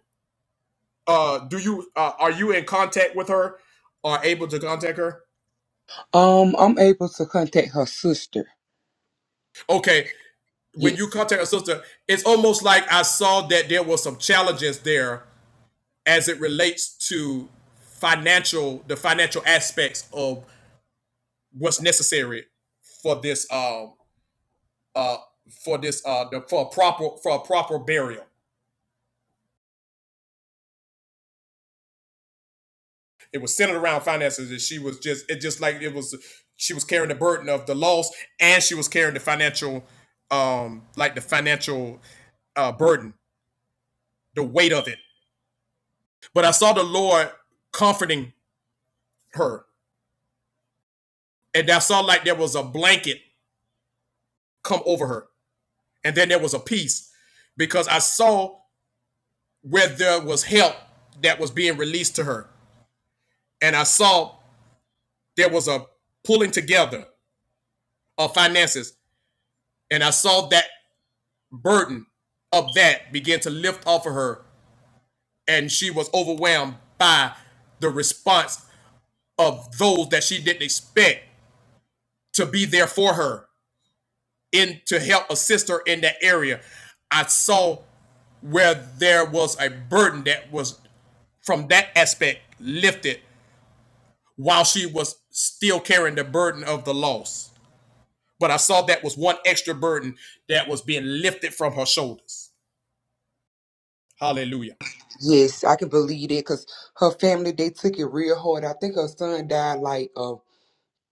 Speaker 1: uh do you uh, are you in contact with her or able to contact her?
Speaker 10: Um, I'm able to contact her sister.
Speaker 1: Okay. When you
Speaker 10: Yes,
Speaker 1: contact her sister, it's almost like I saw that there was some challenges there as it relates to financial the financial aspects of what's necessary for this um uh, for this uh the, for a proper for a proper burial. It was centered around finances, and she was just it just like it was she was carrying the burden of the loss, and she was carrying the financial um like the financial uh burden, the weight of it. But I saw the Lord comforting her, and I saw like there was a blanket come over her, and then there was a peace because I saw where there was help that was being released to her, and I saw there was a pulling together of finances. And I saw that burden of that begin to lift off of her. And she was overwhelmed by the response of those that she didn't expect to be there for her in to help assist her in that area. I saw where there was a burden that was from that aspect lifted while she was still carrying the burden of the loss. But I saw that was one extra burden that was being lifted from her shoulders. Hallelujah.
Speaker 10: yes, I can believe that because her family they took it real hard. I think her son died like uh,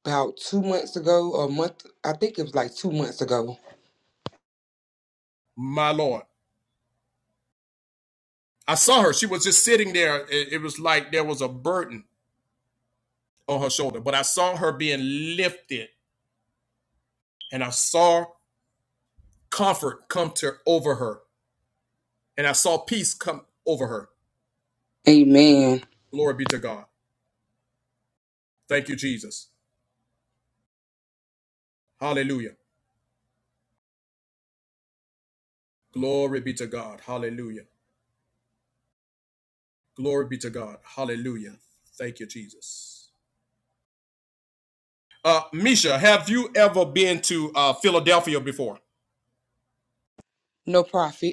Speaker 10: about two months ago, a month. I think it was like two months ago.
Speaker 1: My Lord. I saw her. She was just sitting there. It was like there was a burden on her shoulder, but I saw her being lifted and I saw comfort come to over her and I saw peace come over her.
Speaker 10: Amen.
Speaker 1: Glory be to God. Thank you, Jesus. Hallelujah. Glory be to God. Hallelujah. Glory be to God. Hallelujah. Thank you, Jesus. Uh, Misha, have you ever been to uh, Philadelphia before?
Speaker 10: No profit.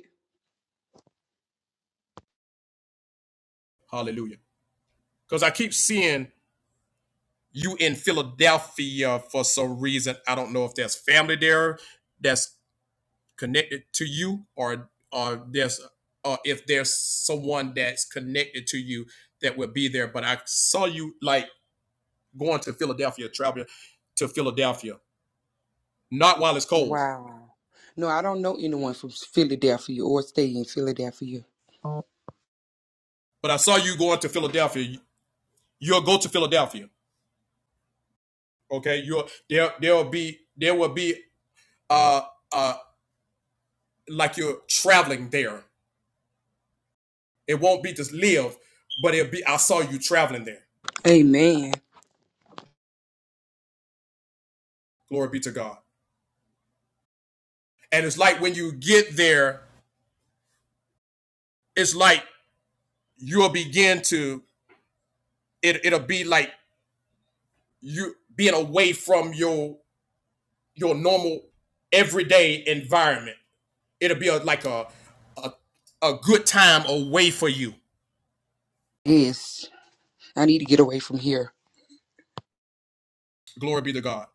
Speaker 1: Hallelujah. Because I keep seeing you in Philadelphia for some reason. I don't know if there's family there that's connected to you, or or there's or if there's someone that's connected to you that would be there. But I saw you like going to Philadelphia, traveling to Philadelphia, not while it's cold,
Speaker 10: Wow. No, I don't know anyone from Philadelphia or stay in Philadelphia.
Speaker 1: but I saw you going to Philadelphia. You'll go to Philadelphia. Okay, you'll there. There will be there will be uh, uh, like you're traveling there. It won't be to live, but it'll be, I saw you traveling there.
Speaker 10: Amen.
Speaker 1: Glory be to God. And it's like when you get there, it's like you'll begin to, it, it'll be like you being away from your, your normal everyday environment. It'll be a, like a, a good time away for you.
Speaker 10: Yes, I need to get away from here.
Speaker 1: Glory be to God.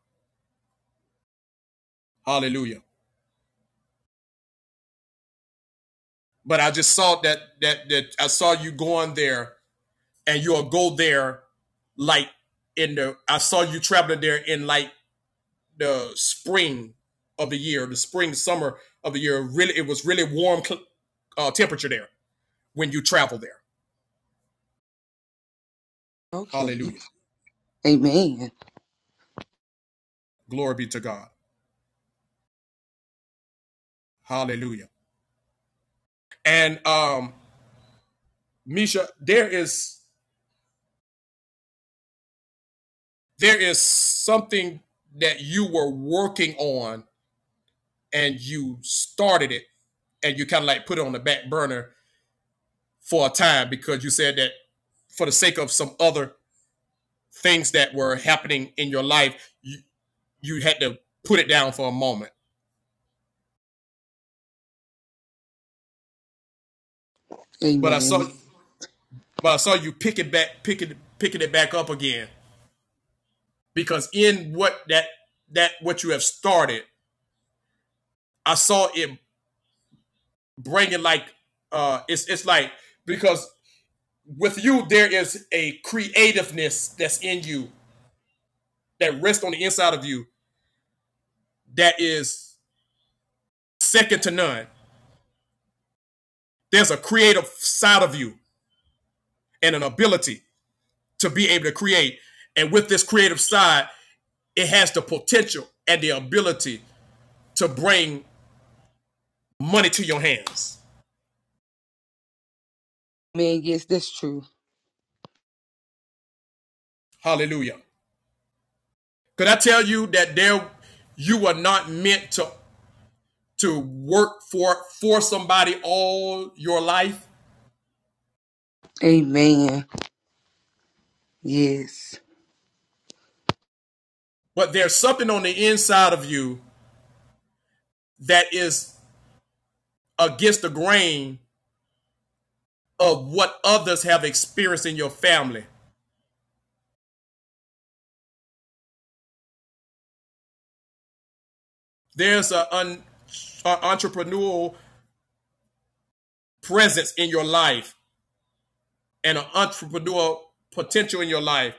Speaker 1: Hallelujah. But I just saw that, that, that I saw you going there and you'll go there like in the I saw you traveling there in like the spring of the year, the spring summer of the year. Really, it was really warm uh, temperature there when you travel there.
Speaker 10: Okay.
Speaker 1: Hallelujah,
Speaker 10: Amen.
Speaker 1: glory be to God. Hallelujah. And um, Misha, there is there is something that you were working on and you started it and you kind of like put it on the back burner for a time because you said that for the sake of some other things that were happening in your life, you, you had to put it down for a moment. But I
Speaker 10: Amen.
Speaker 1: saw but I saw you pick it back pick it picking it back up again. Because in what that that what you have started, I saw it bringing like uh it's it's like because with you there is a creativeness that's in you that rests on the inside of you that is second to none. There's a creative side of you and an ability to be able to create. And with this creative side, it has the potential and the ability to bring money to your hands.
Speaker 10: Amen. Yes, that's true.
Speaker 1: Hallelujah. Could I tell you that there you are not meant to to work for for somebody all your life,
Speaker 10: Amen. Yes.
Speaker 1: but there's something on the inside of you that is against the grain of what others have experienced in your family. There's an entrepreneurial presence in your life and an entrepreneur potential in your life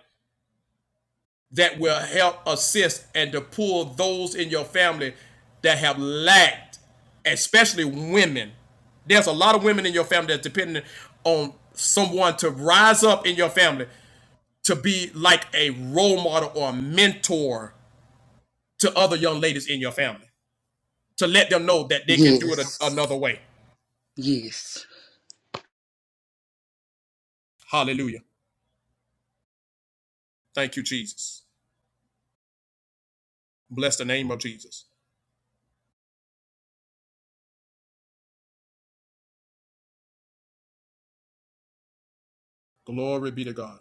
Speaker 1: that will help assist and to pull those in your family that have lacked, especially women. There's a lot of women in your family that's dependent on someone to rise up in your family to be like a role model or a mentor to other young ladies in your family to let them know that they can do it a-
Speaker 10: Yes.
Speaker 1: another way.
Speaker 10: Yes.
Speaker 1: Hallelujah. Thank you, Jesus. Bless the name of Jesus. Glory be to God.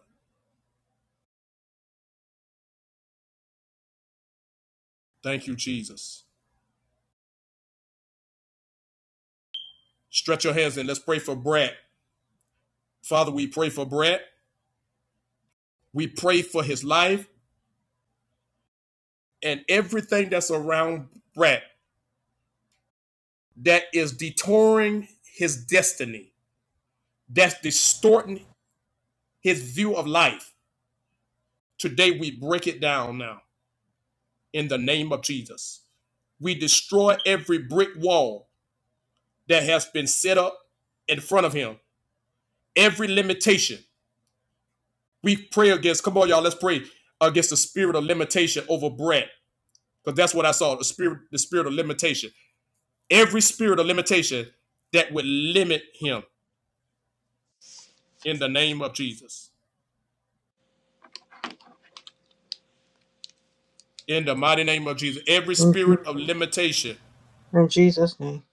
Speaker 1: Thank you, Jesus. Stretch your hands and let's pray for Brad. Father, we pray for Brad. We pray for his life and everything that's around Brad that is detouring his destiny, that's distorting his view of life. Today, we break it down now in the name of Jesus. We destroy every brick wall that has been set up in front of him, every limitation. We pray against, come on, y'all, let's pray against the spirit of limitation over Brad. because that's what I saw the spirit the spirit of limitation. Every spirit of limitation that would limit him in the name of Jesus. In the mighty name of Jesus. Every
Speaker 3: Mhm.
Speaker 1: spirit of limitation,
Speaker 3: In Jesus' name.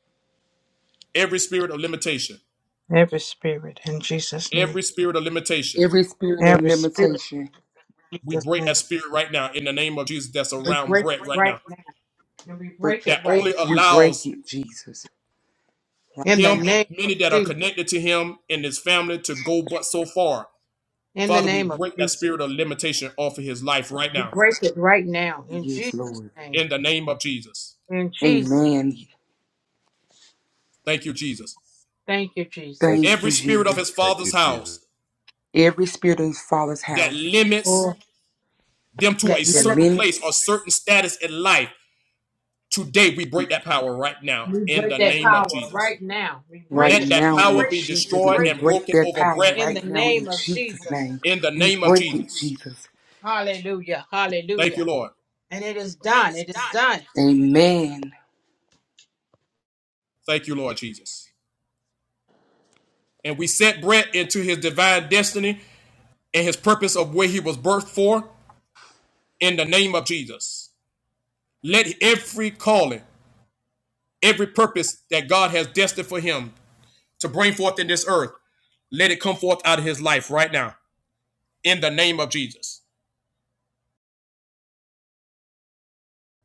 Speaker 1: every spirit of limitation,
Speaker 3: Every spirit in Jesus' name.
Speaker 1: every spirit of limitation.
Speaker 10: Every spirit of
Speaker 3: Every spirit
Speaker 10: limitation,
Speaker 3: in
Speaker 1: We
Speaker 3: Jesus'
Speaker 1: break
Speaker 3: name.
Speaker 1: that spirit right now in the name of Jesus that's
Speaker 3: We
Speaker 1: around
Speaker 3: break it
Speaker 1: Brett right
Speaker 3: right
Speaker 1: now.
Speaker 3: now. And we
Speaker 10: break,
Speaker 3: break it
Speaker 1: That
Speaker 3: right
Speaker 1: only
Speaker 3: now.
Speaker 10: we break
Speaker 1: allows
Speaker 10: it, Jesus.
Speaker 3: In the
Speaker 1: him
Speaker 10: Now,
Speaker 1: and
Speaker 3: name of
Speaker 1: many that are
Speaker 3: Jesus.
Speaker 1: connected to him and his family to go but so far.
Speaker 3: In the
Speaker 1: Father, we
Speaker 3: name of
Speaker 1: break that
Speaker 3: Jesus.
Speaker 1: spirit of limitation off of his life right
Speaker 3: We
Speaker 1: now
Speaker 3: break it right now. In
Speaker 10: Yes,
Speaker 3: Jesus'
Speaker 10: Lord.
Speaker 3: name.
Speaker 1: in the name of Jesus.
Speaker 3: In Jesus.
Speaker 10: Amen.
Speaker 1: Thank you, Jesus.
Speaker 3: Thank you,
Speaker 11: Thank
Speaker 3: Jesus.
Speaker 10: Thank
Speaker 11: you,
Speaker 1: every
Speaker 10: you,
Speaker 11: Jesus.
Speaker 1: spirit of
Speaker 10: Jesus.
Speaker 1: his
Speaker 11: Thank you,
Speaker 1: father's
Speaker 11: Jesus.
Speaker 1: house
Speaker 10: Every spirit in Father's
Speaker 1: that
Speaker 10: house,
Speaker 1: limits
Speaker 3: For
Speaker 1: them to a
Speaker 3: that
Speaker 10: the
Speaker 3: limit.
Speaker 1: certain place
Speaker 10: limits
Speaker 1: or certain status in life, today we break that power right now
Speaker 3: We
Speaker 1: in
Speaker 3: break
Speaker 1: the
Speaker 3: that
Speaker 1: name of
Speaker 3: power
Speaker 1: Jesus.
Speaker 3: right now. We
Speaker 10: right
Speaker 3: break it.
Speaker 1: Let that
Speaker 10: now
Speaker 3: We
Speaker 1: power
Speaker 10: in
Speaker 3: break
Speaker 1: be
Speaker 3: it. We
Speaker 10: Jesus' name.
Speaker 1: destroyed
Speaker 10: We
Speaker 3: break
Speaker 1: and
Speaker 3: it.
Speaker 10: break
Speaker 1: broken
Speaker 10: their
Speaker 1: over
Speaker 10: power
Speaker 1: Brett
Speaker 3: In the
Speaker 10: right now
Speaker 3: name
Speaker 10: in
Speaker 3: of
Speaker 10: Jesus'
Speaker 3: Jesus.
Speaker 10: name.
Speaker 1: in the
Speaker 10: We
Speaker 1: name of
Speaker 10: break it,
Speaker 1: Jesus.
Speaker 10: Jesus.
Speaker 3: Hallelujah.
Speaker 1: Thank you,
Speaker 3: Hallelujah.
Speaker 1: Lord.
Speaker 3: And it is done. It is done. Thank
Speaker 10: Amen.
Speaker 1: Thank you, Lord Jesus. And we set Brett into his divine destiny and his purpose of where he was birthed for in the name of Jesus. Let every calling, every purpose that God has destined for him to bring forth in this earth Let it come forth out of his life right now in the name of Jesus.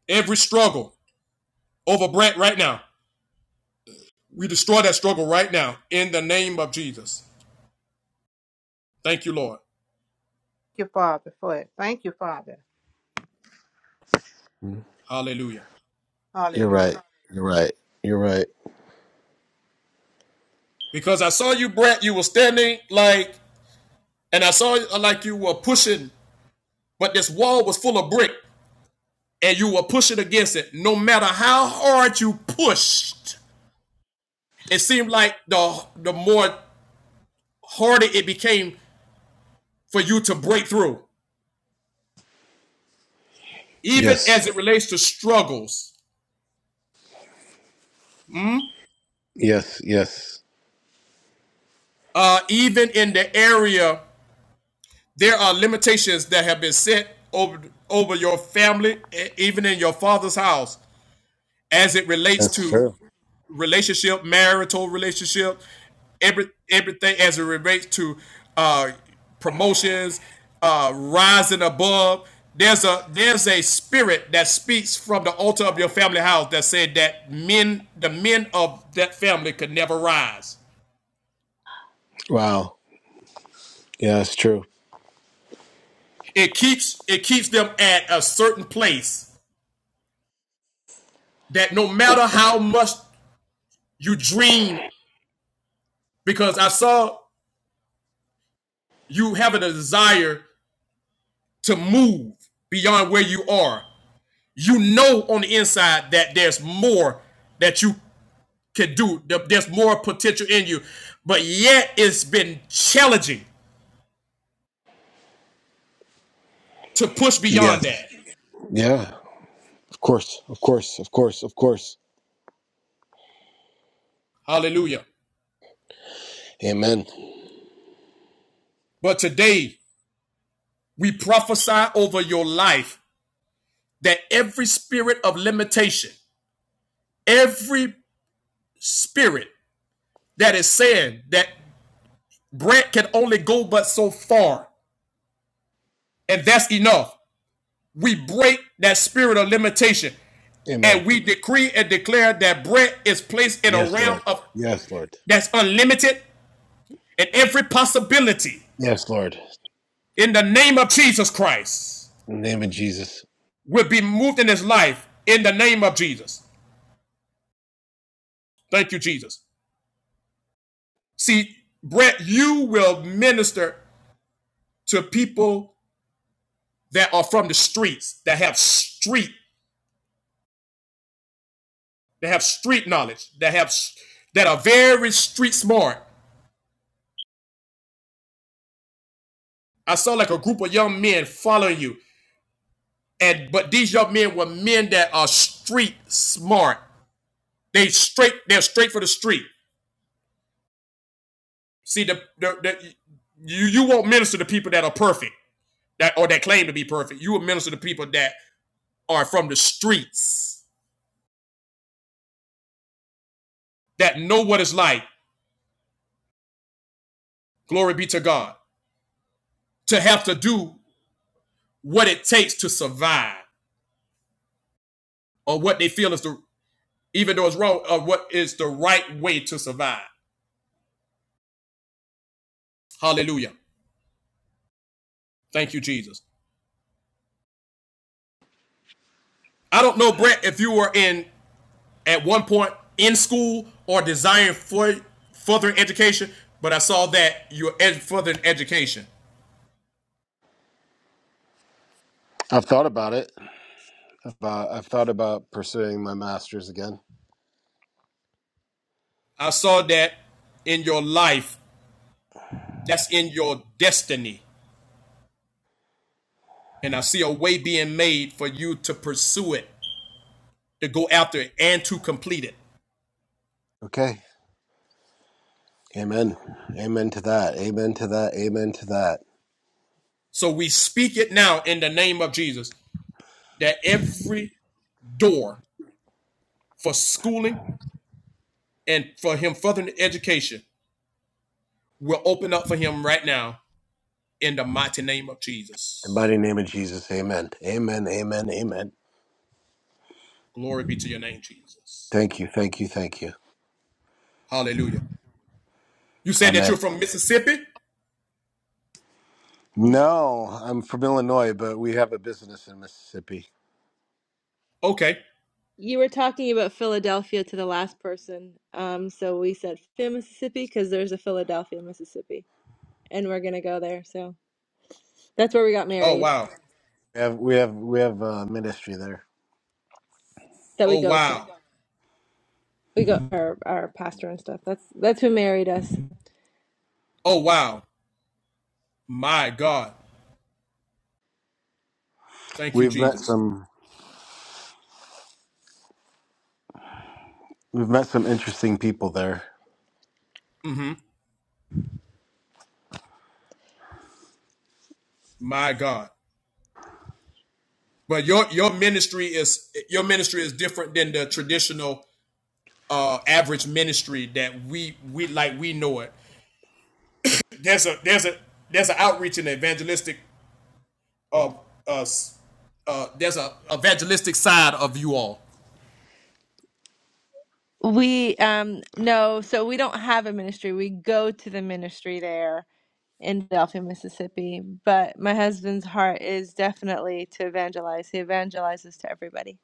Speaker 1: Every struggle over Brent right now, we destroy that struggle right now in the name of Jesus. Thank you, Lord.
Speaker 3: you, Father, for it. Thank you, Father.
Speaker 11: Mm.
Speaker 1: Hallelujah.
Speaker 11: You're
Speaker 3: Hallelujah.
Speaker 11: right. You're right. You're right.
Speaker 1: Because I saw you, Brent, you were standing like, and I saw like you were pushing, but this wall was full of brick and you were pushing against it. No matter how hard you pushed, it seemed like the, the more harder it became for you to break through, even
Speaker 11: Yes.
Speaker 1: as it relates to struggles
Speaker 11: Yes. Yes.
Speaker 1: uh, even in the area, there are limitations that have been set over over your family, e- even in your father's house, as it relates
Speaker 11: That's
Speaker 1: to
Speaker 11: true.
Speaker 1: relationship, marital relationship, every everything as it relates to uh, promotions, uh, rising above. There's a there's a spirit that speaks from the altar of your family house that said that men the men of that family could never rise.
Speaker 11: Wow. Yeah, that's true.
Speaker 1: It keeps it keeps them at a certain place that no matter how much you dream, because I saw you having a desire to move beyond where you are, you know on the inside that there's more that you can do, there's more potential in you, but yet it's been challenging to push beyond
Speaker 11: Yes.
Speaker 1: that.
Speaker 11: Yeah. Of course. Of course. Of course. Of course.
Speaker 1: Hallelujah.
Speaker 11: Amen.
Speaker 1: But today, we prophesy over your life that every spirit of limitation, every spirit that is saying that Brent can only go but so far, and that's enough. We break that spirit of limitation,
Speaker 11: Amen.
Speaker 1: and we decree and declare that Brent is placed in a
Speaker 11: Yes,
Speaker 1: realm
Speaker 11: Lord.
Speaker 1: of
Speaker 11: Yes, Lord.
Speaker 1: that's unlimited, and every possibility
Speaker 11: Yes, Lord.
Speaker 1: in the name of Jesus Christ
Speaker 11: In the name of Jesus.
Speaker 1: will be moved in his life in the name of Jesus. Thank you, Jesus. See, Brent, you will minister to people that are from the streets that have street They have street knowledge. They have that are very street smart. I saw like a group of young men following you, and but these young men were men that are street smart. They straight. They're straight for the street. See the the, the you you won't minister to people that are perfect that or that claim to be perfect. You will minister to people that are from the streets that know what it's like. Glory be to God to have to do what it takes to survive or what they feel is the even though it's wrong, of what is the right way to survive. Hallelujah. Thank you, Jesus. I don't know, Brett, if you were in at one point in school or desiring for further education, but I saw that you're ed- further in education.
Speaker 11: I've thought about it. About I've thought about pursuing my masters again.
Speaker 1: I saw that in your life, that's in your destiny. And I see a way being made for you to pursue it, to go after it, and to complete it.
Speaker 11: Okay. Amen. Amen to that. Amen to that. Amen to that.
Speaker 1: So we speak it now in the name of Jesus that every door for schooling, and for him further education will open up for him right now in the mighty name of
Speaker 11: In the
Speaker 1: Jesus.
Speaker 11: mighty name of Jesus. Amen. Amen. Amen. Amen.
Speaker 1: Glory be to your name, Jesus.
Speaker 11: Thank you, thank you, thank you.
Speaker 1: Hallelujah. You said that you're
Speaker 11: Amen.
Speaker 1: from Mississippi?
Speaker 11: No, I'm from Illinois, but we have a business in Mississippi.
Speaker 1: Okay.
Speaker 11: You were talking about Philadelphia to the last person. Um, so we said Phil- there's a Philadelphia, Mississippi, and we're gonna go there. So that's where we got
Speaker 1: Oh,
Speaker 11: married.
Speaker 1: wow.
Speaker 11: We have we have we have a ministry there. That we
Speaker 1: Oh,
Speaker 11: go to.
Speaker 1: wow.
Speaker 11: We go our our pastor and stuff. That's that's who married us.
Speaker 1: Oh, wow. My God. Thank you,
Speaker 11: We've met
Speaker 1: Jesus.
Speaker 11: some we've met some interesting people there.
Speaker 1: My God. But your your ministry is your ministry is different than the traditional uh average ministry that we we like we know it. There's a there's a there's an outreach and evangelistic of us. Uh, there's a evangelistic side of you all.
Speaker 11: We um no, so we don't have a ministry. We go to the ministry there in Philadelphia, Mississippi. But my husband's heart is definitely to evangelize. He evangelizes to everybody.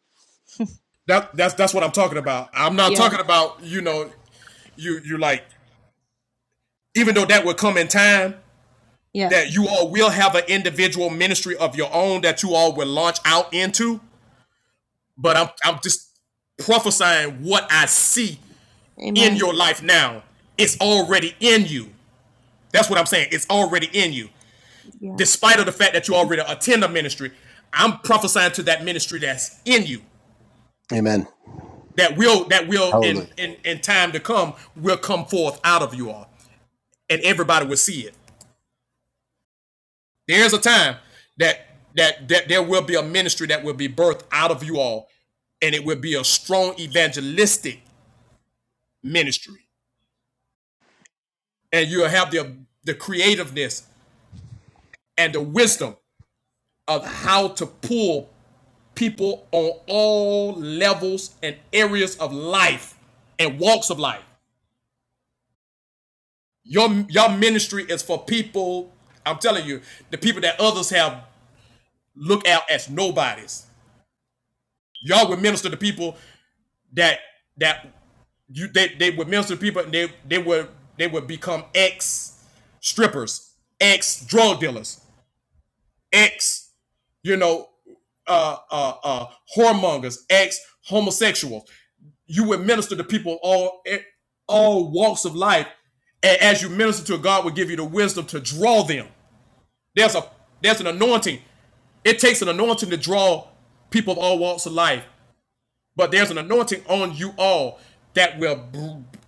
Speaker 1: That that's that's what I'm talking about. I'm not
Speaker 11: Yeah.
Speaker 1: talking about you know you you like even though that will come in time
Speaker 11: Yeah.
Speaker 1: that you all will have an individual ministry of your own that you all will launch out into. But I'm I'm just prophesying what I see in
Speaker 11: Amen.
Speaker 1: your life now. It's already in you. That's what I'm saying. It's already in you.
Speaker 11: Yeah.
Speaker 1: Despite of the fact that you already attend a ministry, I'm prophesying to that ministry that's in you.
Speaker 11: Amen.
Speaker 1: that will that will in
Speaker 11: Hallelujah.
Speaker 1: in in time to come will come forth out of you all, and everybody will see it. There's a time that that that there will be a ministry that will be birthed out of you all, and it will be a strong evangelistic ministry, and you'll have the the creativeness and the wisdom of how to pull people on all levels and areas of life and walks of life Your your ministry is for people. I'm telling you, the people that others have looked at as nobodies. Y'all would minister to people that that you they, they would minister to people and they they would they would become ex strippers, ex drug dealers, ex you know uh uh uh whoremongers, ex homosexuals. You would minister to people all eh, all walks of life, and as you minister to God, would give you the wisdom to draw them There's a there's an anointing. It takes an anointing to draw people of all walks of life, but there's an anointing on you all that will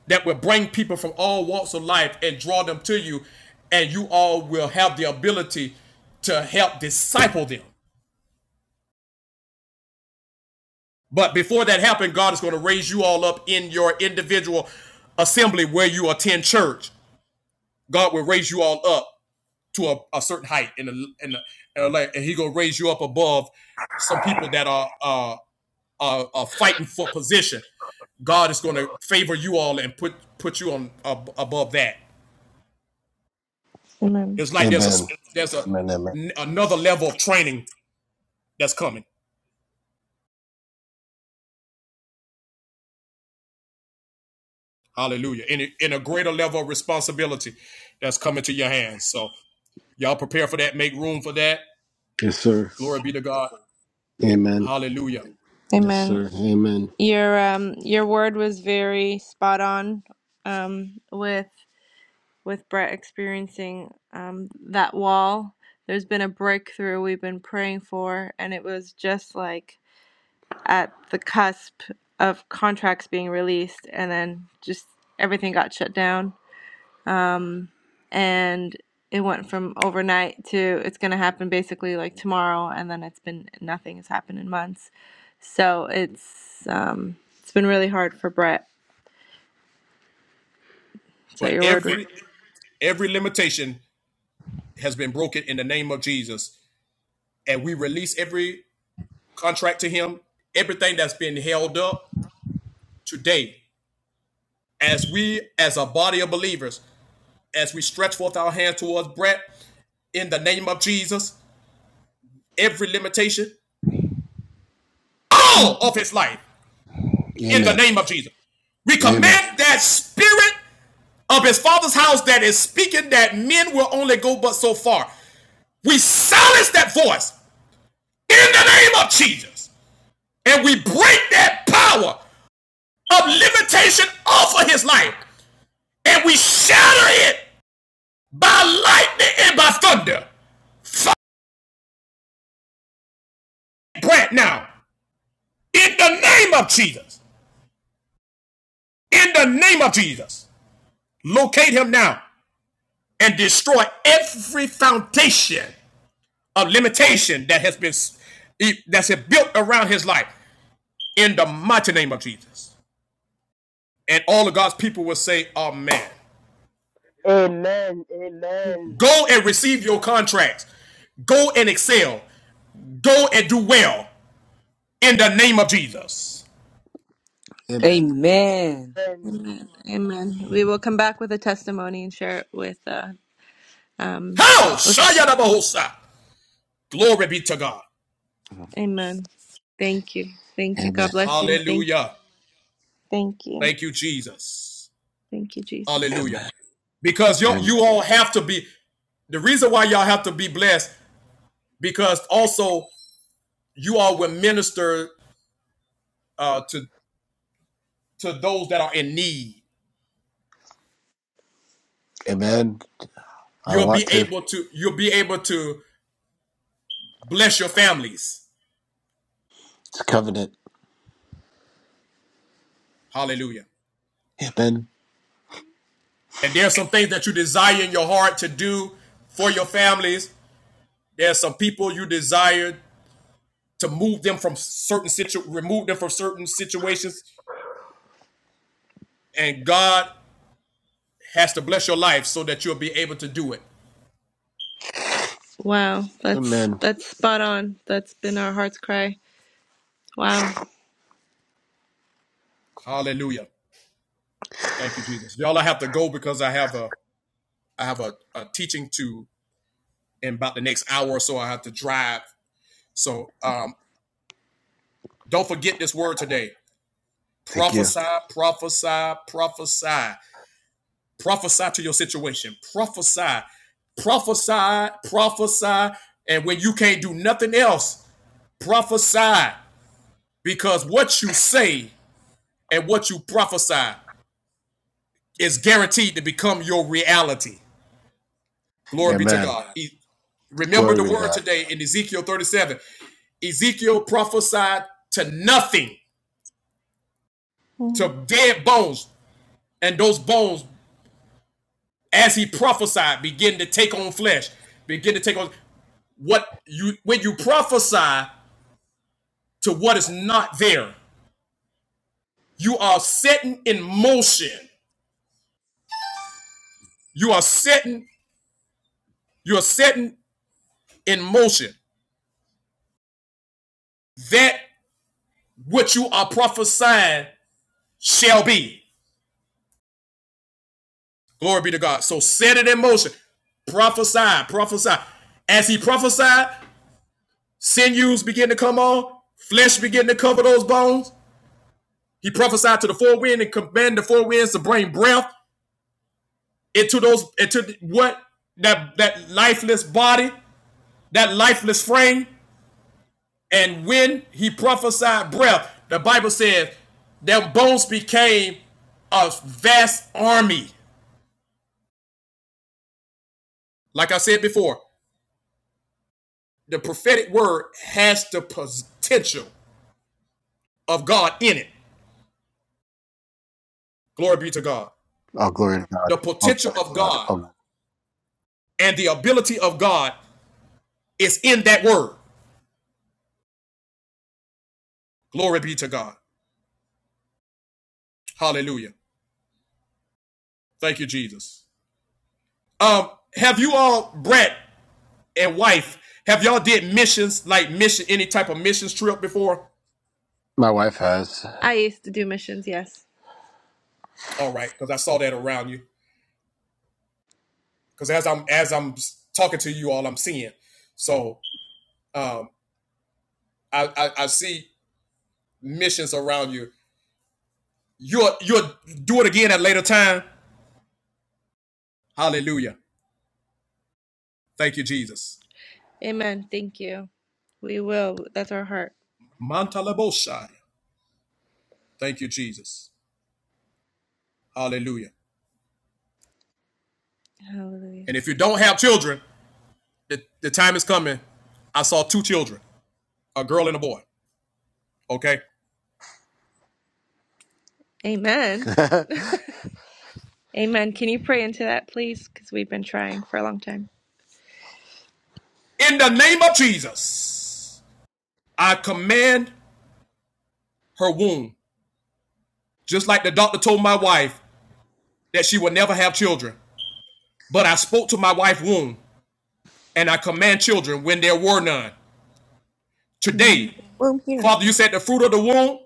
Speaker 1: that will bring people from all walks of life and draw them to you, and you all will have the ability to help disciple them. But before that happens, God is going to raise you all up in your individual assembly where you attend church. God will raise you all up to a, a certain height in the in the in and he gonna raise you up above some people that are uh are, are fighting for position. God is gonna favor you all and put put you on ab above that.
Speaker 11: Amen.
Speaker 1: It's like there's a
Speaker 11: Amen.
Speaker 1: there's a
Speaker 11: Amen. Amen.
Speaker 1: n- another level of training that's coming. Hallelujah! In in a greater level of responsibility that's coming to your hands. So y'all prepare for that. Make room for that.
Speaker 11: Yes, sir.
Speaker 1: Glory be to God.
Speaker 11: Amen.
Speaker 1: Hallelujah!
Speaker 11: Yes, Amen. sir. Amen. Your um your word was very spot on um with with Brett experiencing um, that wall. There's been a breakthrough we've been praying for, and it was just like at the cusp of contracts being released, and then just everything got shut down. And it went from overnight to it's going to happen basically like tomorrow, and then it's been nothing has happened in months. So it's um, it's been really hard for Brett. So
Speaker 1: But
Speaker 11: your word
Speaker 1: every every limitation has been broken in the name of Jesus. And we release every contract to him, everything that's been held up today, as we, as a body of believers, as we stretch forth our hands towards Brett in the name of Jesus, every limitation, all of his life in the
Speaker 11: Amen.
Speaker 1: name of Jesus. We
Speaker 11: Amen.
Speaker 1: command that spirit of his father's house that is speaking that men will only go but so far. We silence that voice in the name of Jesus. and we break that power of limitation off of his life and we shatter it by lightning and by thunder. Fight Brant now in the name of Jesus. In the name of Jesus, locate him now and destroy every foundation of limitation that has been that's been built around his life in the mighty name of Jesus. And all of God's people will say, Amen.
Speaker 2: Amen. Amen.
Speaker 1: Go and receive your contracts. Go and excel. Go and do well in the name of Jesus.
Speaker 11: Amen.
Speaker 10: Amen.
Speaker 2: Amen.
Speaker 11: Amen. Amen. We will come back with a testimony and share it with uh um
Speaker 1: How?
Speaker 11: with
Speaker 1: Shayadabahosa. Glory be to God.
Speaker 11: Amen. Thank you. Thank you. God Amen. bless you. Thank you.
Speaker 1: Hallelujah.
Speaker 11: Thank you.
Speaker 1: Thank you, Jesus.
Speaker 11: Thank you, Jesus.
Speaker 1: Hallelujah.
Speaker 11: Amen.
Speaker 1: Because you
Speaker 11: Amen.
Speaker 1: you all have to be the reason why y'all have to be blessed because also you all will minister uh, to to those that are in need.
Speaker 11: Amen. I
Speaker 1: You'll be
Speaker 11: want to.
Speaker 1: able to you'll be able to bless your families.
Speaker 11: It's a covenant.
Speaker 1: Hallelujah.
Speaker 11: Amen.
Speaker 1: And there's some things that you desire in your heart to do for your families. There's some people you desire to move them from certain situ remove them from certain situations. And God has to bless your life so that you'll be able to do it.
Speaker 11: Wow. That's Amen. that's spot on. That's been our heart's cry. Wow.
Speaker 1: Hallelujah. Thank you, Jesus. Y'all, I have to go because I have a I have a, a teaching to in about the next hour or so. I have to drive. So um, don't forget this word today.
Speaker 11: Thank you.
Speaker 1: Prophesy, prophesy, prophesy. Prophesy to your situation. Prophesy, prophesy, prophesy. And when you can't do nothing else, prophesy. Because what you say and what you prophesy is guaranteed to become your reality. Glory be to
Speaker 11: Amen.
Speaker 1: God. E- Remember
Speaker 11: Glory
Speaker 1: the
Speaker 11: be to
Speaker 1: word
Speaker 11: God.
Speaker 1: today in Ezekiel 37. Ezekiel prophesied to nothing,
Speaker 11: Mhm.
Speaker 1: to dead bones, and those bones as he prophesied, begin to take on flesh, begin to take on what you when you prophesy to what is not there, you are setting in motion. You are setting, you are setting in motion that what you are prophesying shall be. Glory be to God. So set it in motion. Prophesy, prophesy. As he prophesied, sinews begin to come on, flesh begin to cover those bones. He prophesied to the four winds and commanded the four winds to bring breath into those into what that that lifeless body, that lifeless frame, and when he prophesied breath, the Bible says their bones became a vast army. Like I said before, the prophetic word has the potential of God in it. Glory be to God.
Speaker 11: All glory to God.
Speaker 1: The
Speaker 11: All
Speaker 1: potential
Speaker 11: glory to
Speaker 1: of
Speaker 11: God.
Speaker 1: God
Speaker 11: All...
Speaker 1: and the ability of God is in that word. Glory be to God. Hallelujah. Thank you, Jesus. Um, have you all, Brett, and wife, have y'all did missions like mission any type of missions trip before?
Speaker 11: My wife has. I used to do missions, yes.
Speaker 1: All right, because I saw that around you. Because as I'm as I'm talking to you all, I'm seeing. So um, I, I I see missions around you. You'll you'll do it again at a later time. Hallelujah. Thank you, Jesus.
Speaker 11: Amen. Thank you. We will. That's our heart.
Speaker 1: Mantalaboshai. Thank you, Jesus. Hallelujah.
Speaker 11: Hallelujah.
Speaker 1: And if you don't have children, the, the time is coming. I saw two children, a girl and a boy. Okay.
Speaker 11: Amen. Amen. Can you pray into that, please? Because we've been trying for a long time.
Speaker 1: In the name of Jesus. I command her womb, just like the doctor told my wife that she would never have children. But I spoke to my wife's womb, and I command children when there were none.
Speaker 11: Commandment
Speaker 1: Today,
Speaker 11: of the room here.
Speaker 1: Father, you said the fruit of the womb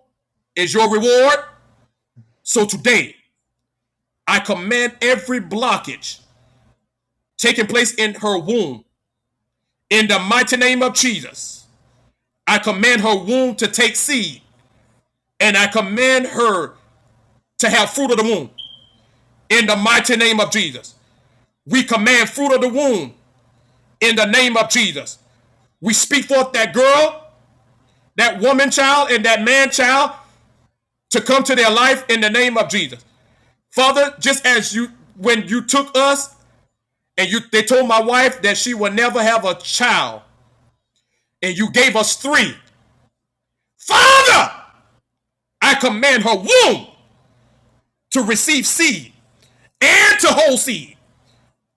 Speaker 1: is your reward. So today, I command every blockage taking place in her womb in the mighty name of Jesus. I command her womb to take seed, and I command her to have fruit of the womb in the mighty name of Jesus. We command fruit of the womb in the name of Jesus. We speak forth that girl, that woman child, and that man child to come to their life in the name of Jesus. Father, just as you when you took us and you they told my wife that she will never have a child, and you gave us three. Father, I command her womb to receive seed and to hold seed.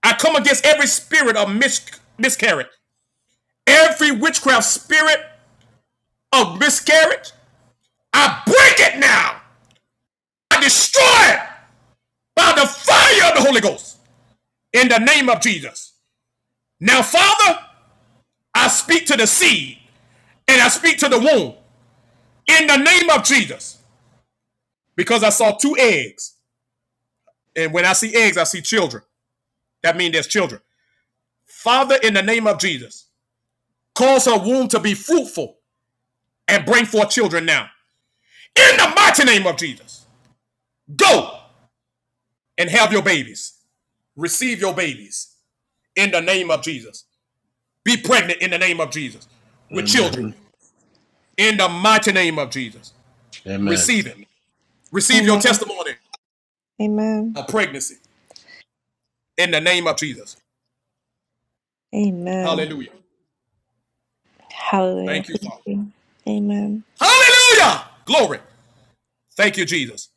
Speaker 1: I come against every spirit of mis- miscarriage, every witchcraft spirit of miscarriage. I break it now are destroyed by the fire of the Holy Ghost in the name of Jesus. Now, Father, I speak to the seed and I speak to the womb in the name of Jesus because I saw two eggs. And when I see eggs, I see children. That means there's children. Father, in the name of Jesus, cause her womb to be fruitful and bring forth children now. In the mighty name of Jesus, go and have your babies. Receive your babies in the name of Jesus. Be pregnant in the name of Jesus with children.
Speaker 11: Amen.
Speaker 1: in the mighty name of Jesus.
Speaker 11: Amen.
Speaker 1: Receive it. Receive your
Speaker 11: Amen.
Speaker 1: testimony
Speaker 11: Amen.
Speaker 1: of pregnancy in the name of Jesus.
Speaker 11: Amen.
Speaker 1: Hallelujah.
Speaker 11: Hallelujah.
Speaker 1: Thank you,
Speaker 11: Thank
Speaker 1: Father.
Speaker 11: you. Amen.
Speaker 1: Hallelujah. Glory. Thank you, Jesus.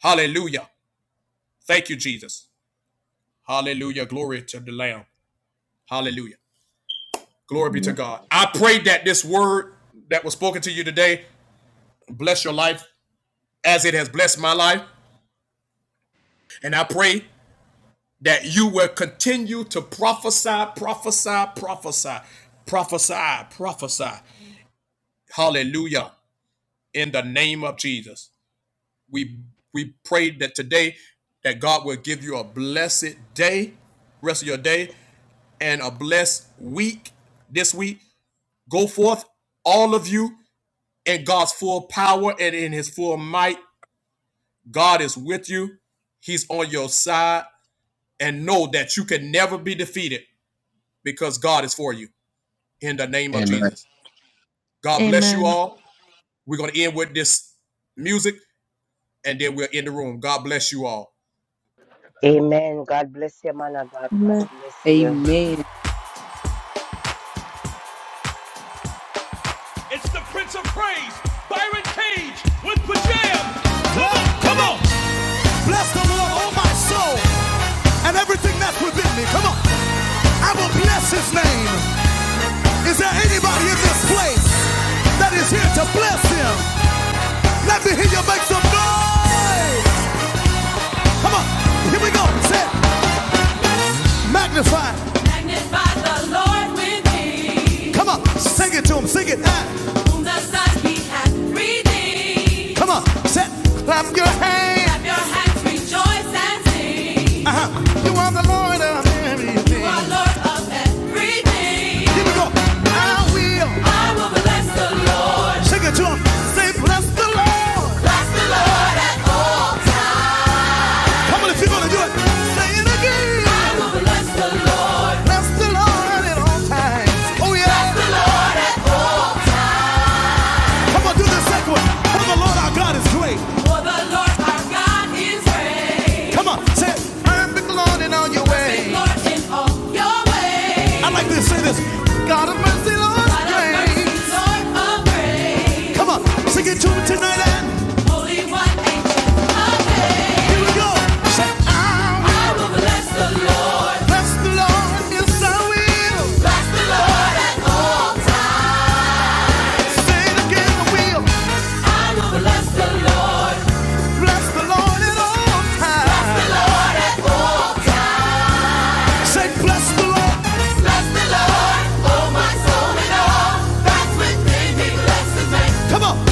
Speaker 1: Hallelujah. Thank you, Jesus. Hallelujah. Glory to the Lamb. Hallelujah. Glory be to
Speaker 11: Amen.
Speaker 1: God. I pray that this word that was spoken to you today bless your life as it has blessed my life. And I pray that you will continue to prophesy, prophesy, prophesy, prophesy, prophesy Hallelujah. In the name of Jesus. We we pray that today that God will give you a blessed day, rest of your day, and a blessed week this week. Go forth, all of you, in God's full power and in his full might. God is with you. He's on your side. And know that you can never be defeated because God is for you. In the name of
Speaker 11: Amen.
Speaker 1: Jesus. God bless you
Speaker 11: Amen.
Speaker 1: all. We're going to end with this music. and then we'll end the room. God bless you all.
Speaker 2: Amen. God bless you, man of God. God
Speaker 11: Amen.
Speaker 2: bless you.
Speaker 10: Amen.
Speaker 1: It's the Prince of Praise, Byron Cage with Pajam. Come on, come on. Bless the Lord, all my soul, and everything that's within me. Come on. I will bless his name. Is there anybody in this place that is here to bless him? Let me hear you make some noise. Come on. Here we go. Say, it. magnify. Magnify the Lord with me. Come on. Sing it to him. Sing it. Ah. Come on, set, clap your hands. Clap your hands. Rejoice and sing. Uh-huh. You are the Lord of everything. You are Lord of everything. Here we go. I will I will bless the Lord. sing it to him. Say, bless the Lord. Bless the Lord. Come on, if you're gonna do it, say it again. I will bless the Lord. Bless the Lord at all times. Oh yeah. Come on, do the second one. For the Lord our God is great. For the Lord our God is great. Come on, say it. Perfect Lord in all your ways. Perfect Lord in all your ways. I like this. Say this. God of mercy, Lord, God of grace. Lord of grace. Come on, sing it to me tonight. And Holy One, here we go. Say, I will bless the Lord, yes I will. Say it again, I will. Bless the Lord at all times. say, bless the Lord.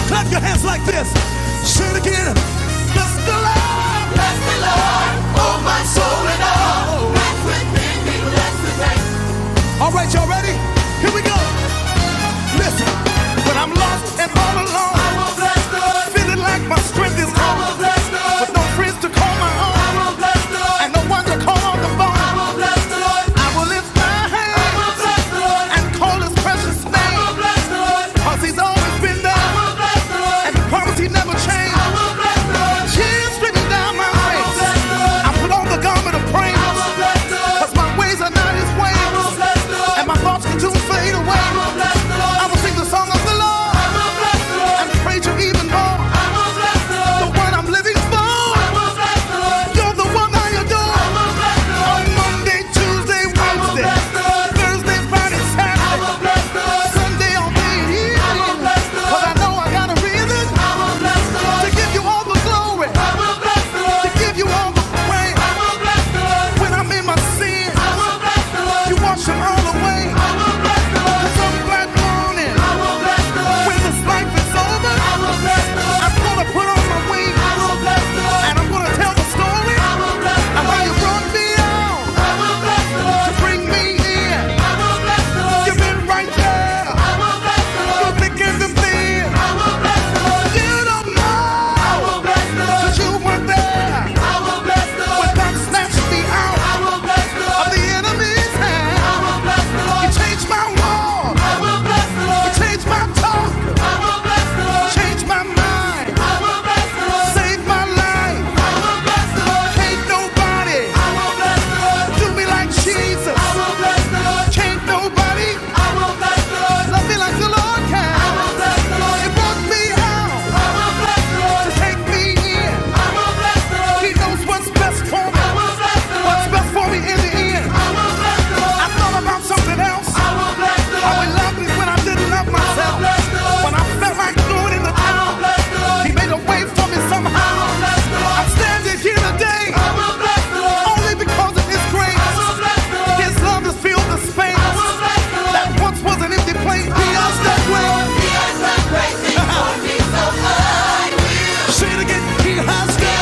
Speaker 1: Clap your hands like this. Bless the Lord. All right, y'all ready? Here we go. Listen, when I'm lost and all alone, I will bless the Lord. Feeling like my strength is gone. I will bless the Lord. With no friends to call my own. I will bless the Lord. And no one to call on the phone. I will bless the Lord. I will lift my hand. I will bless the Lord. And call his precious name. I will bless the Lord. 'Cause he's always been there. I will bless the Lord. And the promise he never changed. I will bless the Lord. Tears streaming down my face. I will bless the Lord. I put on the garment of praise. I will bless Cause my ways are not his ways. And my thoughts can soon fade away. I will sing the song of the Lord and pray to even more. The one I'm living for. You're the one I adore. On Monday, Tuesday, Wednesday, Thursday, Friday, Saturday, Sunday, I'll be here. 'cause I know I got a reason to give you all the glory, to give you all the way. I will bless the Lord. When I'm in my sin, I will bless the Lord. You wash them all away. I will bless the Lord. From black morning, I will bless the Lord. When this life is over, I will bless the Lord. I'm gonna put on my wings. I will bless the Lord. And I'm gonna tell the story. I will bless the Lord. Of how you brought me out. I will bless the Lord. To bring me in. I will bless the Lord. You've been right there. I will bless the Lord. Through thick and thin. I will bless the Lord. You don't know. I will bless the Lord. You were there I will bless the when Lord. that snatched me I out will bless the of Lord. the enemy's I will bless the You changed my walk. I will bless the You changed my talk. I will bless the Lord. Changed my mind. I will bless the Lord. Saved my life. I will bless the Lord. can nobody I will bless the Lord. do me like Jesus. I will bless the Lord. can nobody I will bless the Lord. love me like the Lord I will bless the Lord. It brought me out. That once was an empty plane, he us that way. Say it again, he has done.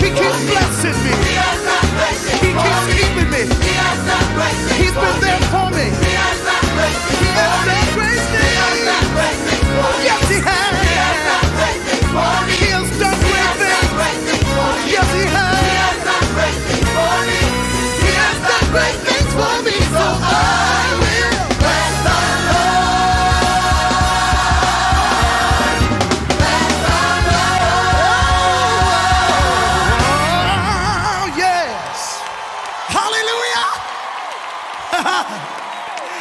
Speaker 1: He keeps blessing me. He keeps keeping me. He's been there for me. He has done great things. Yes, he has. He has done great things. Yes, he has. Oh, yes. Hallelujah.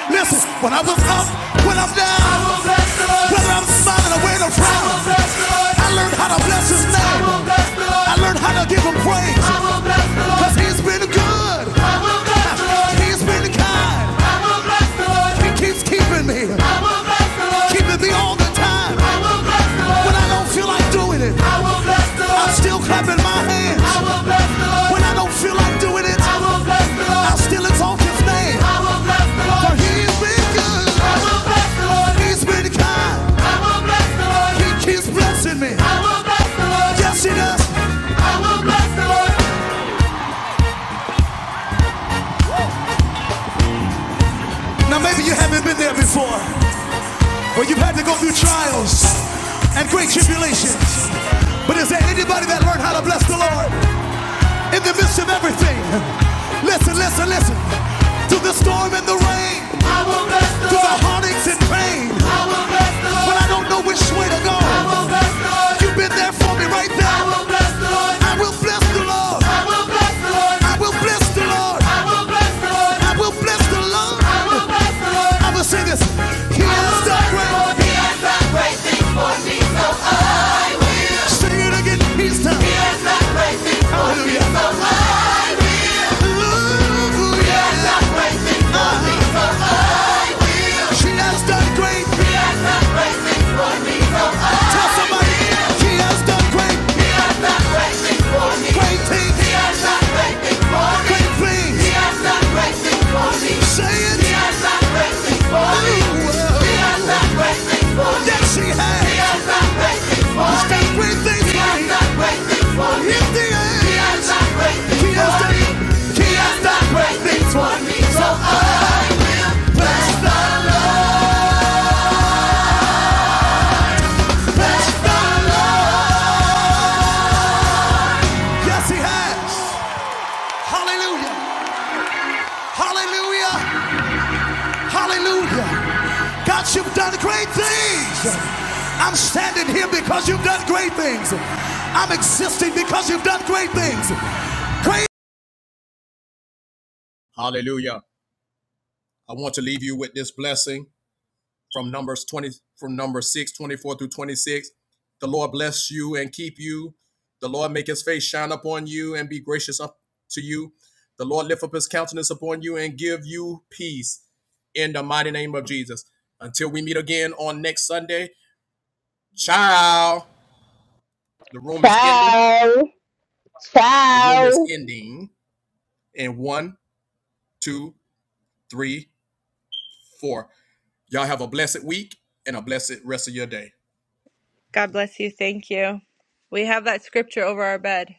Speaker 1: Listen, when I look up, when I'm down, I will bless the Lord. whether I'm smiling away or when i will bless the Lord. I learned how to bless His name. I will bless the Lord. I learned how to give Him praise. Cause He's been good. I will bless the Lord. He's been kind. I will bless the Lord. He keeps keeping me, I will bless the Lord. keeping me all the time. I will bless the When I don't feel like doing it, I will bless the I'm still clapping my hands. I will bless the Lord. When I don't feel like doing it, I will bless the Lord. I still exalt His name. I will bless the For He's been I will bless the Lord. He's been kind. I will bless the Lord. He keeps blessing me. I will bless the Lord. Yes, He does. I will bless the Lord. Now maybe you haven't been there before, where you've had to go through trials and great tribulations. But is there anybody that learned how to bless the Lord? In the midst of everything, listen, listen, listen. To the storm and the rain, I will bless the Lord. to the heartaches and pain. I will bless the When Lord. When I don't know which way to go, I will bless the Lord. you've been there for me right now. I will bless the Lord. I will bless the Lord. I will bless the Lord. I will bless the Lord. I will bless the Lord. I will bless the Lord. I will bless the Lord. I will sing this. He I has done the great. Lord. He has done great things. Sing it again. He's done. He has done Hallelujah. great Hallelujah. She has done great. Tell somebody she has done great. He has done Great things. for me. Great things. He has done great things for me. Great things. He has done great things for me. Say it. Ooh, oh. Yes, she has. She's done great things for me. Lift the hands. She has done. great things. She has done great things for me. He has done great things for me. So I bless the, bless the. Yes, he has. Hallelujah. Hallelujah. Hallelujah. God, you've done great things. I'm standing here because you've done great things. I'm existing because you've done great things. Great. Hallelujah. I want to leave you with this blessing. from numbers 20 from Numbers 6 24 through 26 the lord bless you and keep you the lord make his face shine upon you and be gracious up to you the lord lift up his countenance upon you and give you peace in the mighty name of jesus until we meet again on next sunday ciao the room is ending
Speaker 2: Ciao.
Speaker 1: the room is
Speaker 2: Ciao.
Speaker 1: ending in one two three four y'all have a blessed week and a blessed rest of your day
Speaker 11: God bless you. Thank you. We have that scripture over our bed.